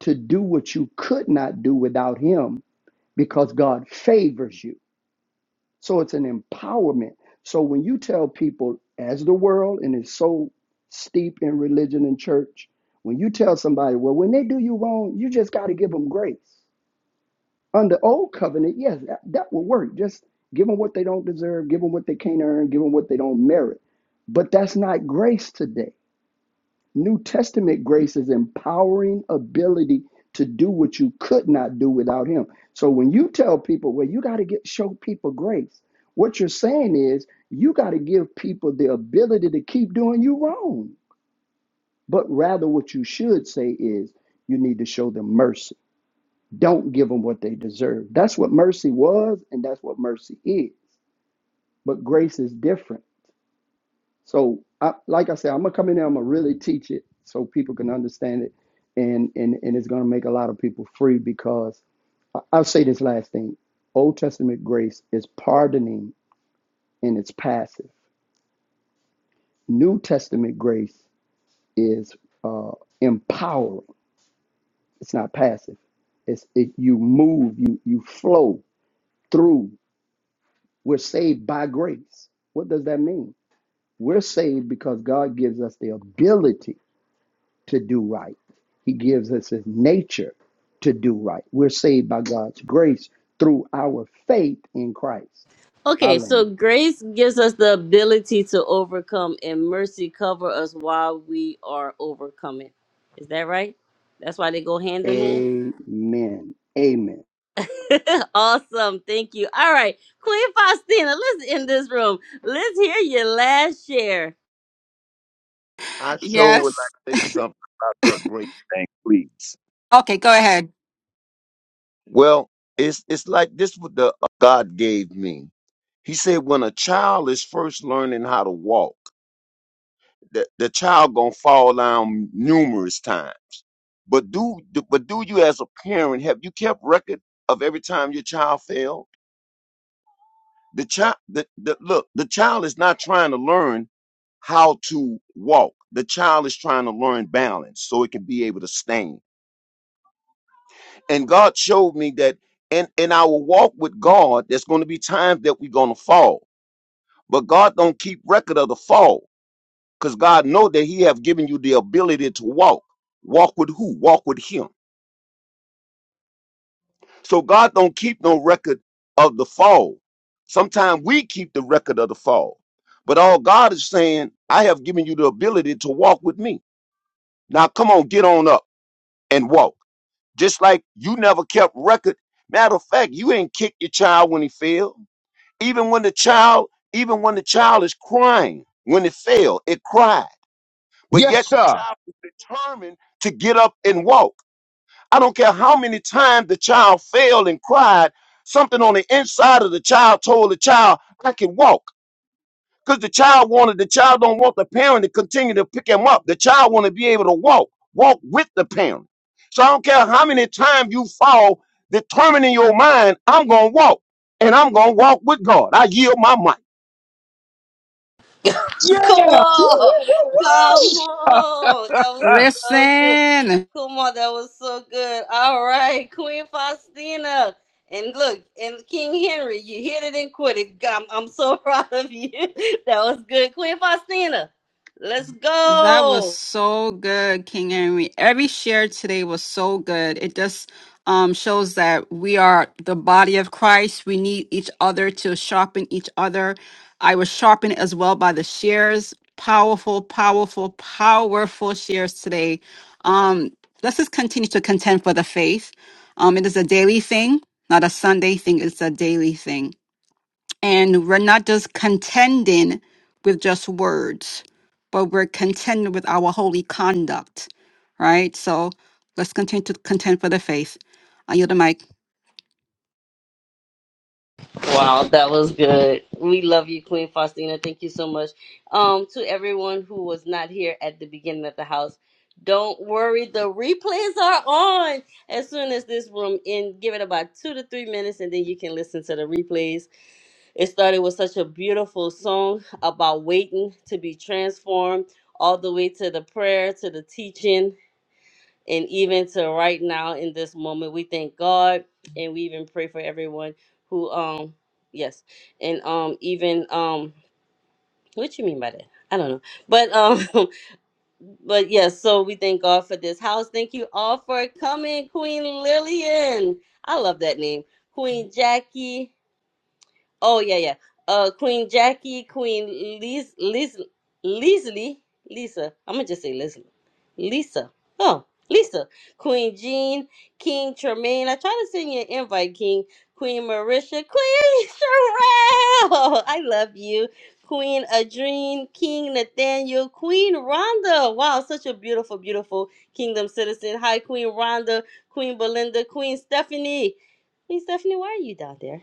Speaker 3: to do what you could not do without Him because God favors you. So it's an empowerment. So when you tell people, as the world, and it's so steep in religion and church, when you tell somebody, well, when they do you wrong, you just got to give them grace. Under old covenant, yes, that, that will work. Just give them what they don't deserve, give them what they can't earn, give them what they don't merit. But that's not grace today. New Testament grace is empowering ability to do what you could not do without Him. So when you tell people, well, you got to get show people grace, what you're saying is you got to give people the ability to keep doing you wrong. But rather, what you should say is you need to show them mercy don't give them what they deserve. That's what mercy was, and that's what mercy is. But grace is different. So, I, like I said, I'm gonna come in there. I'm gonna really teach it so people can understand it, and and and it's gonna make a lot of people free because I- I'll say this last thing: Old Testament grace is pardoning and it's passive. New Testament grace is uh, empowering. It's not passive. It's it, you move, you you flow through We're saved by grace. What does that mean? We're saved because God gives us the ability to do right. He gives us his nature to do right. We're saved by God's grace through our faith in Christ.
Speaker 1: Okay, so
Speaker 3: Hallelujah.
Speaker 1: grace gives us the ability to overcome, and mercy cover us while we are overcoming. Is that right? That's why they go hand in
Speaker 3: Amen. Amen.
Speaker 1: hand. awesome, thank you. All right, Queen Faustina, let's end this room. Let's hear your last share.
Speaker 13: I sure would
Speaker 5: Yes.
Speaker 13: like to say something about that great thing, please.
Speaker 5: Okay, go ahead.
Speaker 13: Well, it's it's like this what the uh, God gave me. He said when a child is first learning how to walk, the, the child gonna fall down numerous times But do but do you as a parent have you kept record of every time your child failed? The child the, the look, the child is not trying to learn how to walk. The child is trying to learn balance so it can be able to stand. And God showed me that in, in our walk with God, there's going to be times that we're going to fall. But God don't keep record of the fall because God know that he have given you the ability to walk. Walk with who? Walk with him So God don't keep no record of the fall. Sometimes we keep the record of the fall. But all God is saying, I have given you the ability to walk with me. Now come on, get on up and walk. Just like you never kept record. Matter of fact, you ain't kicked your child when he failed. Even when the child, even when the child is crying, when it failed, it cried. But
Speaker 15: Yes,
Speaker 13: yet the
Speaker 15: sir.
Speaker 13: child is determined to get up and walk. I don't care how many times the child failed and cried, something on the inside of the child told the child, I can walk. Because the child wanted, the child don't want the parent to continue to pick him up. The child want to be able to walk, walk with the parent. So I don't care how many times you fall, determining your mind, I'm going to walk and I'm going to walk with God. I yield my mind.
Speaker 15: Yes,
Speaker 1: Come
Speaker 3: Woo,
Speaker 1: on.
Speaker 3: woo, woo,
Speaker 1: Come
Speaker 3: woo!
Speaker 1: on. That was
Speaker 15: sir.
Speaker 1: so good.
Speaker 5: Listen.
Speaker 1: Come on. That was so good. All right. Queen Faustina. And look, and King Henry, you hit it and quit it. I'm, I'm so proud of you. That was good. Queen Faustina, let's
Speaker 5: That was
Speaker 1: go.
Speaker 5: so good, King Henry. Every share today was so good. It just um, shows that we are the body of Christ. We need each other to sharpen each other. I was sharpened as well by the shares. Powerful, powerful, powerful shares today. Um, let's just continue to contend for the faith. Um, it is a daily thing, not a Sunday thing. It's a daily thing. And we're not just contending with just words, but we're contending with our holy conduct, right? So let's continue to contend for the faith. I yield the mic.
Speaker 1: Wow, that was good. We love you, Queen Faustina. Thank you so much. Um, to everyone who was not here at the beginning of the house, don't worry, the replays are on. As soon as this room in, give it about two to three minutes, and then you can listen to the replays. It started with such a beautiful song about waiting to be transformed, all the way to the prayer, to the teaching, and even to right now in this moment, we thank God and we even pray for everyone who um yes. And um even um what you mean by that? I don't know. But um but yes, so we thank God for this house. Thank you all for coming, Queen Lillian. I love that name. Queen Jackie, Oh yeah, yeah. Uh, Queen Jackie, Queen Liz, Liz, Leslie Lisa. I'm gonna just say Leslie, Lisa. Oh, Lisa. Queen Jean, King Tremaine. I tried to send you an invite, King. Queen Marisha, Queen Sherelle. I love you. Queen Adrene, King Nathaniel, Queen Rhonda. Wow, such a beautiful, beautiful kingdom citizen. Hi, Queen Rhonda, Queen Belinda, Queen Stephanie. Queen Stephanie, why are you down there?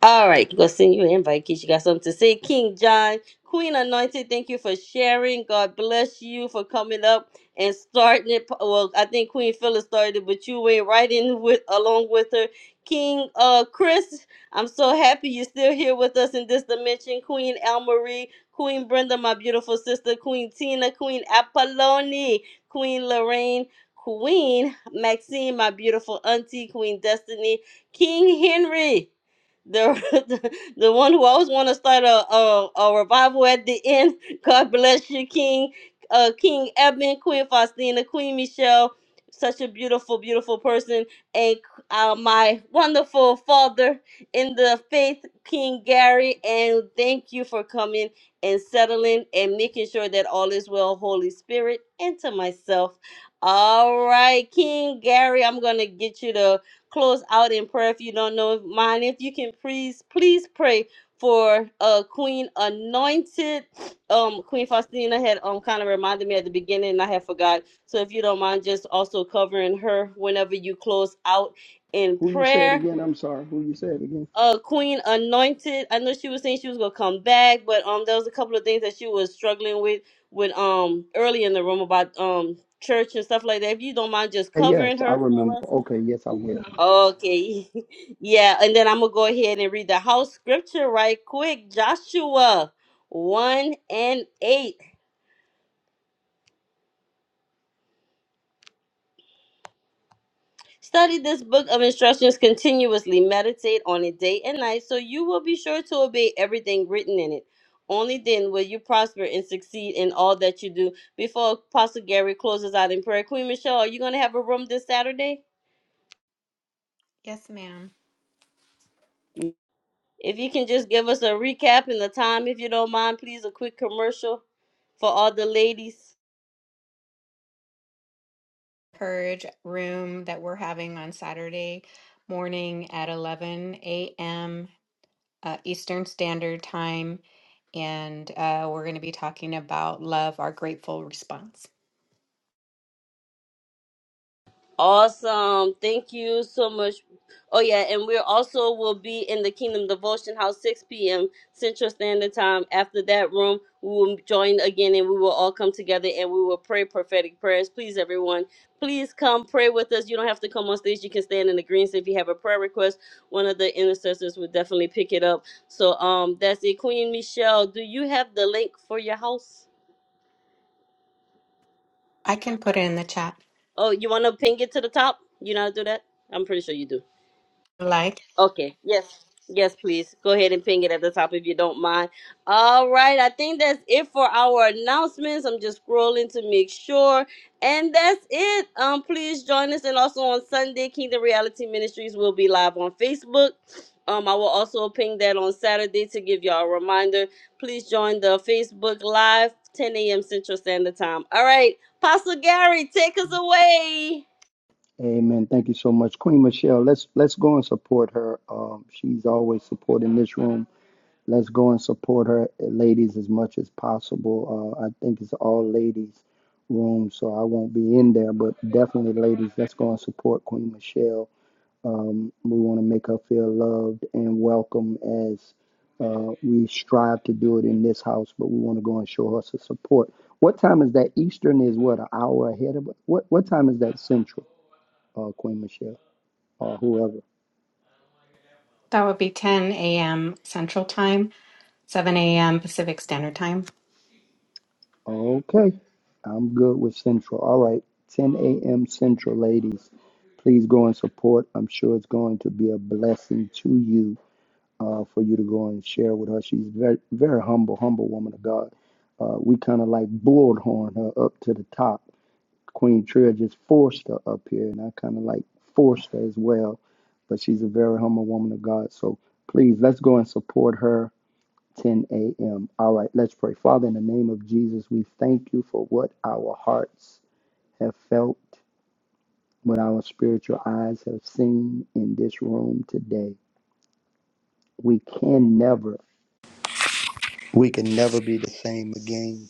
Speaker 1: All right, we're gonna send you an invite in case you got something to say. King John, Queen Anointed, thank you for sharing. God bless you for coming up and starting it. Well, I think Queen Phyllis started, it, but you went right in with along with her. King uh Chris, I'm so happy you're still here with us in this dimension. Queen Elmarie, Queen Brenda, my beautiful sister, Queen Tina, Queen Apolloni, Queen Lorraine. Queen Maxine, my beautiful auntie, Queen Destiny, King Henry the the, the one who always want to start a, a a revival at the end. God bless you, King uh King Eben, Queen Faustina, Queen Michelle, such a beautiful, beautiful person, and uh, my wonderful father in the faith, King Gary, and thank you for coming and settling and making sure that all is well, Holy Spirit, and to myself. All right, King Gary, I'm gonna get you to close out in prayer if you don't know mine. If you can please, please pray for uh Queen Anointed. Um Queen Faustina had um kind of reminded me at the beginning and I had forgot. So if you don't mind just also covering her whenever you close out in
Speaker 3: Who you said
Speaker 1: prayer.
Speaker 3: again? I'm sorry. Who you said again?
Speaker 1: Uh Queen Anointed. I know she was saying she was gonna come back, but um there was a couple of things that she was struggling with with um early in the room about um church and stuff like that. If you don't mind just
Speaker 3: Uh, Yes,
Speaker 1: covering
Speaker 3: I
Speaker 1: her for
Speaker 3: remember.
Speaker 1: us.
Speaker 3: Okay, yes, I will.
Speaker 1: Okay. Yeah, and then I'm going to go ahead and read the house scripture right quick. Joshua 1 and 8. Study this book of instructions continuously. Meditate on it day and night so you will be sure to obey everything written in it. Only then will you prosper and succeed in all that you do. Before Apostle Gary closes out in prayer, Queen Michelle, are you going to have a room this Saturday?
Speaker 14: Yes, ma'am.
Speaker 1: If you can just give us a recap and the time, if you don't mind, please, a quick commercial for all the ladies.
Speaker 14: Purge room that we're having on Saturday morning at 11 a.m. uh, Eastern Standard Time, and uh, we're going to be talking about love, our grateful response.
Speaker 1: Awesome. Thank you so much. Oh yeah, and we also will be in the Kingdom Devotion House 6 p.m. Central Standard Time. After that room, we will join again and we will all come together and we will pray prophetic prayers. Please, everyone, please come pray with us. You don't have to come on stage. You can stand in the greens if you have a prayer request. One of the intercessors will definitely pick it up. So um that's it. Queen Michelle, do you have the link for your house?
Speaker 14: I can put it in the chat
Speaker 1: Oh, you wanna ping it to the top? You know how to do that? I'm pretty sure you do.
Speaker 14: if you like.
Speaker 1: Okay. Yes. Yes, please. Go ahead and ping it at the top if you don't mind. All right. I think that's it for our announcements. I'm just scrolling to make sure. And that's it. Um, please join us. And also on Sunday, Kingdom Reality Ministries will be live on Facebook. Um, I will also ping that on Saturday to give y'all a reminder. Please join the Facebook Live, 10 a.m. Central Standard Time. All right. Pastor Gary, take us away.
Speaker 3: Amen. Thank you so much, Queen Michelle. Let's let's go and support her. Um, she's always supporting this room Let's go and support her, eh, ladies, as much as possible. Uh, I think it's all ladies' room, so I won't be in there, but definitely, ladies, let's go and support Queen Michelle. Um, we want to make her feel loved and welcome as uh, we strive to do it in this house, but we want to go and show her some support. What time is that? Eastern is what, an hour ahead of what? What time is that Central, uh, Queen Michelle, or whoever?
Speaker 14: That would be 10 a.m. Central Time, 7 a.m. Pacific Standard Time.
Speaker 3: Okay, I'm good with Central. All right, 10 a.m. Central, ladies. Please go and support. I'm sure it's going to be a blessing to you uh, for you to go and share with her. She's very, very humble, humble woman of God. Uh, we kind of like bullhorn her up to the top. Queen Trill just forced her up here, and I kind of like forced her as well. But she's a very humble woman of God. So please, let's go and support her 10 a.m. All right, let's pray. Father, in the name of Jesus, we thank you for what our hearts have felt, what our spiritual eyes have seen in this room today. We can never, we can never be the same again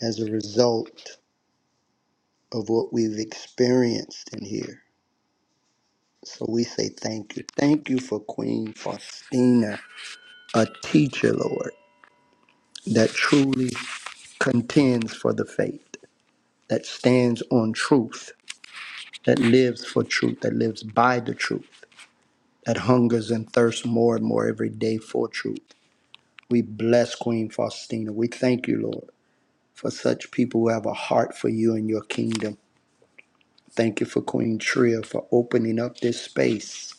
Speaker 3: as a result of what we've experienced in here. So we say thank you. Thank you for Queen Faustina, a teacher, Lord, that truly contends for the faith, that stands on truth that lives for truth, that lives by the truth, that hungers and thirsts more and more every day for truth. We bless Queen Faustina. We thank you, Lord, for such people who have a heart for you and your kingdom. Thank you for Queen Tria for opening up this space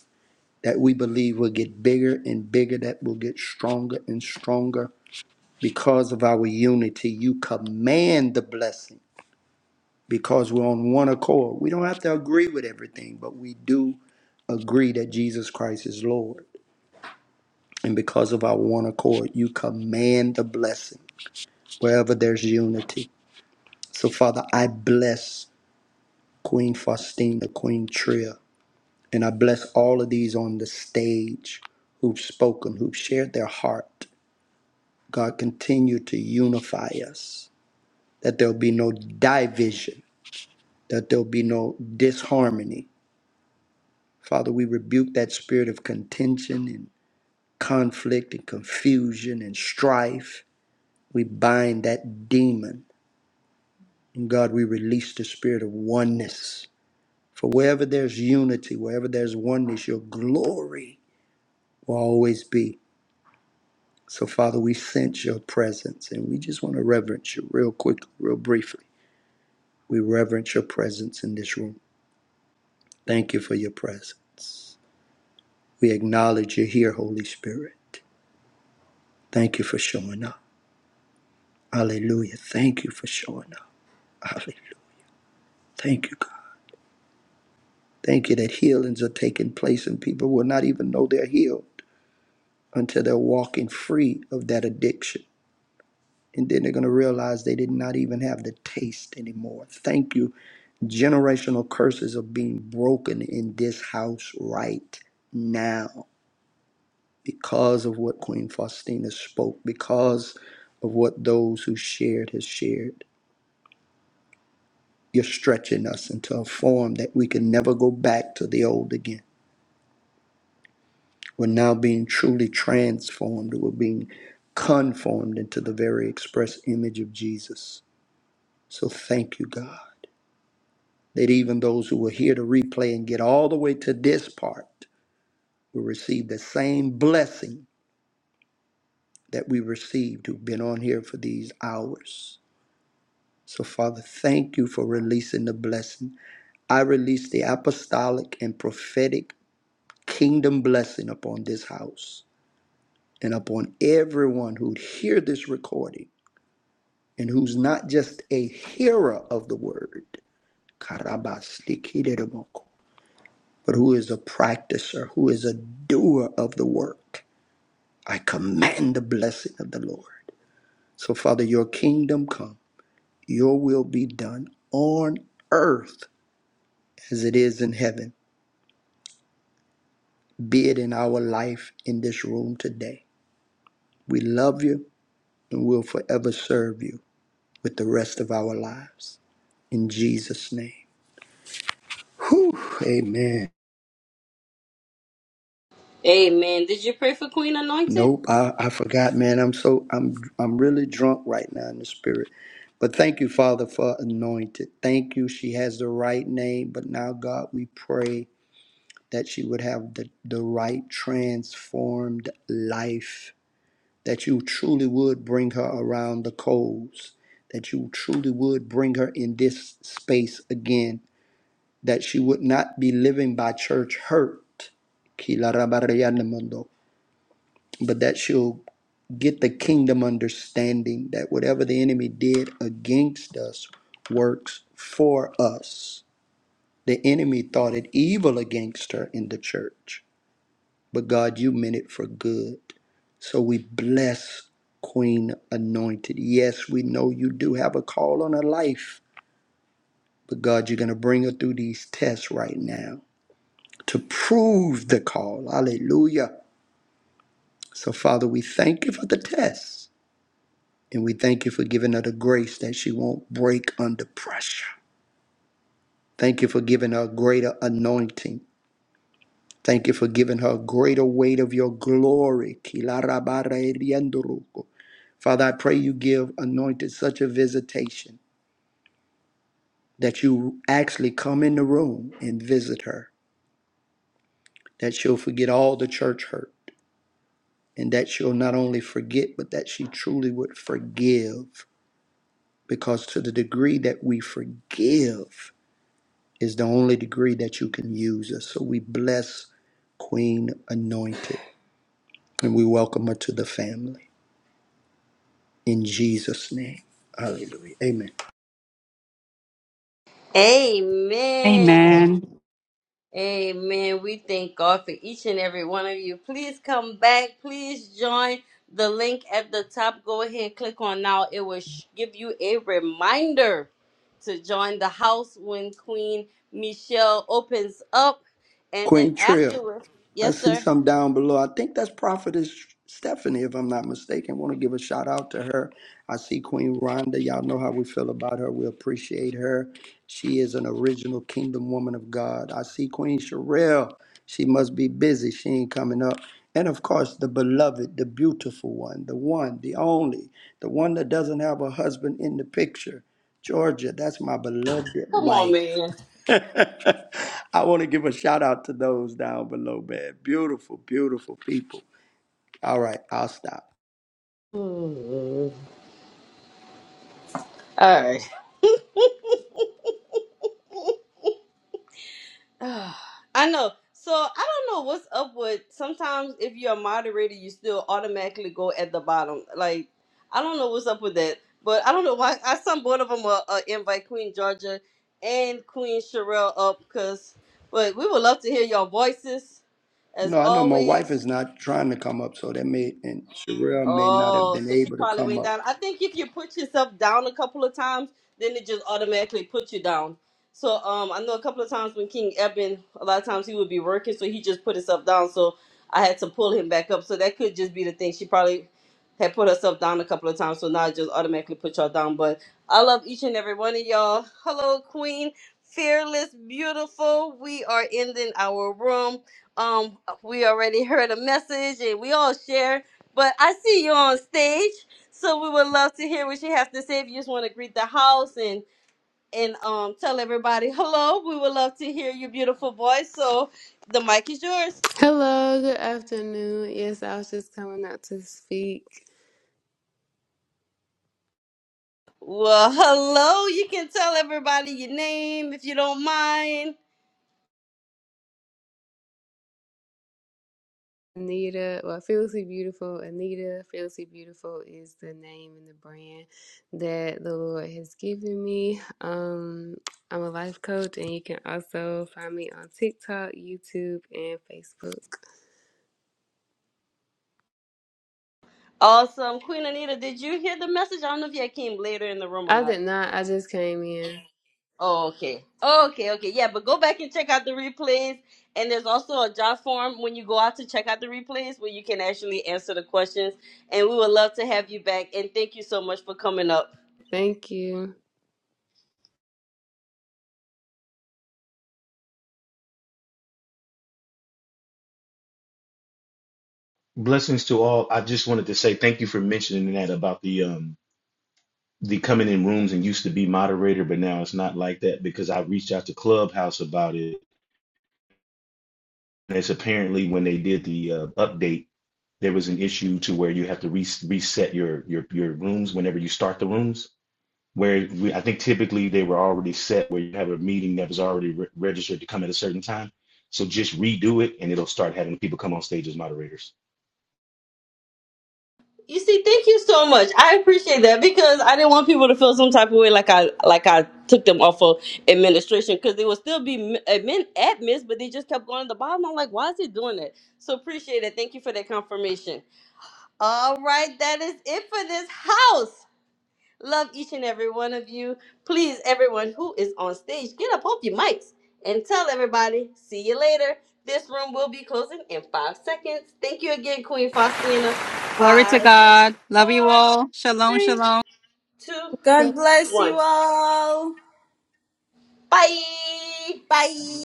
Speaker 3: that we believe will get bigger and bigger, that will get stronger and stronger. Because of our unity, you command the blessing because we're on one accord. We don't have to agree with everything, but we do agree that Jesus Christ is Lord. And because of our one accord, you command the blessing wherever there's unity. So, Father, I bless Queen Faustina, Queen Tria, and I bless all of these on the stage who've spoken, who've shared their heart. God, continue to unify us, that there'll be no division, that there'll be no disharmony, Father, we rebuke that spirit of contention and conflict and confusion and strife. We bind that demon. And God, we release the spirit of oneness. For wherever there's unity, wherever there's oneness, your glory will always be. So, Father, we sense your presence and we just want to reverence you real quickly, real briefly. We reverence your presence in this room. Thank you for your presence. We acknowledge you're here, Holy Spirit. Thank you for showing up. Hallelujah. Thank you for showing up. Hallelujah. Thank you, God. Thank you that healings are taking place and people will not even know they're healed until they're walking free of that addiction. And then they're going to realize they did not even have the taste anymore. Thank you. Generational curses are being broken in this house right now because of what Queen Faustina spoke, because of what those who shared has shared. You're stretching us into a form that we can never go back to the old again. We're now being truly transformed. We're being conformed into the very express image of Jesus. So thank you, God, that even those who will hear the replay and get all the way to this part will receive the same blessing that we received who've been on here for these hours. So, Father, thank you for releasing the blessing. I release the apostolic and prophetic kingdom blessing upon this house and upon everyone who'd hear this recording and who's not just a hearer of the word, karabastikididimoko, but who is a practicer, who is a doer of the work. I command the blessing of the Lord. So, Father, your kingdom come, your will be done on earth as it is in heaven, be it in our life in this room today. We love you and will forever serve you. with the rest of our lives. In Jesus' name. Whew, amen.
Speaker 1: Amen. Did you pray for Queen Anointed?
Speaker 3: Nope, I, I forgot, man. I'm so I'm I'm really drunk right now in the spirit. But thank you, Father, for anointed. Thank you. She has the right name, but now God, we pray that she would have the, the right transformed life. That you truly would bring her around the coals. That you truly would bring her in this space again that she would not be living by church hurt, but that she'll get the kingdom understanding that whatever the enemy did against us works for us. The enemy thought it evil against her in the church, but God, you meant it for good. So we bless Queen Anointed. Yes, we know you do have a call on her life, but God, you're going to bring her through these tests right now. to prove the call. Hallelujah. So, Father, we thank you for the test. And we thank you for giving her the grace that she won't break under pressure. Thank you for giving her greater anointing. Thank you for giving her greater weight of your glory. Kilarabareliandoroko. Father, I pray you give anointed such a visitation that you actually come in the room and visit her, that she'll forget all the church hurt, and that she'll not only forget, but that she truly would forgive because to the degree that we forgive is the only degree that you can use us. So we bless Queen Anointed and we welcome her to the family in Jesus' name. Hallelujah. Amen.
Speaker 1: Amen.
Speaker 5: Amen.
Speaker 1: Amen. We thank God for each and every one of you. Please come back. Please join the link at the top. Go ahead and click on now. It will sh- give you a reminder to join the house when Queen Michelle opens up. And then
Speaker 3: Queen Trill.
Speaker 1: afterwards,
Speaker 3: I
Speaker 1: yes,
Speaker 3: see
Speaker 1: sir.
Speaker 3: some down below. I think that's Prophetess Stephanie, if I'm not mistaken. want to give a shout out to her. I see Queen Rhonda. Y'all know how we feel about her. We appreciate her. She is an original kingdom woman of God. I see Queen Sherelle. She must be busy. She ain't coming up. And of course, the beloved, the beautiful one, the one, the only, the one that doesn't have a husband in the picture. Georgia, that's my beloved
Speaker 1: Come on,
Speaker 3: wife.
Speaker 1: man.
Speaker 3: I want to give a shout out to those down below, man. Beautiful, beautiful people. All right, I'll stop.
Speaker 1: All right. Ugh, I know. So I don't know what's up with sometimes if you're a moderator, you still automatically go at the bottom. Like I don't know what's up with that, but I don't know why. I sent both of them a, a invite Queen Georgia and Queen Sherelle up because. But we would love to hear your voices as
Speaker 3: No, I know my wife
Speaker 1: always.
Speaker 3: is not trying to come up, so that may and Sherelle may not have
Speaker 1: Oh,
Speaker 3: been
Speaker 1: so she
Speaker 3: able to
Speaker 1: probably
Speaker 3: come
Speaker 1: went
Speaker 3: up.
Speaker 1: down. I think if you put yourself down a couple of times, then it just automatically puts you down. So um, I know a couple of times when King Eben, a lot of times he would be working, so he just put himself down. So I had to pull him back up. So that could just be the thing. She probably had put herself down a couple of times, so now it just automatically put y'all down. But I love each and every one of y'all. Hello, Queen, fearless, beautiful. We are ending our room. Um, we already heard a message, and we all share. But I see you on stage, so we would love to hear what you have to say. If you just want to greet the house and and um tell everybody hello, we would love to hear your beautiful voice. So the mic is yours.
Speaker 18: Hello, good afternoon. Yes, I was just coming out to speak.
Speaker 1: Well, hello. You can tell everybody your name if you don't mind.
Speaker 18: Anita, well, Fearlessly Beautiful, Anita, Fearlessly Beautiful is the name and the brand that the Lord has given me. Um, I'm a life coach, and you can also find me on TikTok, YouTube, and Facebook.
Speaker 1: Awesome, Queen Anita. Did you hear the message? I don't know if you came later in the room or
Speaker 18: I
Speaker 1: not.
Speaker 18: did not, I just came in.
Speaker 1: Oh, okay. Oh, okay, okay. Yeah, but go back and check out the replays. And there's also a job form when you go out to check out the replays where you can actually answer the questions. And we would love to have you back. And thank you so much for coming up.
Speaker 18: Thank you.
Speaker 19: Blessings to all. I just wanted to say thank you for mentioning that about the um the coming in rooms and used to be moderator, but now it's not like that because I reached out to Clubhouse about it. And it's apparently when they did the uh, update, there was an issue to where you have to re- reset your your your rooms whenever you start the rooms. Where we, I think typically they were already set where you have a meeting that was already re- registered to come at a certain time. So just redo it and it'll start having people come on stage as moderators.
Speaker 1: You see, thank you so much. I appreciate that because I didn't want people to feel some type of way like I like I took them off of administration because they would still be m- admin admins, but they just kept going to the bottom. I'm like, why is it doing that? So appreciate it. Thank you for that confirmation. All right, that is it for this house. Love each and every one of you. Please, everyone who is on stage, get up off your mics and tell everybody, see you later. This room will be closing in five seconds. Thank you again, Queen Faustina.
Speaker 5: Glory to
Speaker 1: Five,
Speaker 5: God. Love you
Speaker 1: four,
Speaker 5: all. Shalom,
Speaker 1: three,
Speaker 5: shalom.
Speaker 1: two,
Speaker 9: God bless you
Speaker 1: one.
Speaker 9: all.
Speaker 1: Bye.
Speaker 9: Bye.